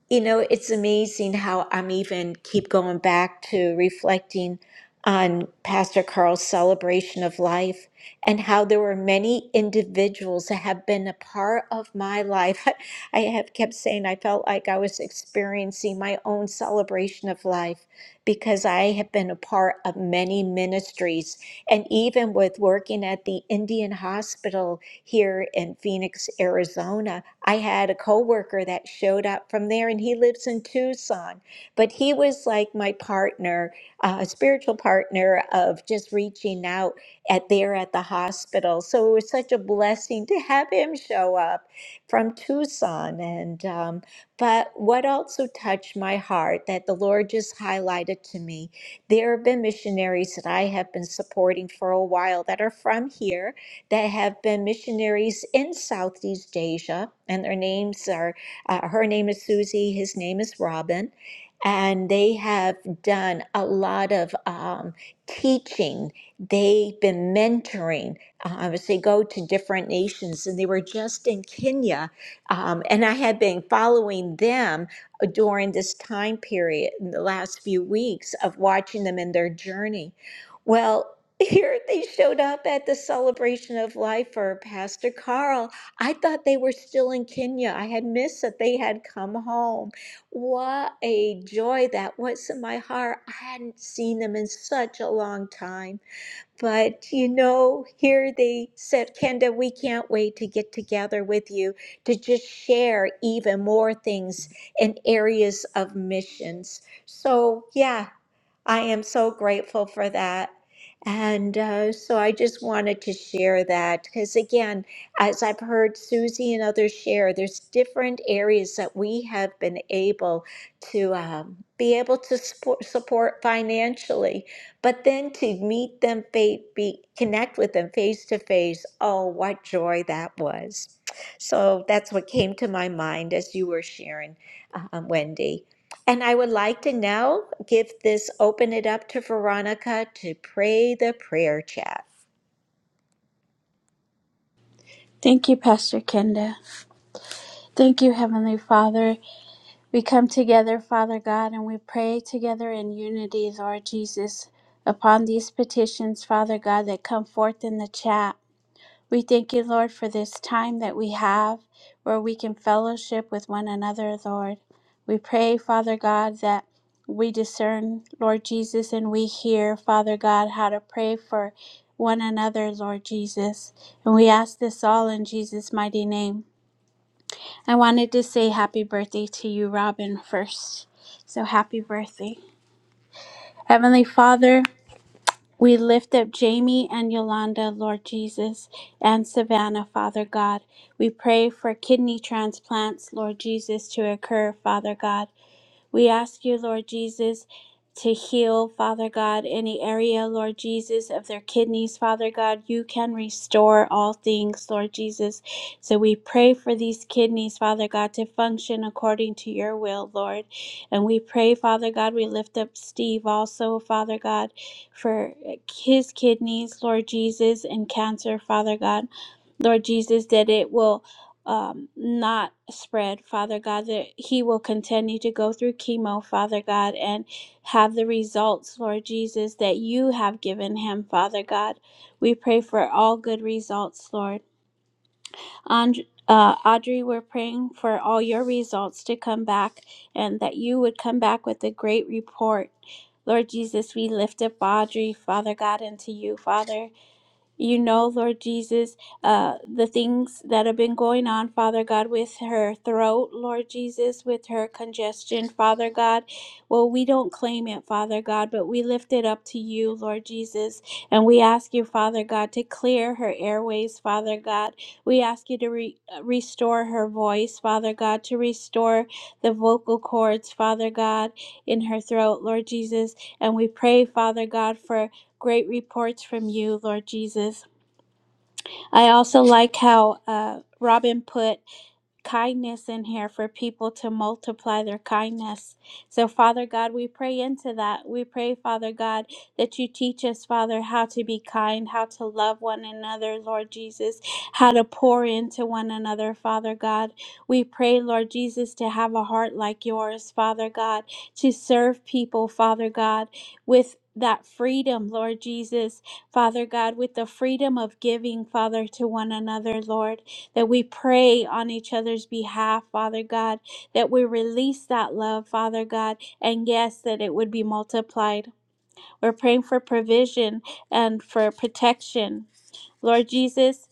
[SPEAKER 4] You know, it's amazing how I'm even keep going back to reflecting on Pastor Carl's celebration of life and how there were many individuals that have been a part of my life. I have kept saying I felt like I was experiencing my own celebration of life because I have been a part of many ministries and even with working at the Indian hospital here in Phoenix, Arizona. I had a coworker that showed up from there, and he lives in Tucson. But he was like my partner, uh, a spiritual partner of just reaching out at there at the hospital. So it was such a blessing to have him show up from Tucson. And um, but what also touched my heart that the Lord just highlighted to me there have been missionaries that I have been supporting for a while that are from here that have been missionaries in Southeast Asia, and their names are uh, her name is Susie, his name is Robin, and they have done a lot of um, teaching. They've been mentoring uh, as they go to different nations, and they were just in Kenya, um, and I had been following them during this time period in the last few weeks of watching them in their journey. Well, here they showed up at the celebration of life for Pastor Carl. I thought they were still in Kenya. I had missed that they had come home. What a joy that was in my heart. I hadn't seen them in such a long time. But you know, here they said, Kenda, we can't wait to get together with you to just share even more things in areas of missions. So, yeah, I am so grateful for that. And uh, so I just wanted to share that because, again, as I've heard Susie and others share, there's different areas that we have been able to um, be able to support, support financially, but then to meet them, fa- be, connect with them face to face. Oh, what joy that was! So that's what came to my mind as you were sharing, um, Wendy. And I would like to now give this, open it up to Veronica to pray the prayer chat.
[SPEAKER 2] Thank you, Pastor Kenda. Thank you, Heavenly Father. We come together, Father God, and we pray together in unity, Lord Jesus, upon these petitions, Father God, that come forth in the chat. We thank you, Lord, for this time that we have where we can fellowship with one another, Lord. We pray, Father God, that we discern, Lord Jesus, and we hear, Father God, how to pray for one another, Lord Jesus. And we ask this all in Jesus' mighty name. I wanted to say happy birthday to you, Robin, first. So happy birthday. Heavenly Father, we lift up Jamie and Yolanda, Lord Jesus, and Savannah, Father God. We pray for kidney transplants, Lord Jesus, to occur, Father God. We ask you, Lord Jesus, to heal, Father God, any area, Lord Jesus, of their kidneys, Father God. You can restore all things, Lord Jesus. So we pray for these kidneys, Father God, to function according to your will, Lord. And we pray, Father God, we lift up Steve also, Father God, for his kidneys, Lord Jesus, and cancer, Father God. Lord Jesus, that it will um, not spread, Father God, that he will continue to go through chemo, Father God, and have the results, Lord Jesus, that you have given him, Father God. We pray for all good results, Lord. And, uh, Audrey, we're praying for all your results to come back and that you would come back with a great report. Lord Jesus, we lift up Audrey, Father God, into you, Father. You know, Lord Jesus, uh, the things that have been going on, Father God, with her throat, Lord Jesus, with her congestion, Father God. Well, we don't claim it, Father God, but we lift it up to you, Lord Jesus. And we ask you, Father God, to clear her airways, Father God. We ask you to re- uh, restore her voice, Father God, to restore the vocal cords, Father God, in her throat, Lord Jesus. And we pray, Father God, for Great reports from you, Lord Jesus. I also like how uh, Robin put kindness in here for people to multiply their kindness. So, Father God, we pray into that. We pray, Father God, that you teach us, Father, how to be kind, how to love one another, Lord Jesus, how to pour into one another, Father God. We pray, Lord Jesus, to have a heart like yours, Father God, to serve people, Father God, with that freedom, Lord Jesus, Father God, with the freedom of giving, Father, to one another, Lord that we pray on each other's behalf, Father God, that we release that love, Father God, and yes, that it would be multiplied. We're praying for provision and for protection Lord Jesus,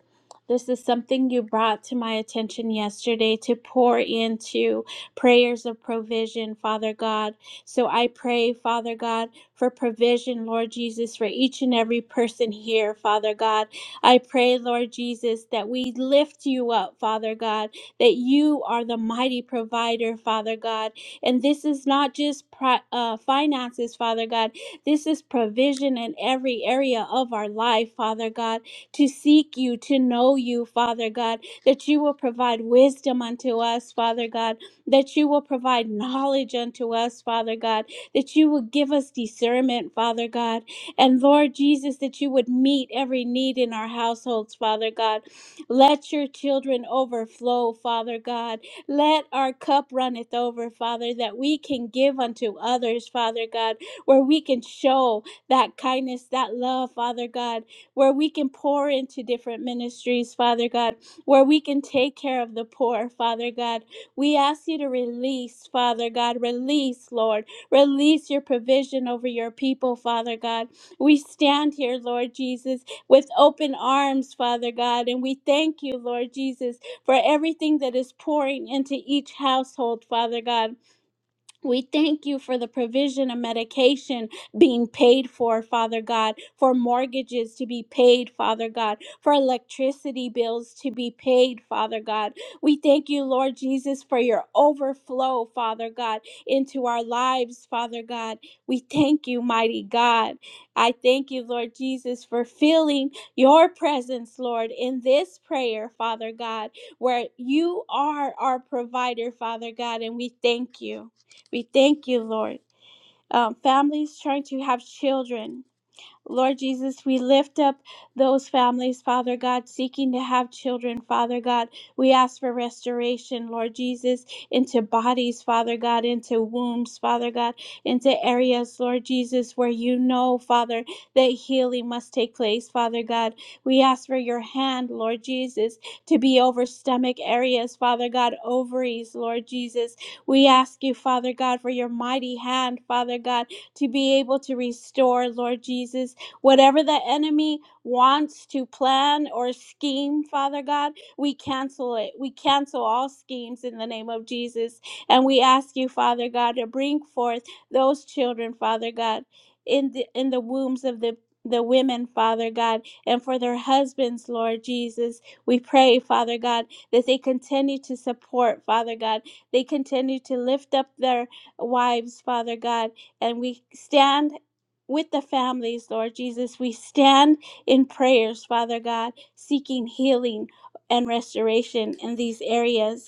[SPEAKER 2] this is something you brought to my attention yesterday to pour into prayers of provision, Father God. So I pray, Father God, for provision, Lord Jesus, for each and every person here, Father God. I pray, Lord Jesus, that we lift you up, Father God, that you are the mighty provider, Father God. And this is not just pri- uh, finances, Father God. This is provision in every area of our life, Father God to seek you, to know you, Father God, that you will provide wisdom unto us, Father God, that you will provide knowledge unto us, Father God, that you will give us discernment, Father God, and Lord Jesus, that you would meet every need in our households, Father God. Let your children overflow, Father God. Let our cup runneth over, Father, that we can give unto others, Father God, where we can show that kindness, that love, Father God where we can pour into different ministries, Father God, where we can take care of the poor, Father God. We ask you to release, Father God, release, Lord, release your provision over your people, Father God. We stand here, Lord Jesus, with open arms, Father God, and we thank you, Lord Jesus, for everything that is pouring into each household, Father God. We thank you for the provision of medication being paid for, Father God, for mortgages to be paid, Father God, for electricity bills to be paid, Father God. We thank you, Lord Jesus, for your overflow, Father God, into our lives, Father God. We thank you, mighty God. I thank you, Lord Jesus, for feeling your presence, Lord, in this prayer, Father God, where you are our provider, Father God, and we thank you. We thank you, Lord. Um, families trying to have children, Lord Jesus, we lift up those families, Father God, seeking to have children, Father God. We ask for restoration, Lord Jesus, into bodies, Father God, into wombs, Father God, into areas, Lord Jesus, where you know, Father, that healing must take place, Father God. We ask for your hand, Lord Jesus, to be over stomach areas, Father God, ovaries, Lord Jesus. We ask you, Father God, for your mighty hand, Father God, to be able to restore, Lord Jesus Whatever the enemy wants to plan or scheme, Father God, we cancel it. We cancel all schemes in the name of Jesus. And we ask you, Father God, to bring forth those children, Father God, in the in the wombs of the the women, Father God, and for their husbands, Lord Jesus. We pray, Father God, that they continue to support, Father God. They continue to lift up their wives, Father God. And we stand with the families, Lord Jesus. We stand in prayers, Father God, seeking healing and restoration in these areas.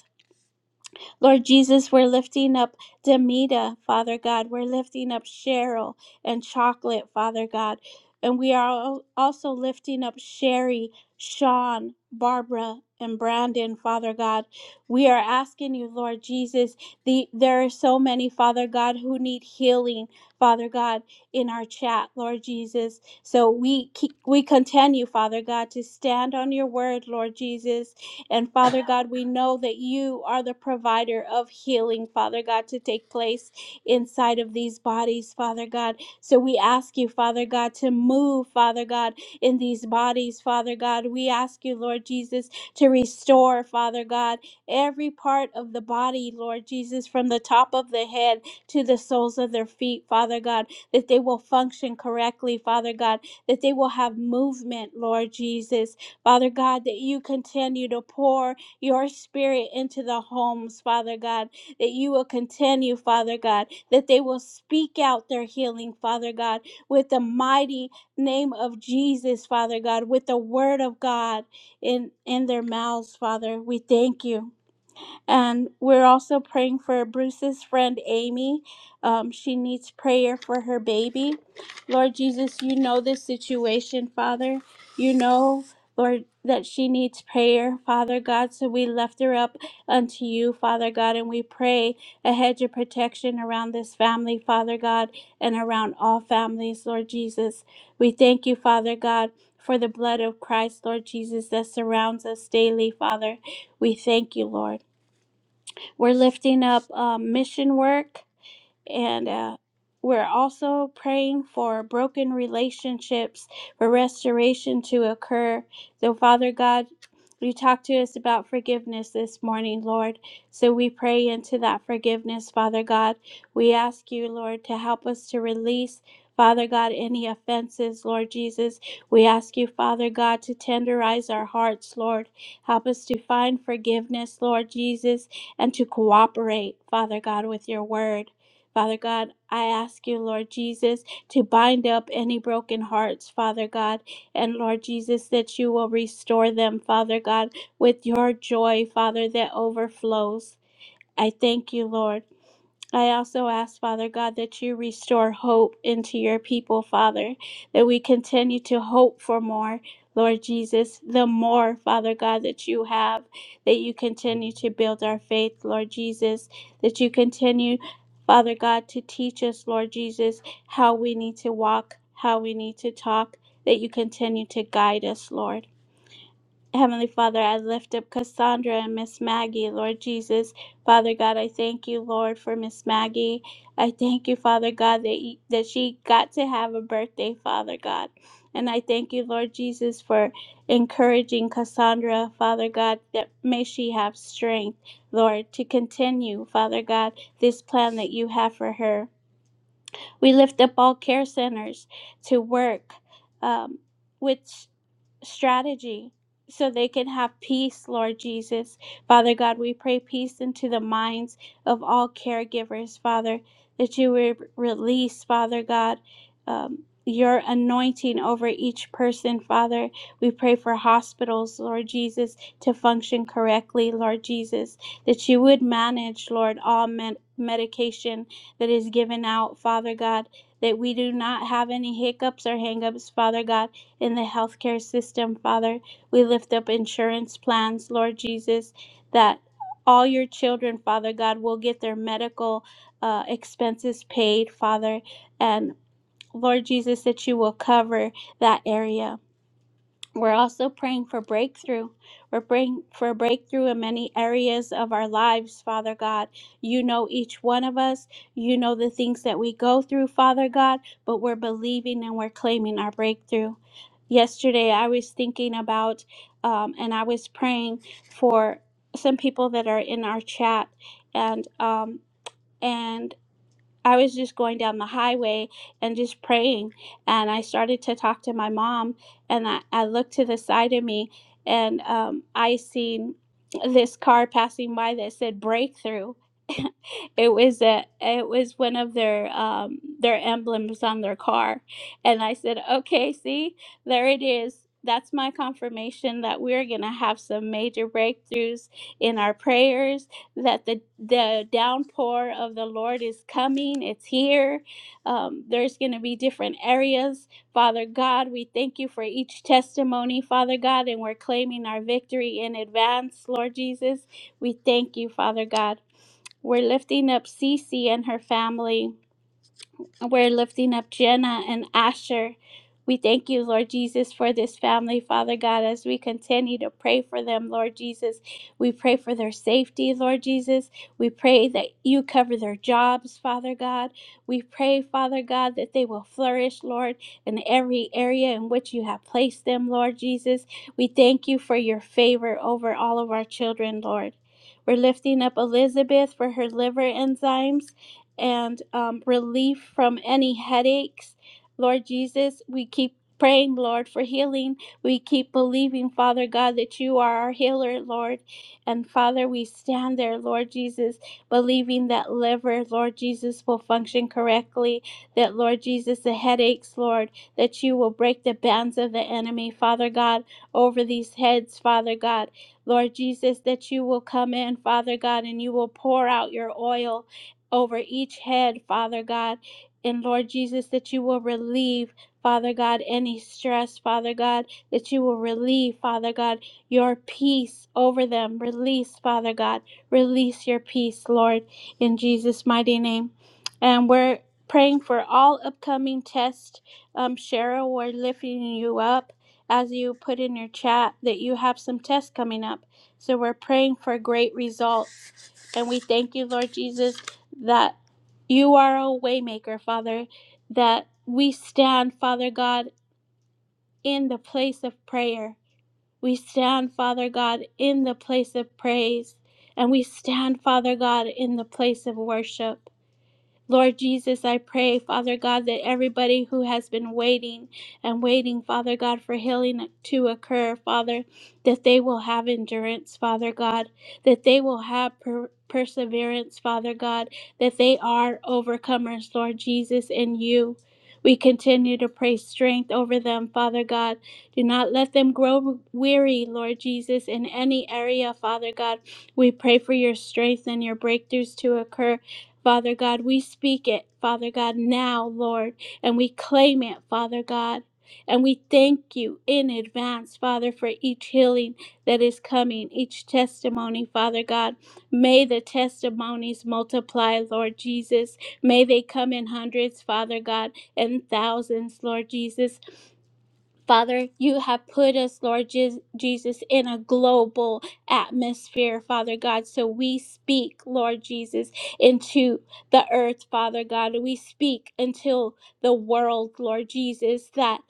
[SPEAKER 2] Lord Jesus, we're lifting up Demita, Father God. We're lifting up Cheryl and Chocolate, Father God. And we are al- also lifting up Sherry, Sean, Barbara, and Brandon, Father God. We are asking you, Lord Jesus, the, there are so many, Father God, who need healing, Father God, in our chat, Lord Jesus. So we keep, we continue, Father God, to stand on your word, Lord Jesus and Father God, we know that you are the provider of healing, Father God, to take place inside of these bodies, Father God. So we ask you, Father God, to move, Father God, in these bodies, Father God. We ask you, Lord Jesus, to restore, Father God, every part of the body, Lord Jesus, from the top of the head to the soles of their feet, Father God, that they will function correctly, Father God, that they will have movement, Lord Jesus. Father God, that you continue to pour your spirit into the homes, Father God, that you will continue, Father God, that they will speak out their healing, Father God, with the mighty name of Jesus, Father God, with the word of God in, in their mouths, Father. We thank you. And we're also praying for Bruce's friend Amy. Um, she needs prayer for her baby. Lord Jesus, you know this situation, Father. You know, Lord, that she needs prayer, Father God. So we lift her up unto you, Father God, and we pray a hedge of protection around this family, Father God, and around all families, Lord Jesus. We thank you, Father God. For the blood of Christ, Lord Jesus, that surrounds us daily, Father. We thank you, Lord. We're lifting up um, mission work and uh, we're also praying for broken relationships for restoration to occur so father god you talked to us about forgiveness this morning lord so we pray into that forgiveness father god we ask you lord to help us to release Father God, any offenses, Lord Jesus, we ask you, Father God, to tenderize our hearts, Lord. Help us to find forgiveness, Lord Jesus, and to cooperate, Father God, with your word. Father God, I ask you, Lord Jesus, to bind up any broken hearts, Father God, and Lord Jesus, that you will restore them, Father God, with your joy, Father, that overflows. I thank you, Lord. I also ask, Father God, that you restore hope into your people, Father, that we continue to hope for more, Lord Jesus, the more, Father God, that you have, that you continue to build our faith, Lord Jesus, that you continue, Father God, to teach us, Lord Jesus, how we need to walk, how we need to talk, that you continue to guide us, Lord. Heavenly Father, I lift up Cassandra and Miss Maggie, Lord Jesus. Father God, I thank you, Lord, for Miss Maggie. I thank you, Father God, that, you, that she got to have a birthday, Father God. And I thank you, Lord Jesus, for encouraging Cassandra, Father God, that may she have strength, Lord, to continue, Father God, this plan that you have for her. We lift up all care centers to work um, with strategy so they can have peace, Lord Jesus. Father God, we pray peace into the minds of all caregivers, Father, that you would release, Father God, um, your anointing over each person, Father. We pray for hospitals, Lord Jesus, to function correctly, Lord Jesus, that you would manage, Lord, all med- medication that is given out, Father God, that we do not have any hiccups or hangups, Father God in the healthcare system, Father. We lift up insurance plans, Lord Jesus, that all your children, Father God, will get their medical uh, expenses paid, Father. And Lord Jesus, that you will cover that area. We're also praying for breakthrough. We're praying for breakthrough in many areas of our lives, Father God. You know each one of us. You know the things that we go through, Father God, but we're believing and we're claiming our breakthrough. Yesterday, I was thinking about um, and I was praying for some people that are in our chat and um, and I was just going down the highway and just praying. And I started to talk to my mom, and I, I looked to the side of me, and um, I seen this car passing by that said breakthrough. It was a, it was one of their um, their emblems on their car, and I said, "Okay, see, there it is." That's my confirmation that we're going to have some major breakthroughs in our prayers, that the, the downpour of the Lord is coming. It's here. Um, there's going to be different areas Father God, we thank you for each testimony, Father God, and we're claiming our victory in advance, Lord Jesus. We thank you, Father God. We're lifting up Cece and her family. We're lifting up Jenna and Asher. We thank you, Lord Jesus, for this family, Father God, as we continue to pray for them, Lord Jesus. We pray for their safety, Lord Jesus. We pray that you cover their jobs, Father God. We pray, Father God, that they will flourish, Lord, in every area in which you have placed them, Lord Jesus. We thank you for your favor over all of our children, Lord. We're lifting up Elizabeth for her liver enzymes and um, relief from any headaches. Lord Jesus, we keep praying, Lord, for healing. We keep believing, Father God, that you are our healer, Lord. And Father, we stand there, Lord Jesus, believing that liver, Lord Jesus, will function correctly, that, Lord Jesus, the headaches, Lord, that you will break the bands of the enemy, Father God, over these heads, Father God. Lord Jesus, that you will come in, Father God, and you will pour out your oil, over each head, Father God. And Lord Jesus, that you will relieve, Father God, any stress, Father God, that you will relieve, Father God, your peace over them. Release, Father God, release your peace, Lord, in Jesus' mighty name. And we're praying for all upcoming tests. Um, Cheryl, we're lifting you up as you put in your chat that you have some tests coming up. So we're praying for great results and we thank you, Lord Jesus, that you are a waymaker, Father, that we stand, Father God, in the place of prayer. We stand, Father God, in the place of praise. And we stand, Father God, in the place of worship. Lord Jesus, I pray, Father God, that everybody who has been waiting and waiting, Father God, for healing to occur, Father, that they will have endurance, Father God, that they will have per- perseverance, Father God, that they are overcomers, Lord Jesus, in you. We continue to pray strength over them, Father God. Do not let them grow weary, Lord Jesus, in any area, Father God. We pray for your strength and your breakthroughs to occur Father God, we speak it, Father God, now, Lord, and we claim it, Father God. And we thank you in advance, Father, for each healing that is coming, each testimony, Father God. May the testimonies multiply, Lord Jesus. May they come in hundreds, Father God, and thousands, Lord Jesus. Father, you have put us, Lord Je- Jesus, in a global atmosphere, Father God. So we speak, Lord Jesus, into the earth, Father God. We speak until the world, Lord Jesus, that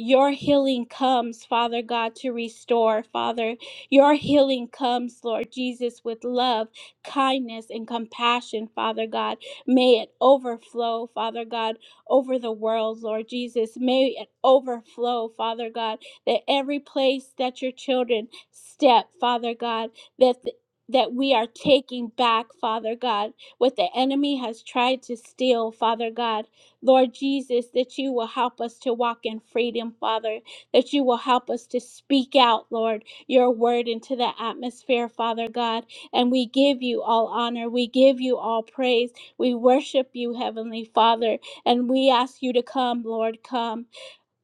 [SPEAKER 2] your healing comes, Father God, to restore, Father. Your healing comes, Lord Jesus, with love, kindness, and compassion, Father God. May it overflow, Father God over the world, Lord Jesus. May it overflow, Father God, that every place that your children step, Father God, that th- that we are taking back, Father God, what the enemy has tried to steal, Father God. Lord Jesus, that you will help us to walk in freedom, Father, that you will help us to speak out, Lord, your word into the atmosphere, Father God. And we give you all honor. We give you all praise. We worship you, Heavenly Father. And we ask you to come, Lord, come.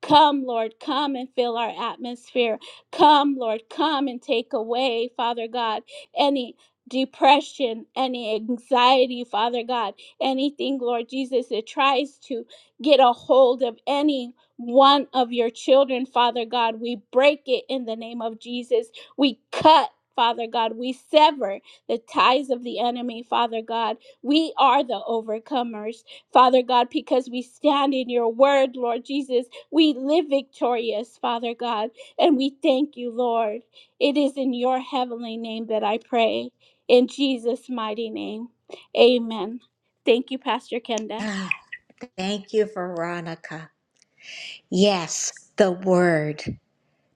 [SPEAKER 2] Come, Lord, come and fill our atmosphere. Come, Lord, come and take away, Father God, any depression, any anxiety, Father God, anything, Lord Jesus, that tries to get a hold of any one of your children, Father God. We break it in the name of Jesus. We cut. Father God, we sever the ties of the enemy, Father God. We are the overcomers, Father God, because we stand in your word, Lord Jesus we live victorious, Father God, and we thank you, Lord. It is in your heavenly name that I pray. In Jesus' mighty name. Amen. Thank you, Pastor Kenda.
[SPEAKER 4] Ah, Thank you, Veronica. Yes, the word,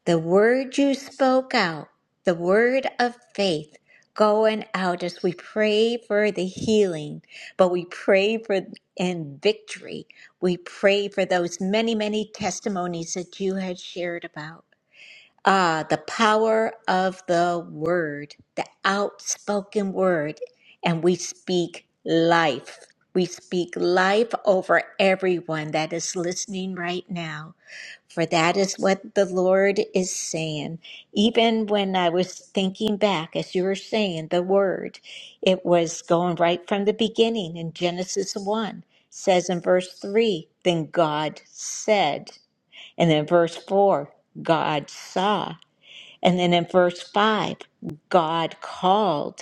[SPEAKER 4] the word you spoke out, the word of faith going out as we pray for the healing, but we pray for and victory. We pray for those many, many testimonies that you had shared about. Ah, the power of the word, the outspoken word. And we speak life. We speak life over everyone that is listening right now. For that is what the Lord is saying. Even when I was thinking back, as you were saying the word, it was going right from the beginning in Genesis 1, says in verse 3, then God said. And then verse 4, God saw. And then in verse 5, God called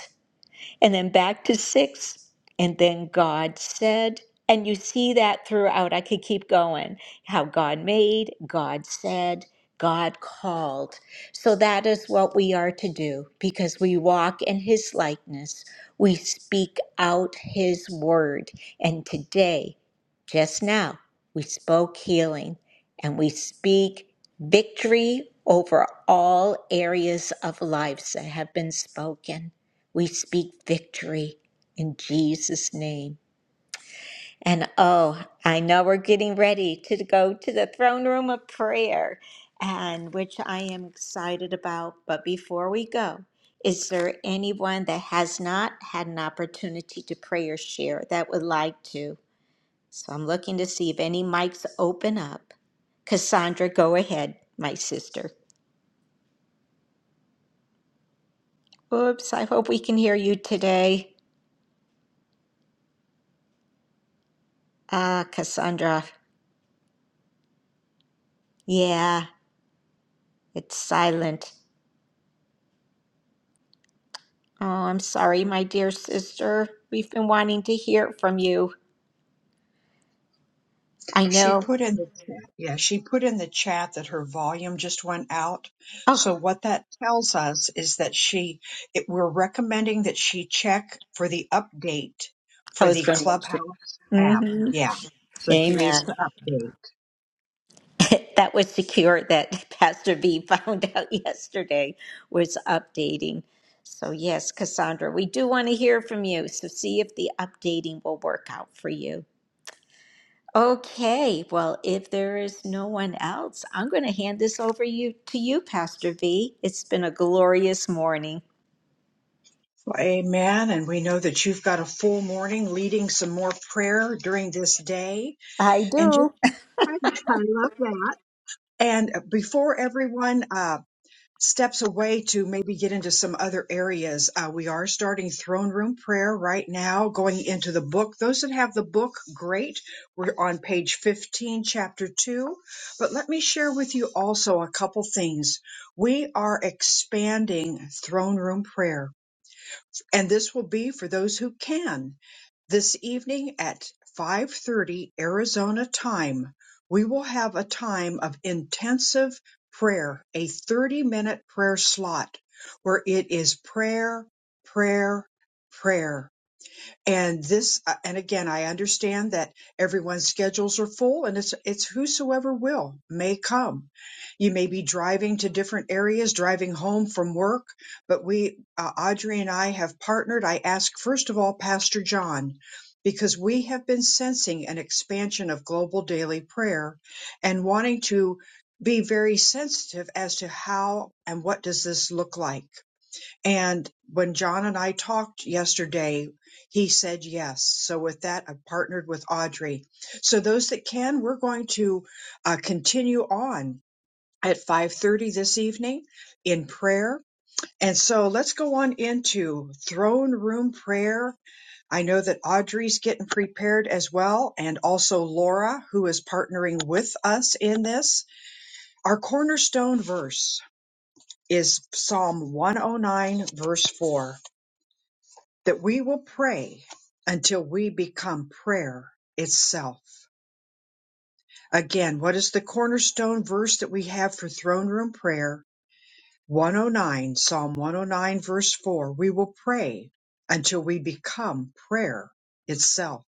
[SPEAKER 4] and then back to six, and then God said. And you see that throughout. I could keep going. How God made, God said, God called. So that is what we are to do because we walk in His likeness. We speak out His word. And today, just now, we spoke healing and we speak victory over all areas of lives that have been spoken. We speak victory in Jesus' name. And oh, I know we're getting ready to go to the throne room of prayer, and which I am excited about. But before we go, is there anyone that has not had an opportunity to pray or share that would like to? So I'm looking to see if any mics open up. Cassandra, go ahead, my sister. Oops, I hope we can hear you today. Ah, Cassandra. Yeah. It's silent. Oh, I'm sorry, my dear sister. We've been wanting to hear from you. I
[SPEAKER 1] She
[SPEAKER 4] know.
[SPEAKER 1] put in the chat, yeah, she put in the chat that her volume just went out.
[SPEAKER 4] Oh,
[SPEAKER 1] So what that tells us is that she, it, we're recommending that she check for the update
[SPEAKER 4] I
[SPEAKER 1] for
[SPEAKER 4] was
[SPEAKER 1] the
[SPEAKER 4] going to mention.
[SPEAKER 1] Clubhouse app.
[SPEAKER 4] hmm
[SPEAKER 1] Yeah. So she needs to
[SPEAKER 4] Amen.
[SPEAKER 1] update.
[SPEAKER 4] that was secure that Pastor V found out yesterday was updating. So, yes, Cassandra, we do want to hear from you. So, see if the updating will work out for you. Okay, well, if there is no one else, I'm going to hand this over you to you, Pastor V. It's been a glorious morning.
[SPEAKER 1] Well, amen. And we know that you've got a full morning leading some more prayer during this day.
[SPEAKER 4] I
[SPEAKER 1] And just,
[SPEAKER 4] do.
[SPEAKER 1] I, I love that. And before everyone, uh, steps away to maybe get into some other areas. Uh, we are starting throne room prayer right now, going into the book. Those that have the book, great. We're on page 15, chapter 2. But let me share with you also a couple things. We are expanding throne room prayer and this will be for those who can this evening at 5:30 Arizona time we will have a time of intensive prayer a 30 minute prayer slot where it is prayer prayer prayer and this, uh, and again, I understand that everyone's schedules are full and it's, it's whosoever will may come. You may be driving to different areas, driving home from work, but we, uh, Audrey and I have partnered. I ask, first of all, Pastor John, because we have been sensing an expansion of global daily prayer and wanting to be very sensitive as to how and what does this look like and when John and I talked yesterday, he said yes. So with that, I've partnered with Audrey. So those that can, we're going to uh, continue on at 5:30 this evening in prayer. And so let's go on into throne room prayer. I know that Audrey's getting prepared as well and also Laura who is partnering with us in this. Our cornerstone verse is Psalm 109 verse 4 that we will pray until we become prayer itself. Again, what is the cornerstone verse that we have for throne room prayer? 109, Psalm 109, verse 4. We will pray until we become prayer itself.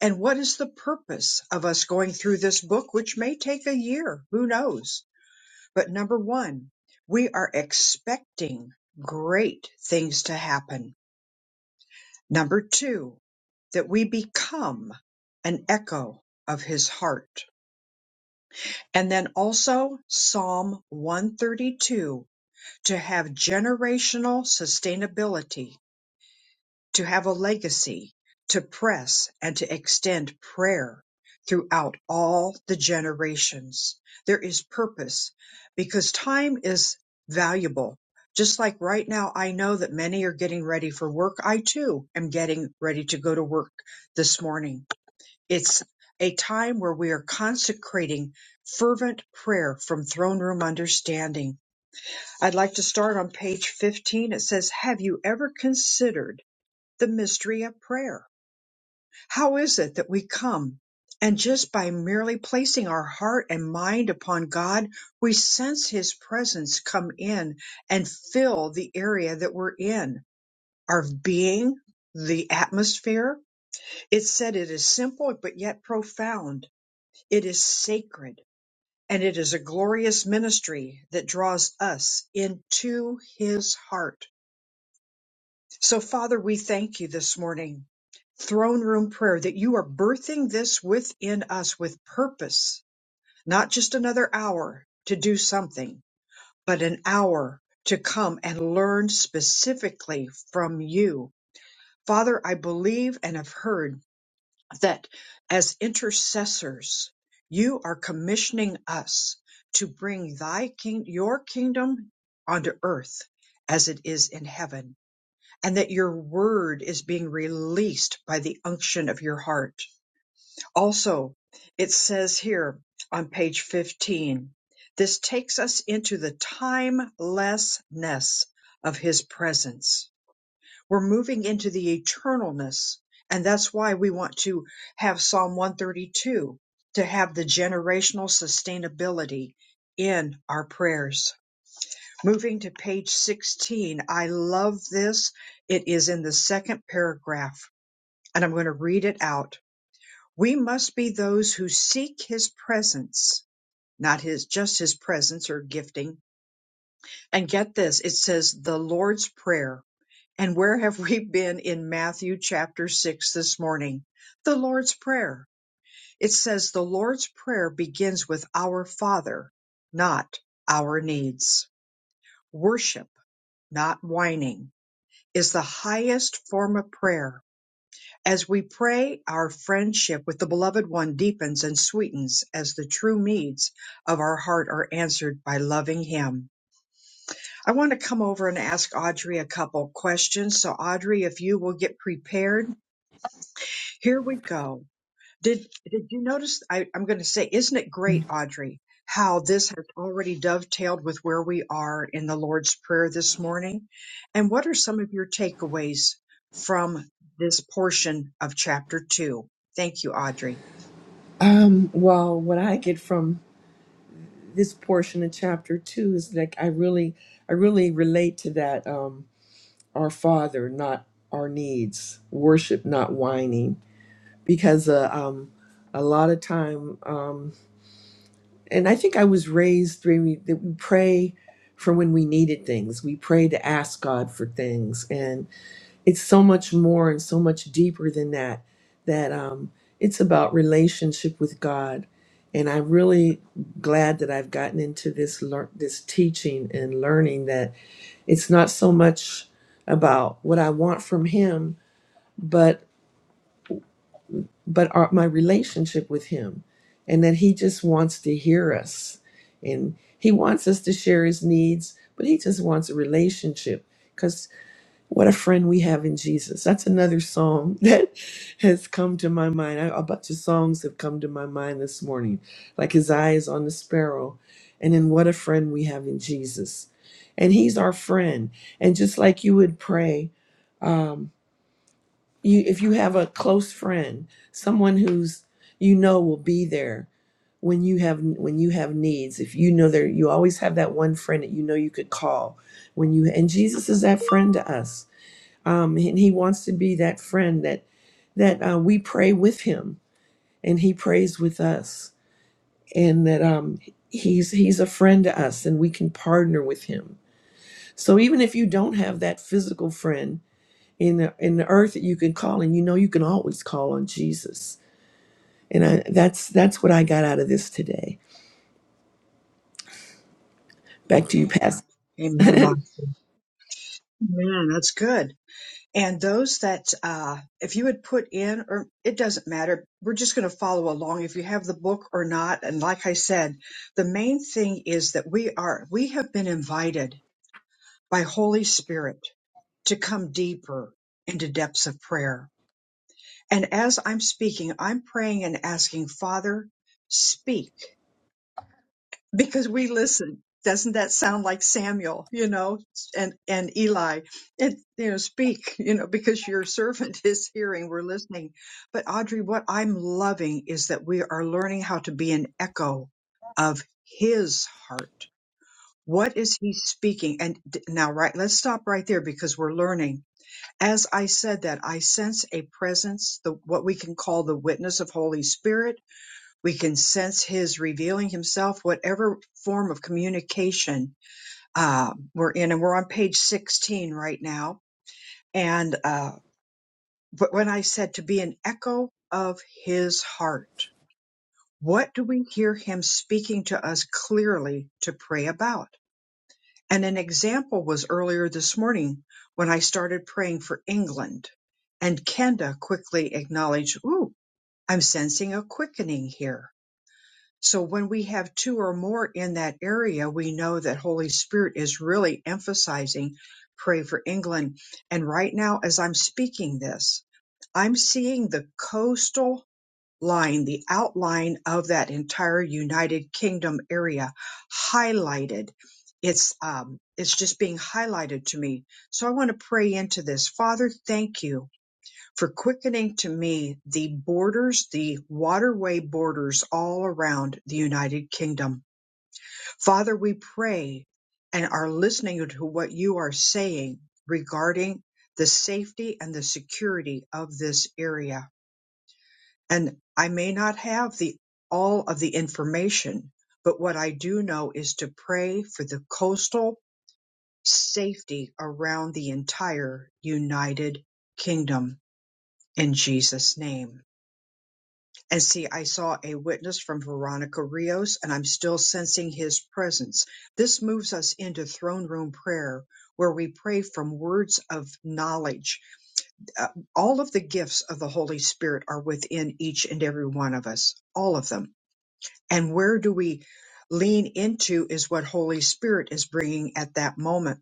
[SPEAKER 1] And what is the purpose of us going through this book, which may take a year? Who knows? But number one, we are expecting great things to happen Number two, that we become an echo of his heart. And then also Psalm 132 to have generational sustainability to have a legacy, to press and to extend prayer throughout all the generations. There is purpose because time is valuable. Just like right now, I know that many are getting ready for work. I too am getting ready to go to work this morning. It's a time where we are consecrating fervent prayer from throne room understanding. I'd like to start on page 15. It says, Have you ever considered the mystery of prayer. How is it that we come and just by merely placing our heart and mind upon God, we sense His presence come in and fill the area that we're in, our being, the atmosphere? It said it is simple, but yet profound. It is sacred. And it is a glorious ministry that draws us into his heart So, Father, we thank you this morning. Throne room prayer that you are birthing this within us with purpose, not just another hour to do something, but an hour to come and learn specifically from you. Father, I believe and have heard that as intercessors, you are commissioning us to bring thy king, your kingdom onto earth as it is in heaven and that your word is being released by the unction of your heart. Also, it says here on page 15, this takes us into the timelessness of his presence. We're moving into the eternalness. And that's why we want to have Psalm 132 to have the generational sustainability in our prayers. Moving to page 16, I love this. It is in the second paragraph, and I'm going to read it out. We must be those who seek his presence, not his, just his presence or gifting. And get this, it says the Lord's Prayer. And where have we been in Matthew chapter 6 this morning? The Lord's Prayer. It says the Lord's Prayer begins with our Father, not our needs. Worship, not whining is the highest form of prayer. As we pray, our friendship with the Beloved One deepens and sweetens as the true needs of our heart are answered by loving Him. I want to come over and ask Audrey a couple questions. So, Audrey, if you will get prepared, here we go. Did did you notice? I, I'm going to say, isn't it great, Audrey, how this has already dovetailed with where we are in the Lord's Prayer this morning? And what are some of your takeaways from this portion of chapter two? Thank you, Audrey.
[SPEAKER 11] Um, well, what I get from this portion of chapter two is like I really, I really relate to that. Um, our Father, not our needs. Worship, not whining. because uh, um, a lot of time, um, and I think I was raised where we, that we pray for when we needed things. We pray to ask God for things, and it's so much more and so much deeper than that. That um, it's about relationship with God, and I'm really glad that I've gotten into this lear- this teaching and learning that it's not so much about what I want from Him, but but our, my relationship with him and that he just wants to hear us and he wants us to share his needs but he just wants a relationship because what a friend we have in jesus that's another song that has come to my mind I, a bunch of songs have come to my mind this morning like his eyes on the sparrow and then what a friend we have in jesus and he's our friend and just like you would pray um, you if you have a close friend someone who's you know will be there when you have when you have needs if you know there you always have that one friend that you know you could call when you and jesus is that friend to us um and he wants to be that friend that that uh, we pray with him and he prays with us and that um he's he's a friend to us and we can partner with him so even if you don't have that physical friend in the in the earth that you can call and you know you can always call on Jesus. And I, that's that's what I got out of this today. Back to you, Pastor.
[SPEAKER 1] Amen. Amen. That's good. And those that, uh, if you would put in, or it doesn't matter, we're just going to follow along if you have the book or not. And like I said, the main thing is that we are, we have been invited by Holy Spirit to come deeper into depths of prayer. And as I'm speaking, I'm praying and asking, Father, speak because we listen. Doesn't that sound like Samuel, you know, and, and Eli? and you know, speak, you know, because your servant is hearing, we're listening. But Audrey, what I'm loving is that we are learning how to be an echo of his heart. What is he speaking? And d- now, right, let's stop right there because we're learning as I said that, I sense a presence, the what we can call the witness of Holy Spirit. We can sense His revealing Himself, whatever form of communication uh, we're in, and we're on page 16 right now. And uh, but when I said to be an echo of His heart, what do we hear Him speaking to us clearly to pray about? And an example was earlier this morning when I started praying for England. And Kenda quickly acknowledged, Ooh, I'm sensing a quickening here. So when we have two or more in that area, we know that Holy Spirit is really emphasizing pray for England. And right now, as I'm speaking this, I'm seeing the coastal line, the outline of that entire United Kingdom area highlighted. It's um, it's just being highlighted to me. So I want to pray into this. Father, thank you for quickening to me the borders, the waterway borders all around the United Kingdom. Father, we pray and are listening to what you are saying regarding the safety and the security of this area. And I may not have the all of the information, but what I do know is to pray for the coastal safety around the entire United Kingdom in Jesus' name. And see, I saw a witness from Veronica Rios, and I'm still sensing his presence. This moves us into throne room prayer, where we pray from words of knowledge. Uh, all of the gifts of the Holy Spirit are within each and every one of us, all of them And where do we lean into is what Holy Spirit is bringing at that moment.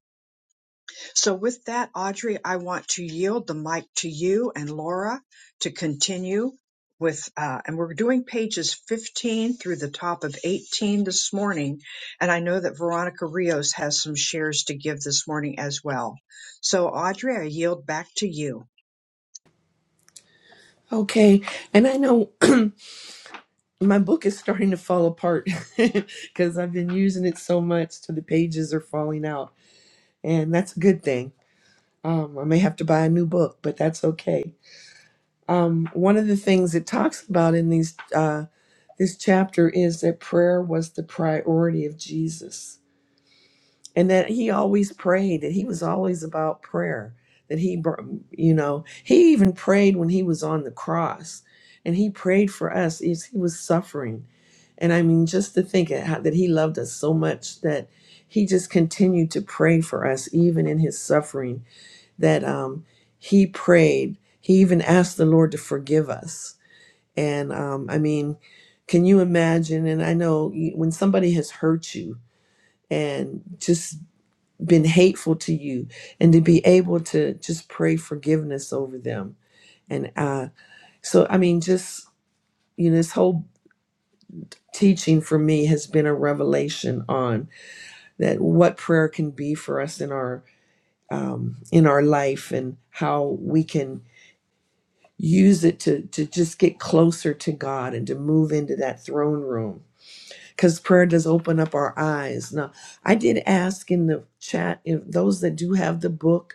[SPEAKER 1] So with that, Audrey, I want to yield the mic to you and Laura to continue with, uh, and we're doing pages 15 through the top of 18 this morning. And I know that Veronica Rios has some shares to give this morning as well. So Audrey, I yield back to you.
[SPEAKER 11] Okay, and I know my book is starting to fall apart because I've been using it so much to the pages are falling out, and that's a good thing. Um, I may have to buy a new book, but that's okay. Um, one of the things it talks about in these uh, this chapter is that prayer was the priority of Jesus and that he always prayed that he was always about prayer that he br- you know he even prayed when he was on the cross and he prayed for us as he was suffering and i mean just to think at how, that he loved us so much that he just continued to pray for us even in his suffering that um he prayed he even asked the lord to forgive us and um i mean can you imagine and i know you- when somebody has hurt you and just been hateful to you and to be able to just pray forgiveness over them and uh so i mean just you know this whole teaching for me has been a revelation on that what prayer can be for us in our um in our life and how we can use it to to just get closer to god and to move into that throne room because prayer does open up our eyes now i did ask in the chat if those that do have the book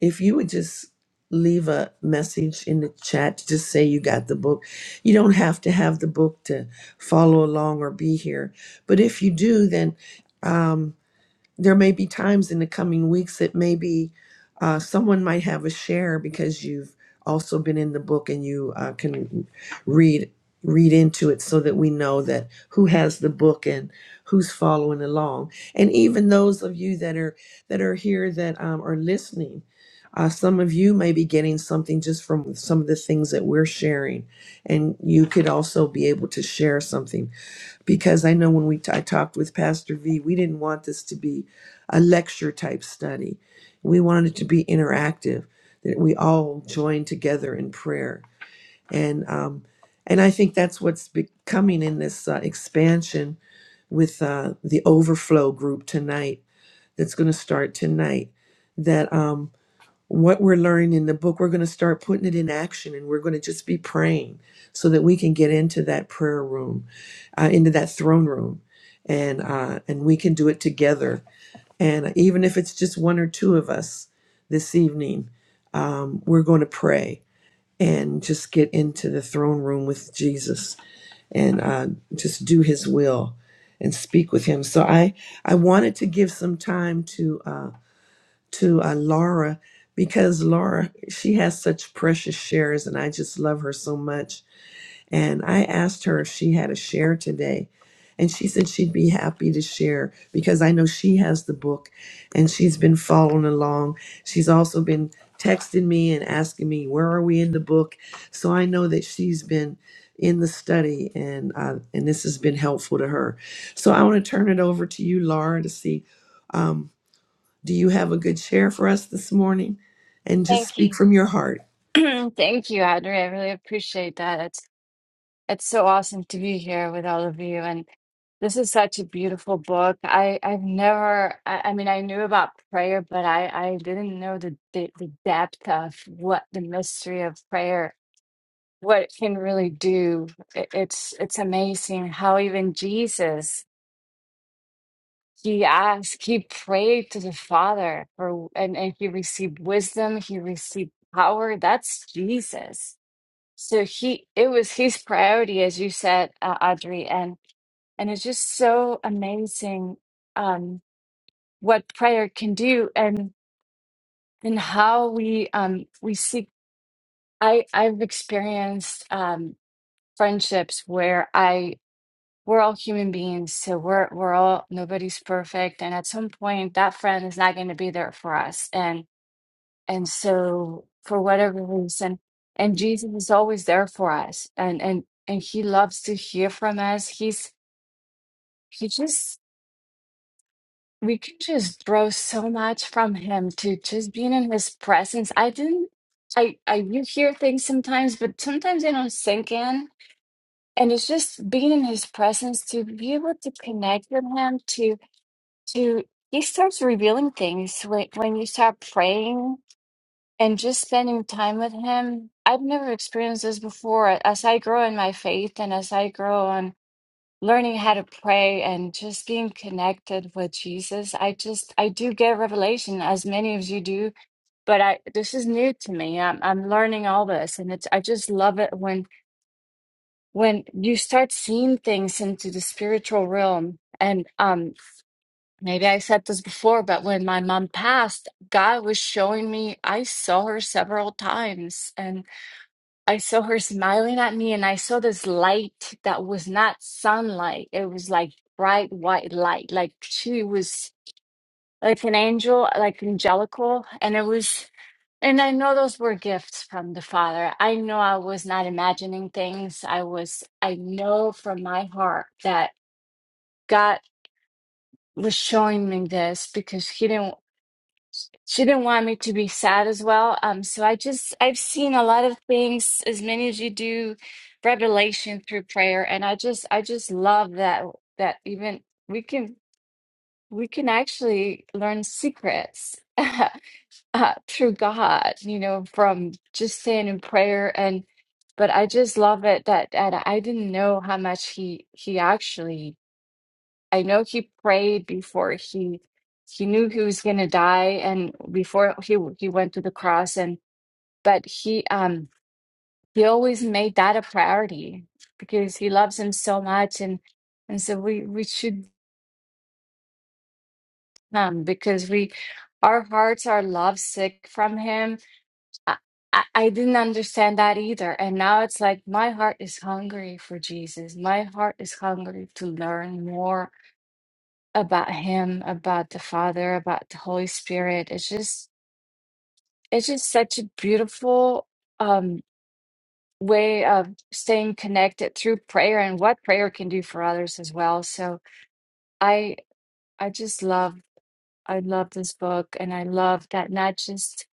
[SPEAKER 11] if you would just leave a message in the chat, just say you got the book. You don't have to have the book to follow along or be here. But if you do, then um, there may be times in the coming weeks that maybe uh, someone might have a share because you've also been in the book and you uh, can read read into it so that we know that who has the book and who's following along and even those of you that are that are here that um, are listening uh, some of you may be getting something just from some of the things that we're sharing and you could also be able to share something because I know when we I talked with Pastor V, we didn't want this to be a lecture type study. We wanted it to be interactive, that we all join together in prayer, and um, and I think that's what's becoming in this uh, expansion with uh, the overflow group tonight. That's going to start tonight. That um, what we're learning in the book, we're going to start putting it in action and we're going to just be praying so that we can get into that prayer room, uh, into that throne room. And, uh, and we can do it together. And even if it's just one or two of us this evening, um, we're going to pray and just get into the throne room with Jesus and uh, just do his will and speak with him. So I, I wanted to give some time to. Uh, to uh, Laura because Laura, she has such precious shares and I just love her so much. And I asked her if she had a share today. And she said she'd be happy to share because I know she has the book and she's been following along. She's also been texting me and asking me, where are we in the book? So I know that she's been in the study and uh, and this has been helpful to her. So I want to turn it over to you, Laura, to see. um, do you have a good share for us this morning? And just
[SPEAKER 10] Thank
[SPEAKER 11] speak
[SPEAKER 10] you,
[SPEAKER 11] from your heart.
[SPEAKER 10] thank you, Audrey. I really appreciate that. It's it's so awesome to be here with all of you, and this is such a beautiful book. I I've never. I, I mean, I knew about prayer, but I I didn't know the, the the depth of what the mystery of prayer. What it can really do. It- It's it's amazing how even Jesus He asked, he prayed to the Father for, and, and he received wisdom, he received power. That's Jesus. So he, it was his priority, as you said, uh, Audrey, and and it's just so amazing um, what prayer can do, and and how we um we seek. I I've experienced um friendships where I we're all human beings, so we're we're all nobody's perfect, and at some point that friend is not going to be there for us, and and so for whatever reason, and Jesus is always there for us, and and and He loves to hear from us. He's He just we can just throw so much from Him to just being in His presence. I didn't. I, I you hear things sometimes, but sometimes they don't sink in. And it's just being in his presence to be able to connect with him to. to he starts revealing things when, when you start praying and just spending time with him i've never experienced this before as i grow in my faith and as i grow on learning how to pray and just being connected with jesus i just i do get revelation as many of you do but i this is new to me i'm, I'm learning all this and it's i just love it when when you start seeing things into the spiritual realm and um Maybe I said this before, but when my mom passed, God was showing me, I saw her several times and I saw her smiling at me and I saw this light that was not sunlight. It was like bright white light. Like she was like an angel, like angelical. And it was, and I know those were gifts from the Father. I know I was not imagining things. I was, I know from my heart that God was showing me this because he didn't. she didn't want me to be sad as well. Um, so I just I've seen a lot of things, as many as you do, revelation through prayer, and I just I just love that that even we can we can actually learn secrets uh, through God, you know, from just saying in prayer and. But I just love it that, that I didn't know how much he he actually I know he prayed before he he knew he was going to die and before he he went to the cross and but he um he always made that a priority because he loves him so much and and so we we should um because we our hearts are lovesick from him. I, I I didn't understand that either. And now it's like my heart is hungry for Jesus. My heart is hungry to learn more about him, about the Father, about the Holy Spirit. It's just it's just such a beautiful um way of staying connected through prayer and what prayer can do for others as well. So I I just love I love this book and I love that not just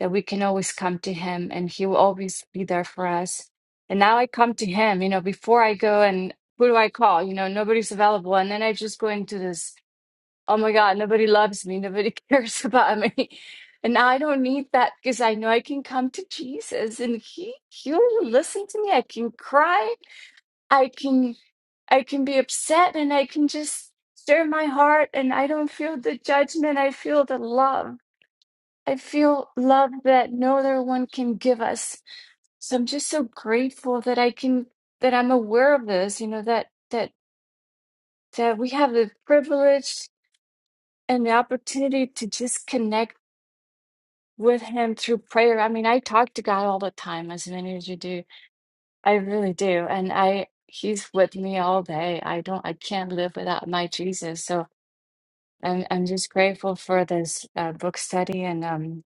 [SPEAKER 10] that we can always come to him and he will always be there for us. And now I come to him, you know, before I go and who do I call? You know, nobody's available. And then I just go into this oh my God, nobody loves me, nobody cares about me. And now I don't need that because I know I can come to Jesus and he he'll listen to me. I can cry, I can I can be upset and I can just stir my heart and I don't feel the judgment. I feel the love. I feel love that no other one can give us. So I'm just so grateful that I can that I'm aware of this, you know, that that that we have the privilege and the opportunity to just connect with him through prayer. I mean, I talk to God all the time, as many as you do. I really do. And I he's with me all day. I don't I can't live without my Jesus. So I'm I'm just grateful for this uh, book study and um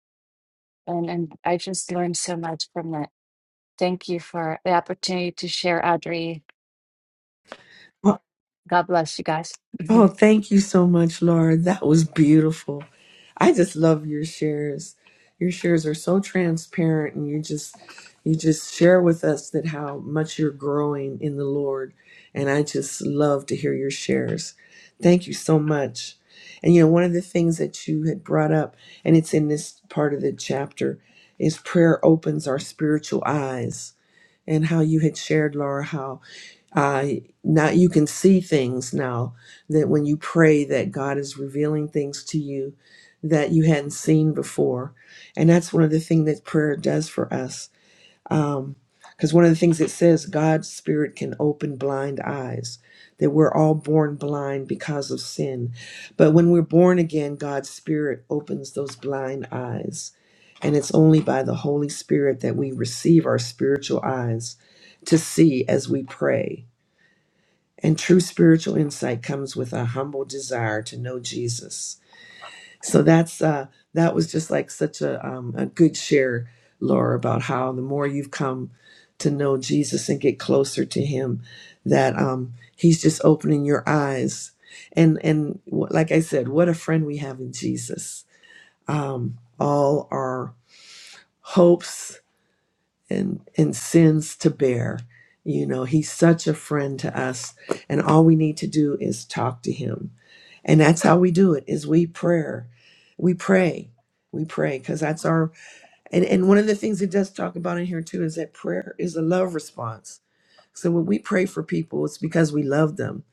[SPEAKER 10] and and I just learned so much from it. Thank you for the opportunity to share, Audrey.
[SPEAKER 11] Oh,
[SPEAKER 10] God bless you guys.
[SPEAKER 11] oh, thank you so much, Laura. That was beautiful. I just love your shares. Your shares are so transparent and you just you just share with us that how much you're growing in the Lord. And I just love to hear your shares. Thank you so much. And you know, one of the things that you had brought up, and it's in this part of the chapter, is prayer opens our spiritual eyes and how you had shared, Laura, how uh, now you can see things now that when you pray, that God is revealing things to you that you hadn't seen before, and that's one of the things that prayer does for us um, because one of the things it says, God's Spirit can open blind eyes, that we're all born blind because of sin. But when we're born again, God's Spirit opens those blind eyes. And it's only by the Holy Spirit that we receive our spiritual eyes to see as we pray. And true spiritual insight comes with a humble desire to know Jesus so that's uh that was just like such a um a good share laura about how the more you've come to know jesus and get closer to him that um he's just opening your eyes and and wh- like i said what a friend we have in jesus um all our hopes and and sins to bear you know he's such a friend to us and all we need to do is talk to him and that's how we do it is we prayer. We pray. We pray because that's our and, and one of the things it does talk about in here too is that prayer is a love response. So when we pray for people, it's because we love them.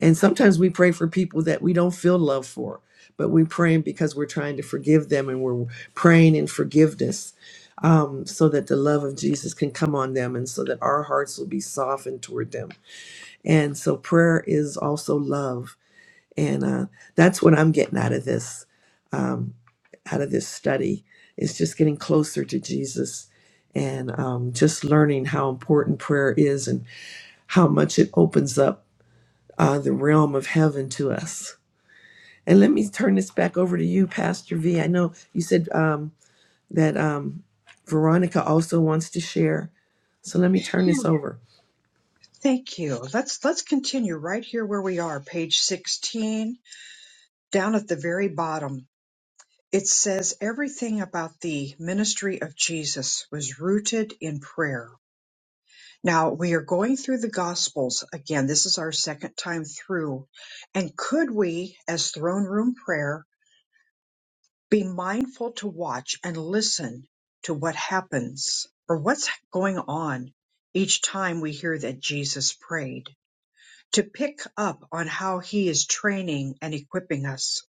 [SPEAKER 11] And sometimes we pray for people that we don't feel love for, but we're praying because we're trying to forgive them and we're praying in forgiveness um, so that the love of Jesus can come on them and so that our hearts will be softened toward them. And so prayer is also love and uh, that's what i'm getting out of this um, out of this study is just getting closer to jesus and um, just learning how important prayer is and how much it opens up uh, the realm of heaven to us and let me turn this back over to you pastor v i know you said um, that um, veronica also wants to share so let me turn this over
[SPEAKER 1] Thank you. Let's, let's continue right here where we are, page 16, down at the very bottom. It says everything about the ministry of Jesus was rooted in prayer. Now we are going through the Gospels again. This is our second time through. And could we, as throne room prayer, be mindful to watch and listen to what happens or what's going on each time we hear that Jesus prayed? To pick up on how he is training and equipping us.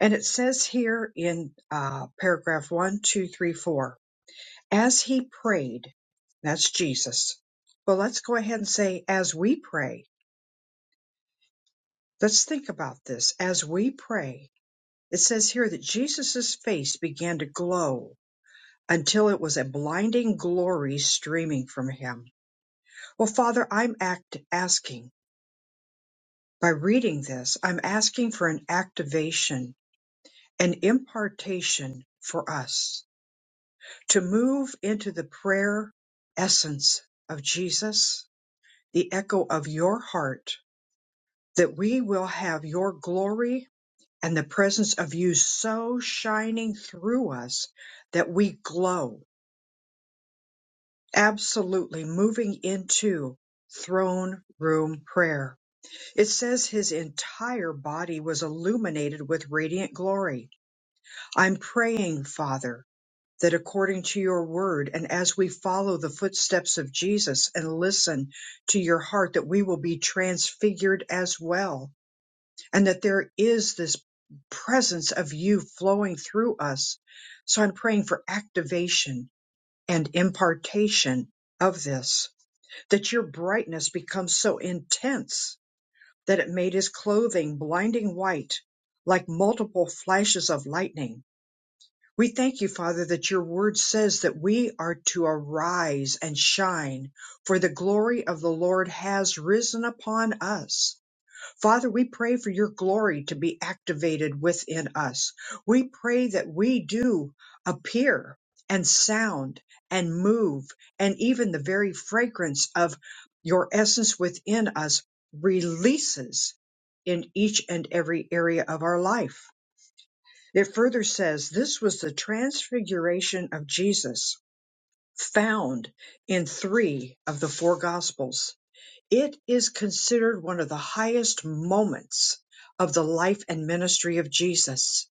[SPEAKER 1] And it says here in uh, paragraph one, two, three, four. As he prayed, that's Jesus. Well, let's go ahead and say, as we pray, let's think about this. As we pray, it says here that Jesus' face began to glow until it was a blinding glory streaming from him. Well, Father, I'm act- asking by reading this, I'm asking for an activation, an impartation for us to move into the prayer essence of Jesus, the echo of your heart that we will have your glory and the presence of you so shining through us that we glow, absolutely moving into throne room prayer. It says his entire body was illuminated with radiant glory. I'm praying, Father, that according to your word and as we follow the footsteps of Jesus and listen to your heart, that we will be transfigured as well and that there is this presence of you flowing through us. So I'm praying for activation and impartation of this, that your brightness becomes so intense that it made his clothing blinding white like multiple flashes of lightning. We thank you, Father, that your word says that we are to arise and shine, for the glory of the Lord has risen upon us Father, we pray for your glory to be activated within us. We pray that we do appear and sound and move, and even the very fragrance of your essence within us releases in each and every area of our life. It further says this was the transfiguration of Jesus found in three of the four gospels. It is considered one of the highest moments of the life and ministry of Jesus.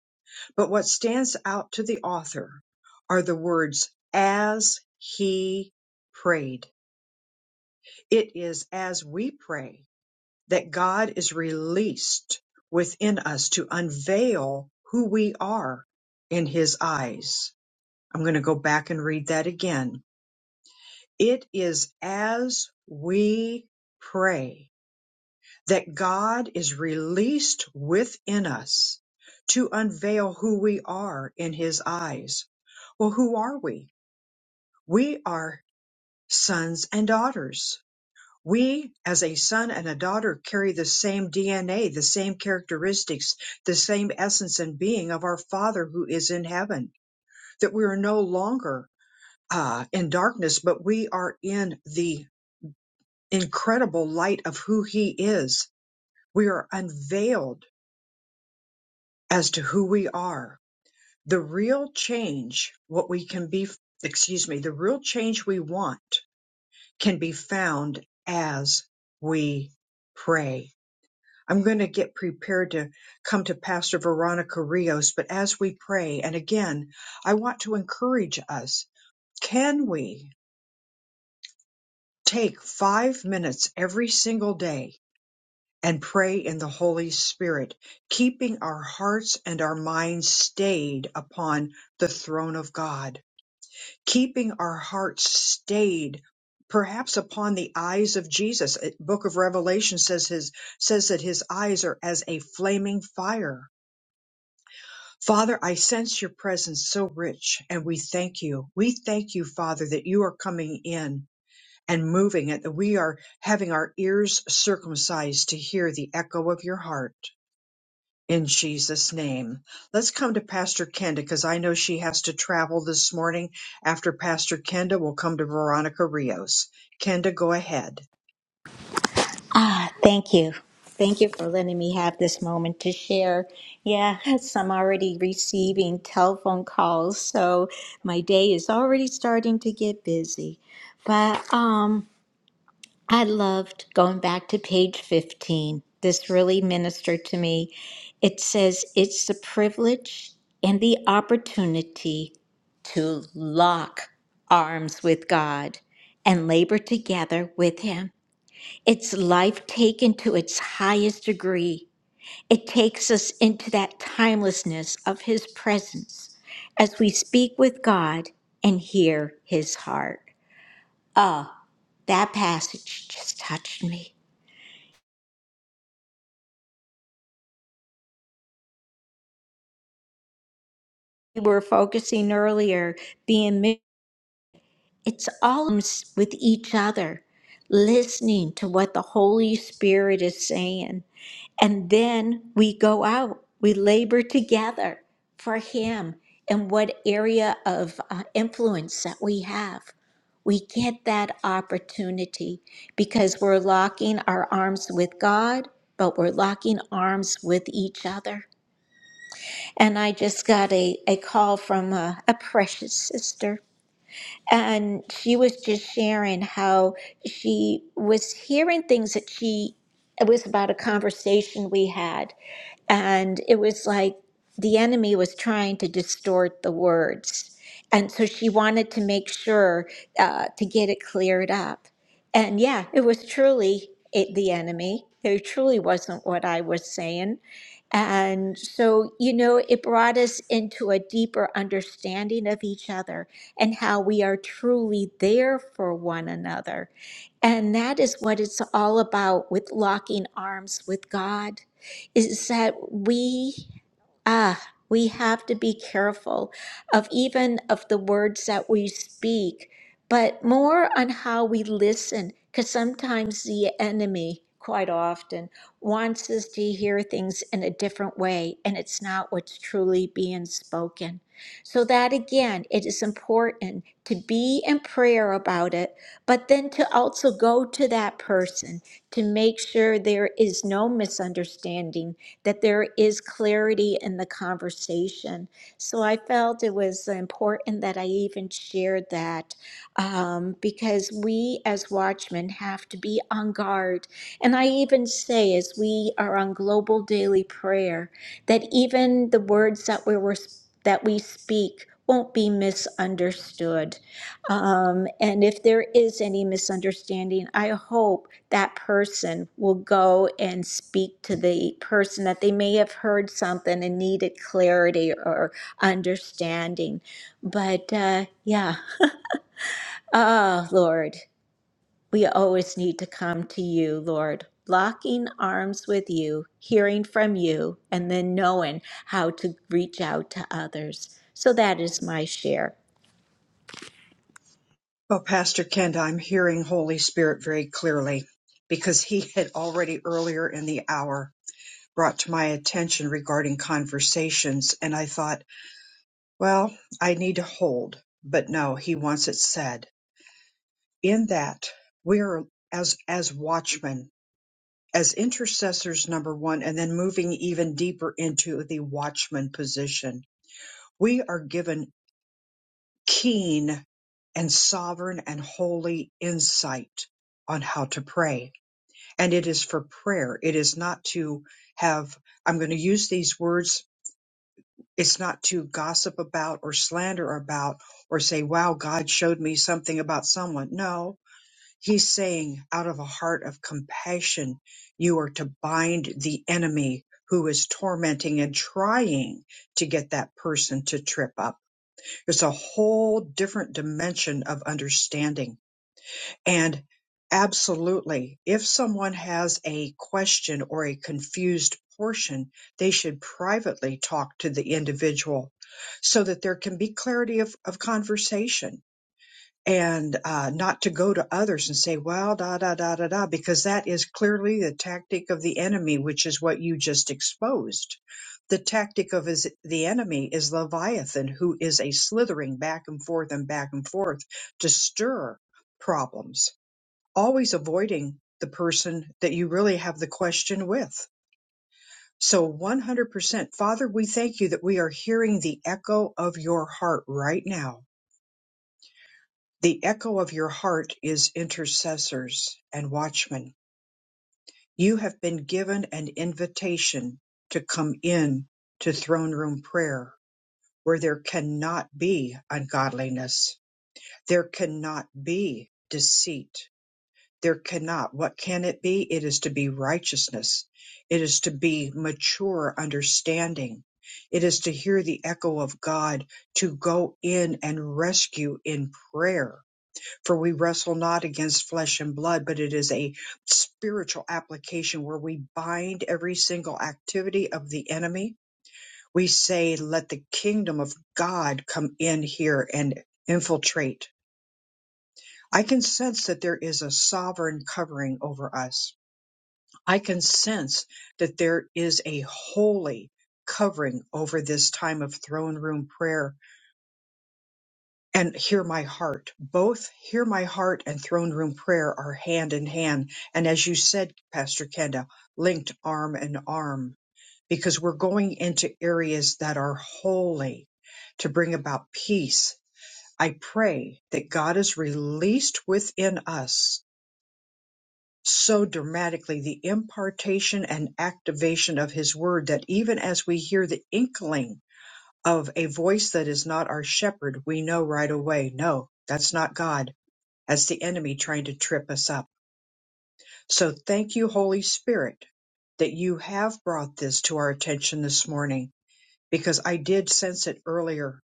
[SPEAKER 1] But what stands out to the author are the words, as he prayed. It is as we pray that God is released within us to unveil who we are in his eyes. I'm going to go back and read that again. It is as we pray that God is released within us to unveil who we are in His eyes. Well, who are we? We are sons and daughters. We, as a son and a daughter, carry the same DNA, the same characteristics, the same essence and being of our Father who is in heaven, that we are no longer uh, in darkness, but we are in the incredible light of who He is. We are unveiled as to who we are. The real change, what we can be, excuse me, the real change we want can be found as we pray. I'm going to get prepared to come to Pastor Veronica Rios, but as we pray, and again, I want to encourage us, can we take five minutes every single day and pray in the Holy Spirit, keeping our hearts and our minds stayed upon the throne of God, keeping our hearts stayed perhaps upon the eyes of Jesus. Uh, Book of Revelation says his says that his eyes are as a flaming fire. Father, I sense your presence so rich and we thank you. We thank you, Father, that you are coming in and moving and that we are having our ears circumcised to hear the echo of your heart. in Jesus' name. Let's come to Pastor Kenda because I know she has to travel this morning. After Pastor Kenda, we'll come to Veronica Rios. Kenda, go ahead.
[SPEAKER 4] Ah, thank you. Thank you for letting me have this moment to share. Yeah, yes, I'm already receiving telephone calls, so my day is already starting to get busy. But um, I loved going back to page 15. This really ministered to me. It says, It's the privilege and the opportunity to lock arms with God and labor together with Him. It's life taken to its highest degree. It takes us into that timelessness of His presence as we speak with God and hear His heart. Ah, that passage just touched me. We were focusing earlier, being It's all with each other, listening to what the Holy Spirit is saying. And then we go out, we labor together for Him in what area of uh, influence that we have. We get that opportunity because we're locking our arms with God, but we're locking arms with each other. And I just got a, a call from a, a precious sister and she was just sharing how she was hearing things that she it was about a conversation we had and it was like the enemy was trying to distort the words. And so she wanted to make sure uh, to get it cleared up. And yeah, it was truly it, the enemy. It truly wasn't what I was saying. And so, you know, it brought us into a deeper understanding of each other and how we are truly there for one another and that is what it's all about with locking arms with God, is that we ah we have to be careful of even of the words that we speak, but more on how we listen, because sometimes the enemy quite often wants us to hear things in a different way and it's not what's truly being spoken. So that again, it is important to be in prayer about it but then to also go to that person to make sure there is no misunderstanding, that there is clarity in the conversation. So I felt it was important that I even shared that um, because we as watchmen have to be on guard. And I even say, as we are on global daily prayer, that even the words that we were that we speak won't be misunderstood um, and if there is any misunderstanding, I hope that person will go and speak to the person that they may have heard something and needed clarity or understanding. But uh, yeah, oh Lord, we always need to come to you, Lord, locking arms with you, hearing from you, and then knowing how to reach out to others. So that is my share.
[SPEAKER 1] Well, Pastor Kenda, I'm hearing Holy Spirit very clearly because he had already earlier in the hour brought to my attention regarding conversations. And I thought, well, I need to hold, but no, he wants it said. In that, we are as, as watchmen as intercessors, number one, and then moving even deeper into the watchman position, we are given keen and sovereign and holy insight on how to pray. And it is for prayer. It is not to have, I'm going to use these words. It's not to gossip about or slander about or say, wow, God showed me something about someone. No, He's saying, out of a heart of compassion, you are to bind the enemy who is tormenting and trying to get that person to trip up. It's a whole different dimension of understanding. And absolutely, if someone has a question or a confused portion, they should privately talk to the individual so that there can be clarity of, of conversation and uh, not to go to others and say, well, da, da, da, da, da, because that is clearly the tactic of the enemy, which is what you just exposed. The tactic of his, the enemy is Leviathan, who is a slithering back and forth and back and forth to stir problems, always avoiding the person that you really have the question with. So 100%. Father, we thank you that we are hearing the echo of your heart right now the echo of your heart is intercessors and watchmen. You have been given an invitation to come in to throne room prayer where there cannot be ungodliness. There cannot be deceit. There cannot. What can it be? It is to be righteousness. It is to be mature understanding. It is to hear the echo of God to go in and rescue in prayer for we wrestle not against flesh and blood, but it is a spiritual application where we bind every single activity of the enemy. We say, let the kingdom of God come in here and infiltrate. I can sense that there is a sovereign covering over us. I can sense that there is a holy covering over this time of throne room prayer and hear my heart. Both hear my heart and throne room prayer are hand in hand. And as you said, Pastor Kenda, linked arm in arm, because we're going into areas that are holy to bring about peace. I pray that God is released within us so dramatically the impartation and activation of his word that even as we hear the inkling of a voice that is not our shepherd, we know right away, no, that's not God as the enemy trying to trip us up. So thank you, Holy Spirit, that you have brought this to our attention this morning because I did sense it earlier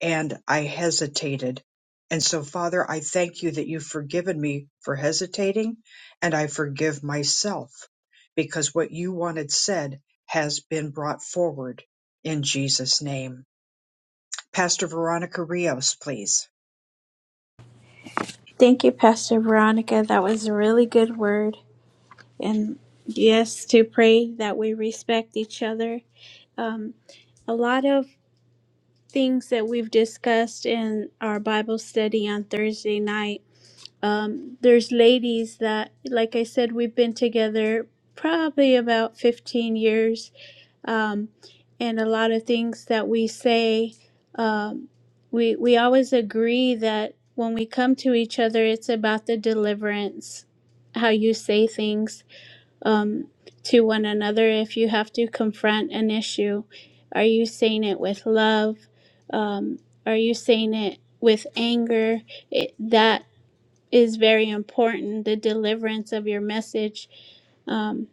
[SPEAKER 1] and I hesitated. And so, Father, I thank you that you've forgiven me for hesitating and I forgive myself because what you wanted said has been brought forward in Jesus' name. Pastor Veronica Rios, please.
[SPEAKER 2] Thank you, Pastor Veronica. That was a really good word. And yes, to pray that we respect each other. Um, a lot of things that we've discussed in our Bible study on Thursday night um, there's ladies that, like I said, we've been together probably about 15 years, um, and a lot of things that we say, um, we we always agree that when we come to each other, it's about the deliverance, how you say things um, to one another. If you have to confront an issue, are you saying it with love? Um, are you saying it with anger? It, that is very important the deliverance of your message um,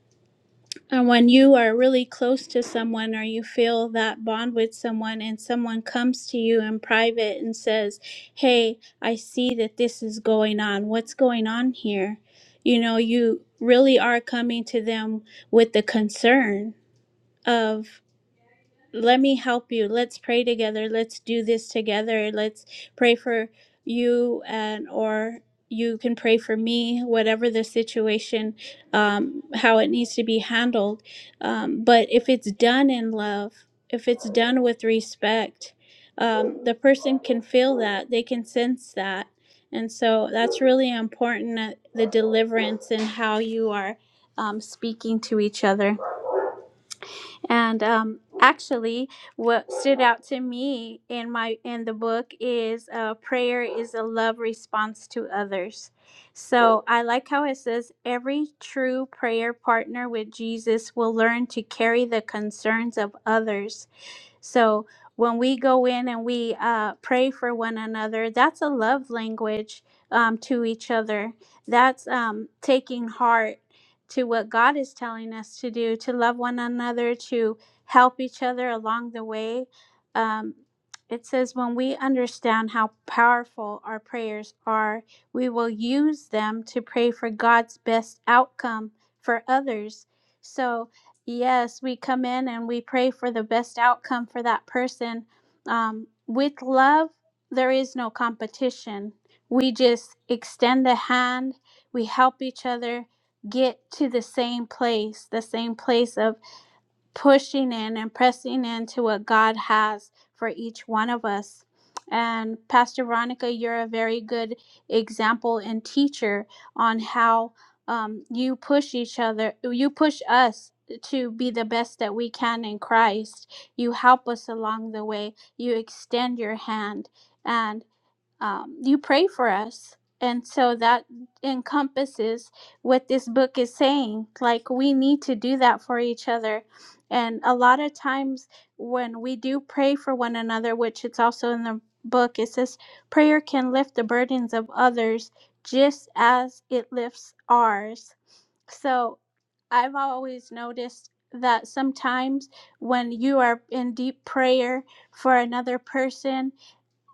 [SPEAKER 2] and when you are really close to someone or you feel that bond with someone and someone comes to you in private and says hey i see that this is going on what's going on here you know you really are coming to them with the concern of let me help you. Let's pray together. Let's do this together. Let's pray for you and or you can pray for me, whatever the situation, um, how it needs to be handled. Um, but if it's done in love, if it's done with respect, um, the person can feel that. They can sense that. And so that's really important uh, the deliverance and how you are um, speaking to each other. And um, actually, what stood out to me in my in the book is uh, prayer is a love response to others. So I like how it says every true prayer partner with Jesus will learn to carry the concerns of others so when we go in and we uh, pray for one another, that's a love language um, to each other. That's um, taking heart to what God is telling us to do, to love one another, to help each other along the way. Um, it says, when we understand how powerful our prayers are, we will use them to pray for God's best outcome for others. So, Yes, we come in and we pray for the best outcome for that person. Um, with love, there is no competition. We just extend a hand, we help each other get to the same place, the same place of pushing in and pressing into what God has for each one of us. And Pastor Veronica, you're a very good example and teacher on how um, you push each other, you push us to be the best that we can in Christ. You help us along the way, you extend your hand. and um, you pray for us. And so that encompasses what this book is saying. Like, we need to do that for each other. And a lot of times when we do pray for one another, which it's also in the book, it says prayer can lift the burdens of others just as it lifts ours. So I've always noticed that sometimes when you are in deep prayer for another person,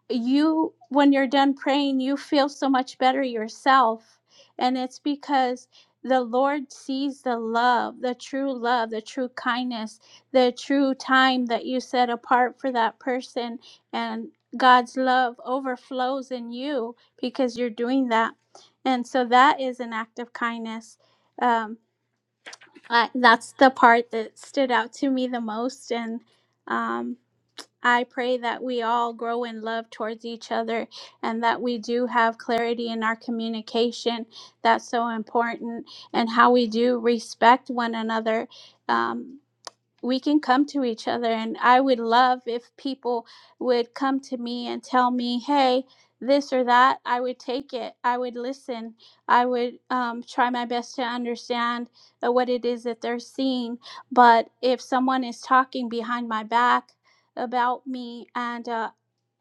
[SPEAKER 2] you when you're done praying you feel so much better yourself and it's because the lord sees the love the true love the true kindness the true time that you set apart for that person and god's love overflows in you because you're doing that and so that is an act of kindness um, I, that's the part that stood out to me the most and um, I pray that we all grow in love towards each other and that we do have clarity in our communication. That's so important, and how we do respect one another. Um, we can come to each other and i would love if people would come to me and tell me hey this or that i would take it i would listen i would um, try my best to understand uh, what it is that they're seeing but if someone is talking behind my back about me and uh,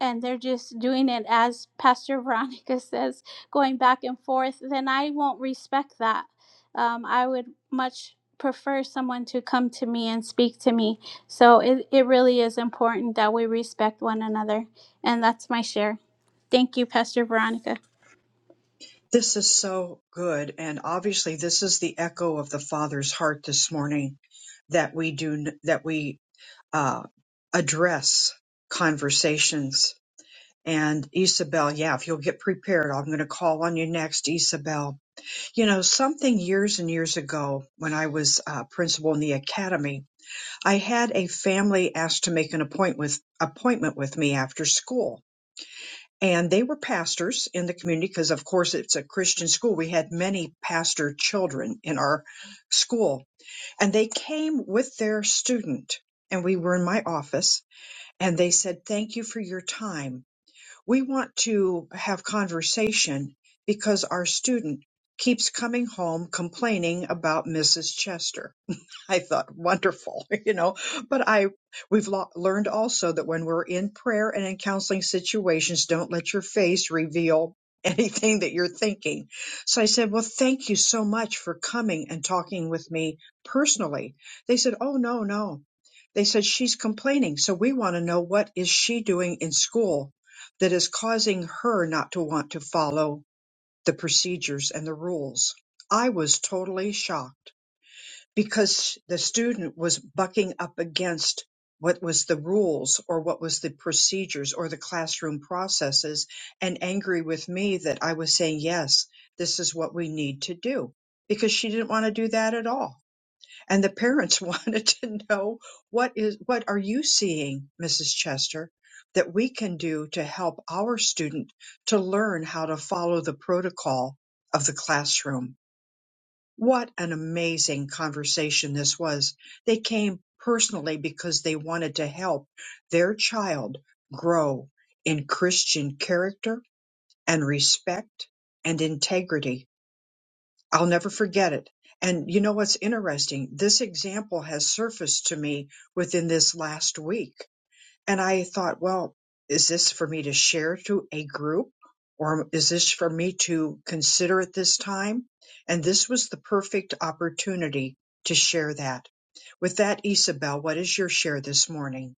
[SPEAKER 2] and they're just doing it as pastor veronica says going back and forth then i won't respect that um, I would much prefer someone to come to me and speak to me. So it, it really is important that we respect one another. And that's my share. Thank you, Pastor Veronica.
[SPEAKER 1] This is so good. And obviously this is the echo of the Father's heart this morning that we do, that we, uh, address conversations. And Isabel, yeah, if you'll get prepared, I'm going to call on you next, Isabel. You know, something years and years ago when I was uh, principal in the academy, I had a family asked to make an appointment with, appointment with me after school and they were pastors in the community because of course it's a christian school we had many pastor children in our school and they came with their student and we were in my office and they said thank you for your time we want to have conversation because our student keeps coming home complaining about mrs chester I thought wonderful, you know, but I we've lo- learned also that when we're in prayer and in counseling situations, don't let your face reveal anything that you're thinking. So I said, "Well, thank you so much for coming and talking with me personally." They said, "Oh, no, no." They said she's complaining, so we want to know what is she doing in school that is causing her not to want to follow the procedures and the rules. I was totally shocked because the student was bucking up against what was the rules or what was the procedures or the classroom processes and angry with me that I was saying, yes, this is what we need to do because she didn't want to do that at all. And the parents wanted to know what is, what are you seeing, Mrs. Chester, that we can do to help our student to learn how to follow the protocol of the classroom? What an amazing conversation this was. They came personally because they wanted to help their child grow in Christian character and respect and integrity. I'll never forget it. And you know what's interesting? This example has surfaced to me within this last week and I thought, well, is this for me to share to a group or is this for me to consider at this time? And this was the perfect opportunity to share that. With that, Isabel, what is your share this morning?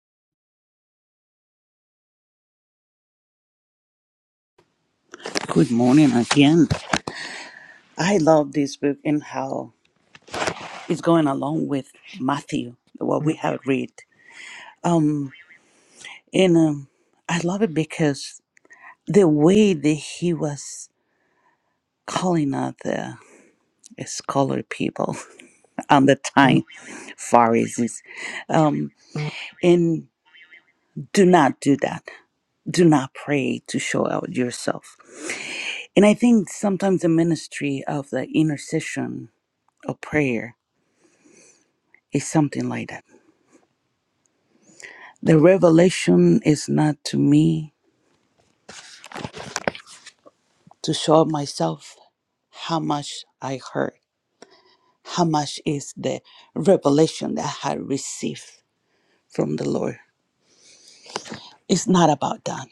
[SPEAKER 9] Good morning again. I love this book and how it's going along with Matthew, what we have read. Um, and um, I love it because the way that he was calling out the scholar people on the time, Pharisees, um, and do not do that. Do not pray to show out yourself. And I think sometimes the ministry of the intercession of prayer is something like that. The revelation is not to me to show out myself how much I heard, how much is the revelation that I had received from the Lord. It's not about that.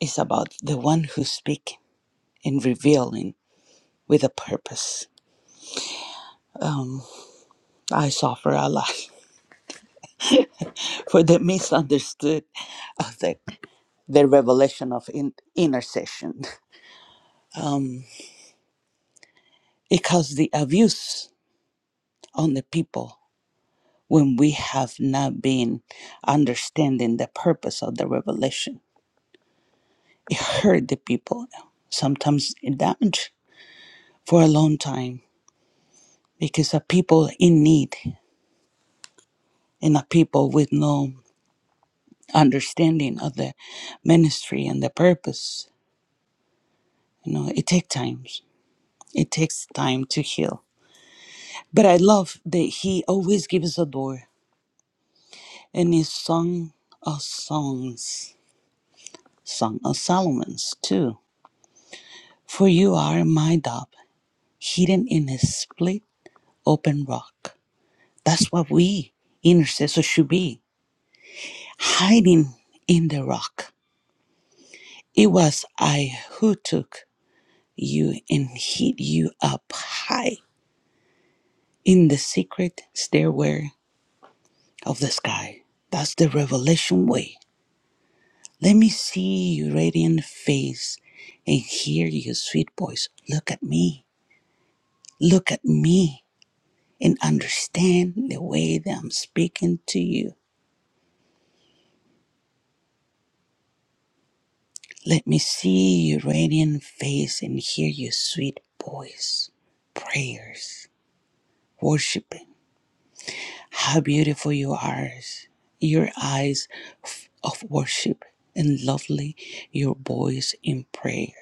[SPEAKER 9] It's about the one who's speaking and revealing with a purpose. I suffer a lot. for the misunderstood of the, the revelation of in, intercession because the abuse on the people when we have not been understanding the purpose of the revelation it hurt the people sometimes it damaged for a long time because a people in need and a people with no understanding of the ministry and the purpose you know it takes times it takes time to heal But I love that he always gives a door and he sung of songs, song of Solomon's too. For you are my dove, hidden in a split open rock. That's what we intercessors should be, hiding in the rock. It was I who took you and hid you up high in the secret stairway of the sky. That's the revelation way Let me see your radiant face and hear your sweet voice. Look at me. Look at me and understand the way that I'm speaking to you. Let me see your radiant face and hear your sweet voice. Prayers, worshiping. How beautiful you are. Your eyes f- of worship and lovely your voice in prayer.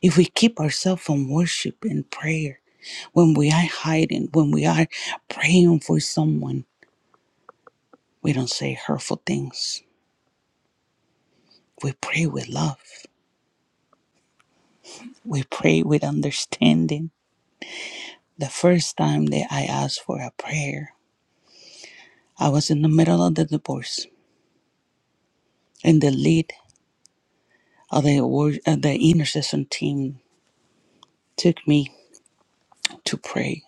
[SPEAKER 9] If we keep ourselves from worship and prayer, when we are hiding, when we are praying for someone, we don't say hurtful things. We pray with love. We pray with understanding. The first time that I asked for a prayer, I was in the middle of the divorce, and the lead of the wor- uh, the intercession team took me to pray,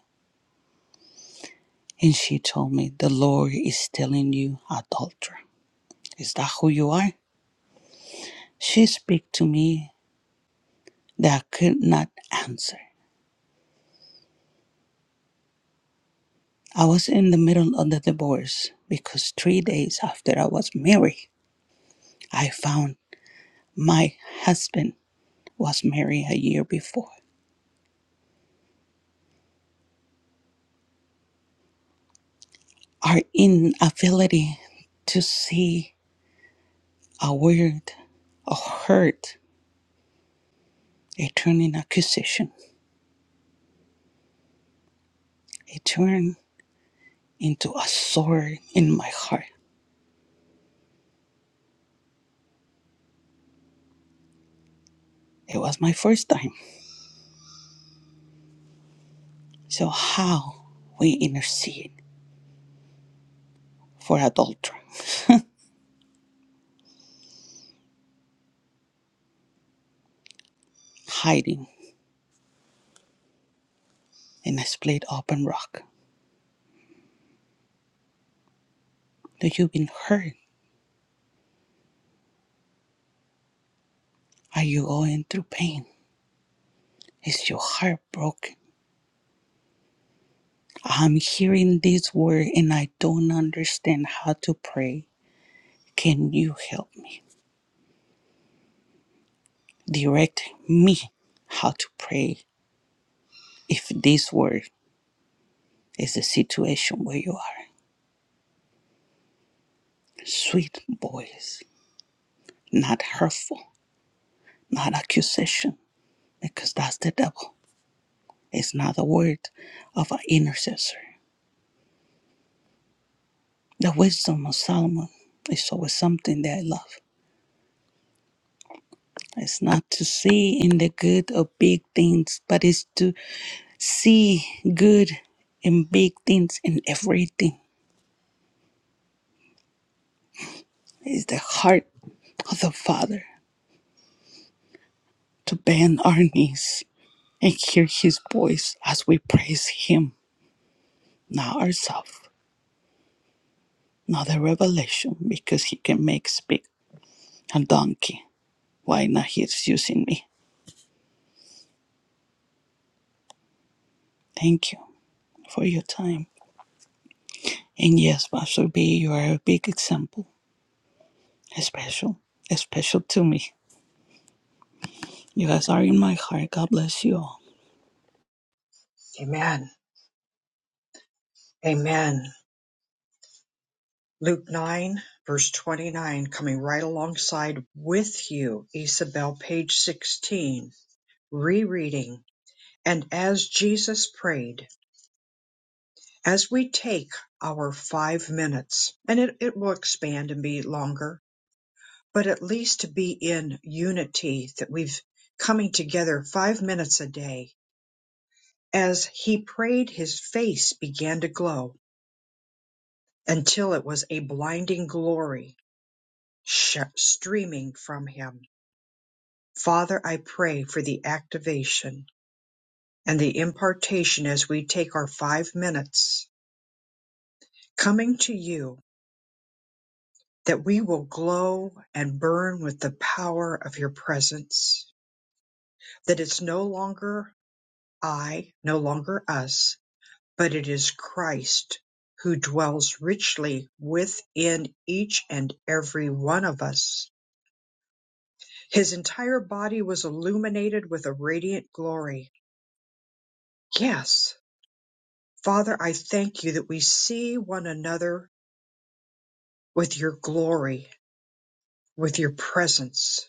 [SPEAKER 9] and she told me, "The Lord is telling you, adulterer, is that who you are?" She speak to me that I could not answer. I was in the middle of the divorce because three days after I was married, I found my husband was married a year before. Our inability to see a word of hurt, it turned in accusation. It turned into a sword in my heart. It was my first time. So how we intercede for adultery, hiding in a split open rock. Do you been hurt? Are you going through pain? Is your heart broken? I'm hearing this word and I don't understand how to pray. Can you help me? Direct me how to pray if this word is the situation where you are. Sweet voice, not hurtful, not accusation, because that's the devil. It's not the word of an intercessor. The wisdom of Solomon is always something that I love. It's not to see in the good or big things, but it's to see good in big things in everything. It's the heart of the Father to bend our knees and hear His voice as we praise Him, not ourselves, not the revelation, because He can make speak a donkey. Why not He's using me? Thank you for your time. And yes, Pastor B, you are a big example, special, special to me. You guys are in my heart. God bless you all.
[SPEAKER 1] Amen. Amen. Luke 9, verse 29, coming right alongside with you, Isabel, page 16, rereading. And as Jesus prayed, as we take our five minutes, and it, it will expand and be longer, but at least to be in unity that we've coming together five minutes a day. As he prayed, his face began to glow until it was a blinding glory sh- streaming from him. Father, I pray for the activation and the impartation as we take our five minutes coming to you that we will glow and burn with the power of your presence, that it's no longer I, no longer us, but it is Christ who dwells richly within each and every one of us. His entire body was illuminated with a radiant glory. Yes, Father, I thank you that we see one another with your glory, with your presence.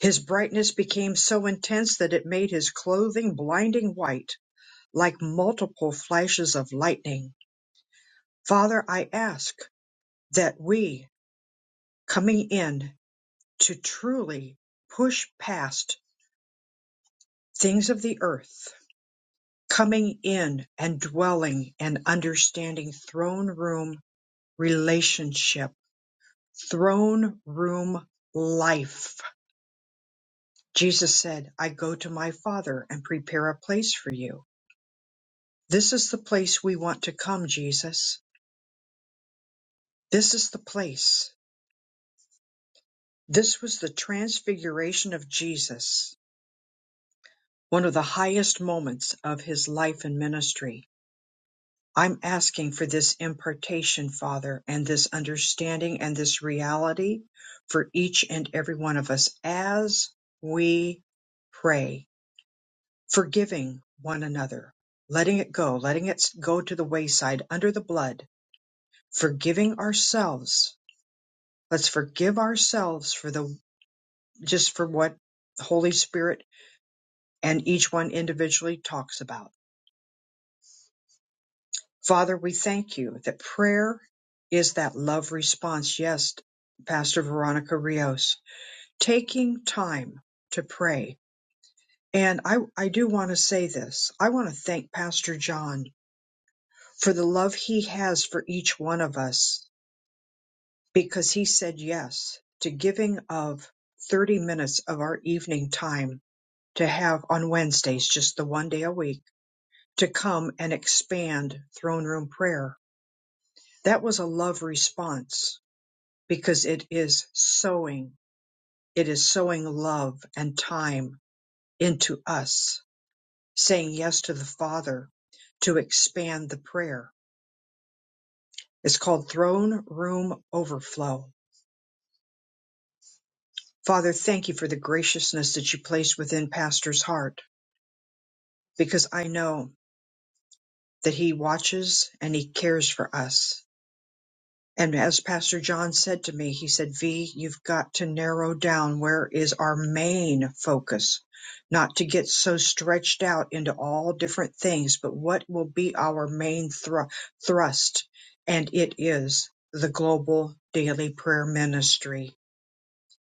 [SPEAKER 1] His brightness became so intense that it made his clothing blinding white, like multiple flashes of lightning. Father, I ask that we, coming in to truly push past things of the earth, coming in and dwelling and understanding throne room relationship, throne room life. Jesus said, I go to my Father and prepare a place for you. This is the place we want to come, Jesus. This is the place. This was the transfiguration of Jesus, one of the highest moments of his life and ministry. I'm asking for this impartation, Father, and this understanding and this reality for each and every one of us as we pray, forgiving one another, letting it go, letting it go to the wayside under the blood, forgiving ourselves Let's forgive ourselves for the just for what the Holy Spirit and each one individually talks about. Father, we thank you that prayer is that love response. Yes, Pastor Veronica Rios, taking time to pray. And I, I do want to say this. I want to thank Pastor John for the love he has for each one of us because he said yes to giving of 30 minutes of our evening time to have on Wednesdays, just the one day a week, to come and expand throne room prayer. That was a love response because it is sowing. It is sowing love and time into us, saying yes to the Father to expand the prayer. It's called throne room overflow. Father, thank you for the graciousness that you place within Pastor's heart because I know that he watches and he cares for us And as Pastor John said to me, he said, V, you've got to narrow down where is our main focus, not to get so stretched out into all different things, but what will be our main thru- thrust? And it is the global daily prayer ministry,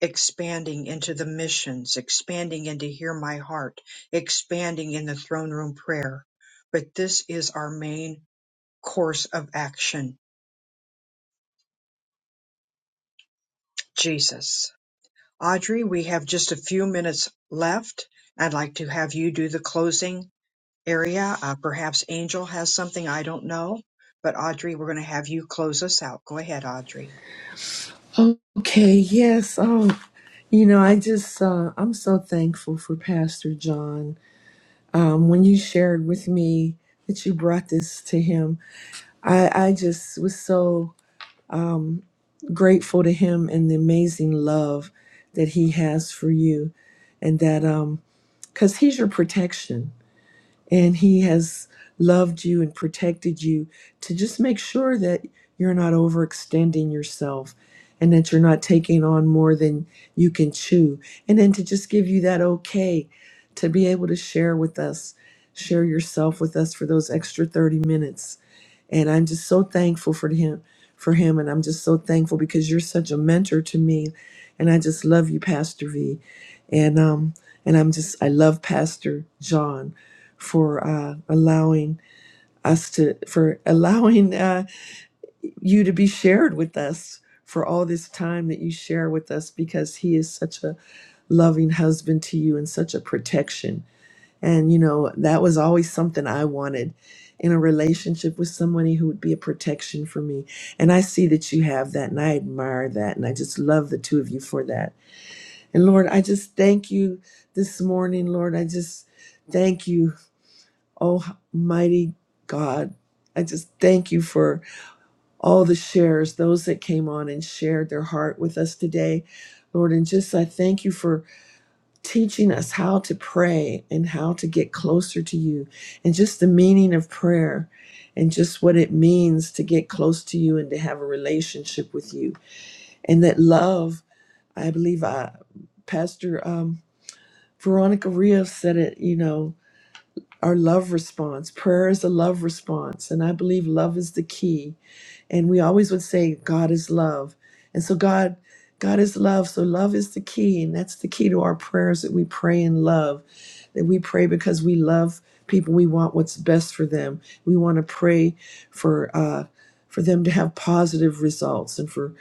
[SPEAKER 1] expanding into the missions, expanding into Hear My Heart, expanding in the throne room prayer. But this is our main course of action, Jesus. Audrey, we have just a few minutes left. I'd like to have you do the closing area. Uh, perhaps Angel has something I don't know, but Audrey, we're going to have you close us out. Go ahead, Audrey.
[SPEAKER 11] Okay, yes. Oh, you know, I just uh I'm so thankful for Pastor John. um, when you shared with me that you brought this to him, I, I just was so grateful to him and the amazing love that he has for you, and that because he's your protection and he has loved you and protected you to just make sure that you're not overextending yourself and that you're not taking on more than you can chew and then to just give you that okay to be able to share with us share yourself with us for those extra 30 minutes and i'm just so thankful for him for him and i'm just so thankful because you're such a mentor to me and i just love you pastor v and um and i'm just i love pastor john for uh, allowing us to for allowing uh, you to be shared with us for all this time that you share with us because he is such a loving husband to you and such a protection and you know that was always something i wanted in a relationship with somebody who would be a protection for me and i see that you have that and i admire that and i just love the two of you for that and lord i just thank you this morning lord i just thank you Oh, mighty God, I just thank you for all the shares, those that came on and shared their heart with us today, Lord. And just I thank you for teaching us how to pray and how to get closer to you and just the meaning of prayer and just what it means to get close to you and to have a relationship with you. And that love, I believe, I, Pastor um, Veronica Rios said it, you know. our love response. Prayer is a love response, and I believe love is the key and we always would say, God is love. And so God, God is love. So love is the key. And that's the key to our prayers that we pray in love, that we pray because we love people. We want what's best for them. We want to pray for, uh, for them to have positive results and for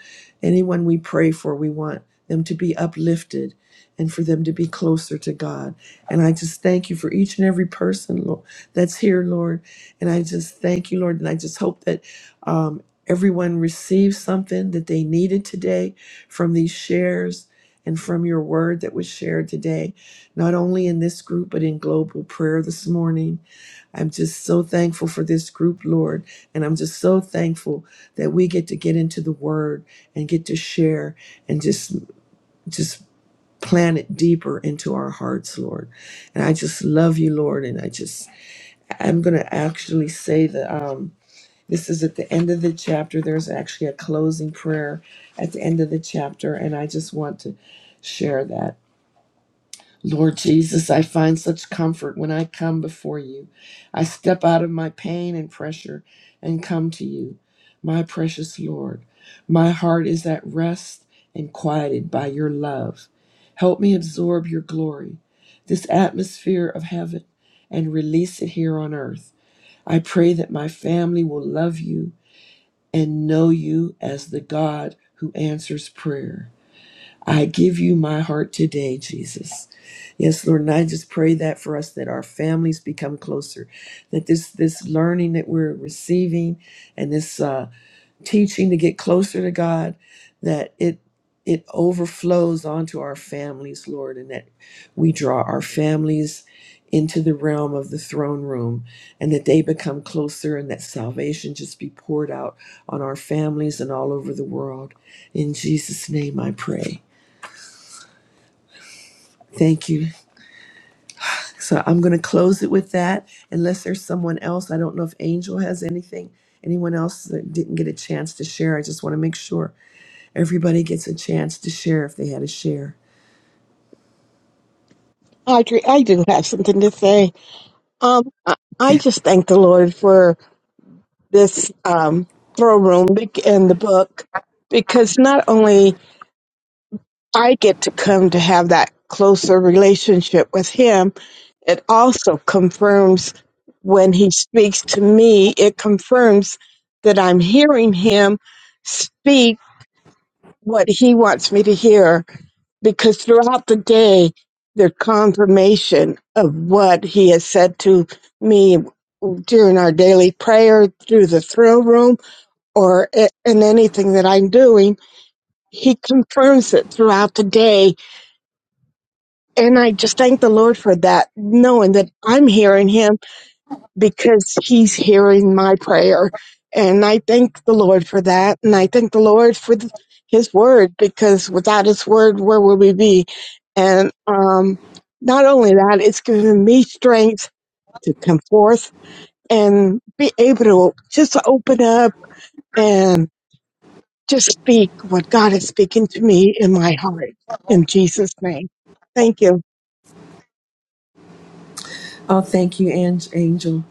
[SPEAKER 11] anyone we pray for, we want them to be uplifted and for them to be closer to God. And I just thank you for each and every person Lord, that's here, Lord. And I just thank you, Lord. And I just hope that um, Everyone received something that they needed today from these shares and from your word that was shared today, not only in this group, but in global prayer this morning. I'm just so thankful for this group, Lord. And I'm just so thankful that we get to get into the word and get to share and just, just plant it deeper into our hearts, Lord. And I just love you, Lord. And I just, I'm going to actually say that, um, this is at the end of the chapter. There's actually a closing prayer at the end of the chapter, and I just want to share that. Lord Jesus, I find such comfort when I come before you. I step out of my pain and pressure and come to you, my precious Lord. My heart is at rest and quieted by your love. Help me absorb your glory, this atmosphere of heaven, and release it here on earth. I pray that my family will love you and know you as the God who answers prayer. I give you my heart today, Jesus. Yes, Lord, and I just pray that for us that our families become closer, that this this learning that we're receiving and this uh, teaching to get closer to God, that it it overflows onto our families, Lord, and that we draw our families into the realm of the throne room and that they become closer and that salvation just be poured out on our families and all over the world. In Jesus' name I pray. Thank you. So I'm going to close it with that unless there's someone else. I don't know if Angel has anything. Anyone else that didn't get a chance to share. I just want to make sure. Everybody gets a chance to share if they had a share.
[SPEAKER 12] Audrey, I do have something to say. Um, I I just thank the Lord for this um, throne room bec- and the book because not only I get to come to have that closer relationship with Him, it also confirms when He speaks to me, it confirms that I'm hearing Him speak what He wants me to hear because throughout the day, the confirmation of what He has said to me during our daily prayer through the thrill room or i- in anything that I'm doing. He confirms it throughout the day. And I just thank the Lord for that, knowing that I'm hearing him because he's hearing my prayer. And I thank the Lord for that. And I thank the Lord for th- his word because without his word, where would we be? And um, not only that, it's given me strength to come forth and be able to just open up and just speak what God is speaking to me in my heart in Jesus' name. Thank you.
[SPEAKER 11] Oh, thank you, Ang- Angel.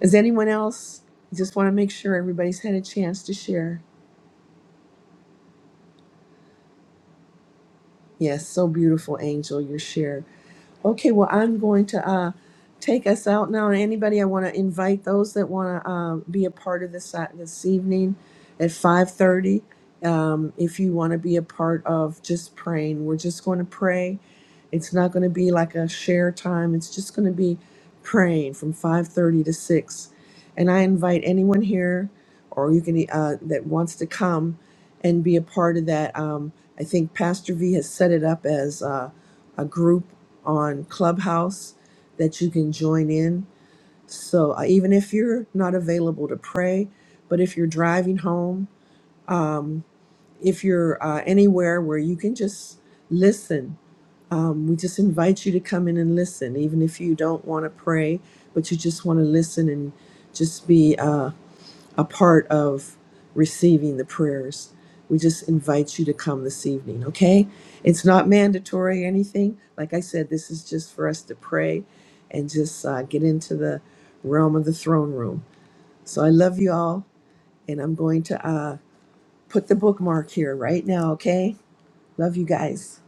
[SPEAKER 11] Is anyone else? Just want to make sure everybody's had a chance to share. Yes, so beautiful, Angel, your share. Okay, well, I'm going to uh, take us out now. And anybody, I want to invite those that want to um, be a part of this uh, this evening at 5:30. Um, if you want to be a part of just praying, we're just going to pray. It's not going to be like a share time. It's just going to be praying from 5:30 to 6. And I invite anyone here, or you can uh, that wants to come and be a part of that. Um, I think Pastor V has set it up as uh, a group on Clubhouse that you can join in. So uh, even if you're not available to pray, but if you're driving home, um, if you're uh, anywhere where you can just listen, um, we just invite you to come in and listen, even if you don't want to pray, but you just want to listen and just be. Uh, a part of receiving the prayers. We just invite you to come this evening, okay? It's not mandatory or anything. Like I said, this is just for us to pray and just uh, get into the realm of the throne room. So I love you all, and I'm going to uh, put the bookmark here right now, okay? Love you guys.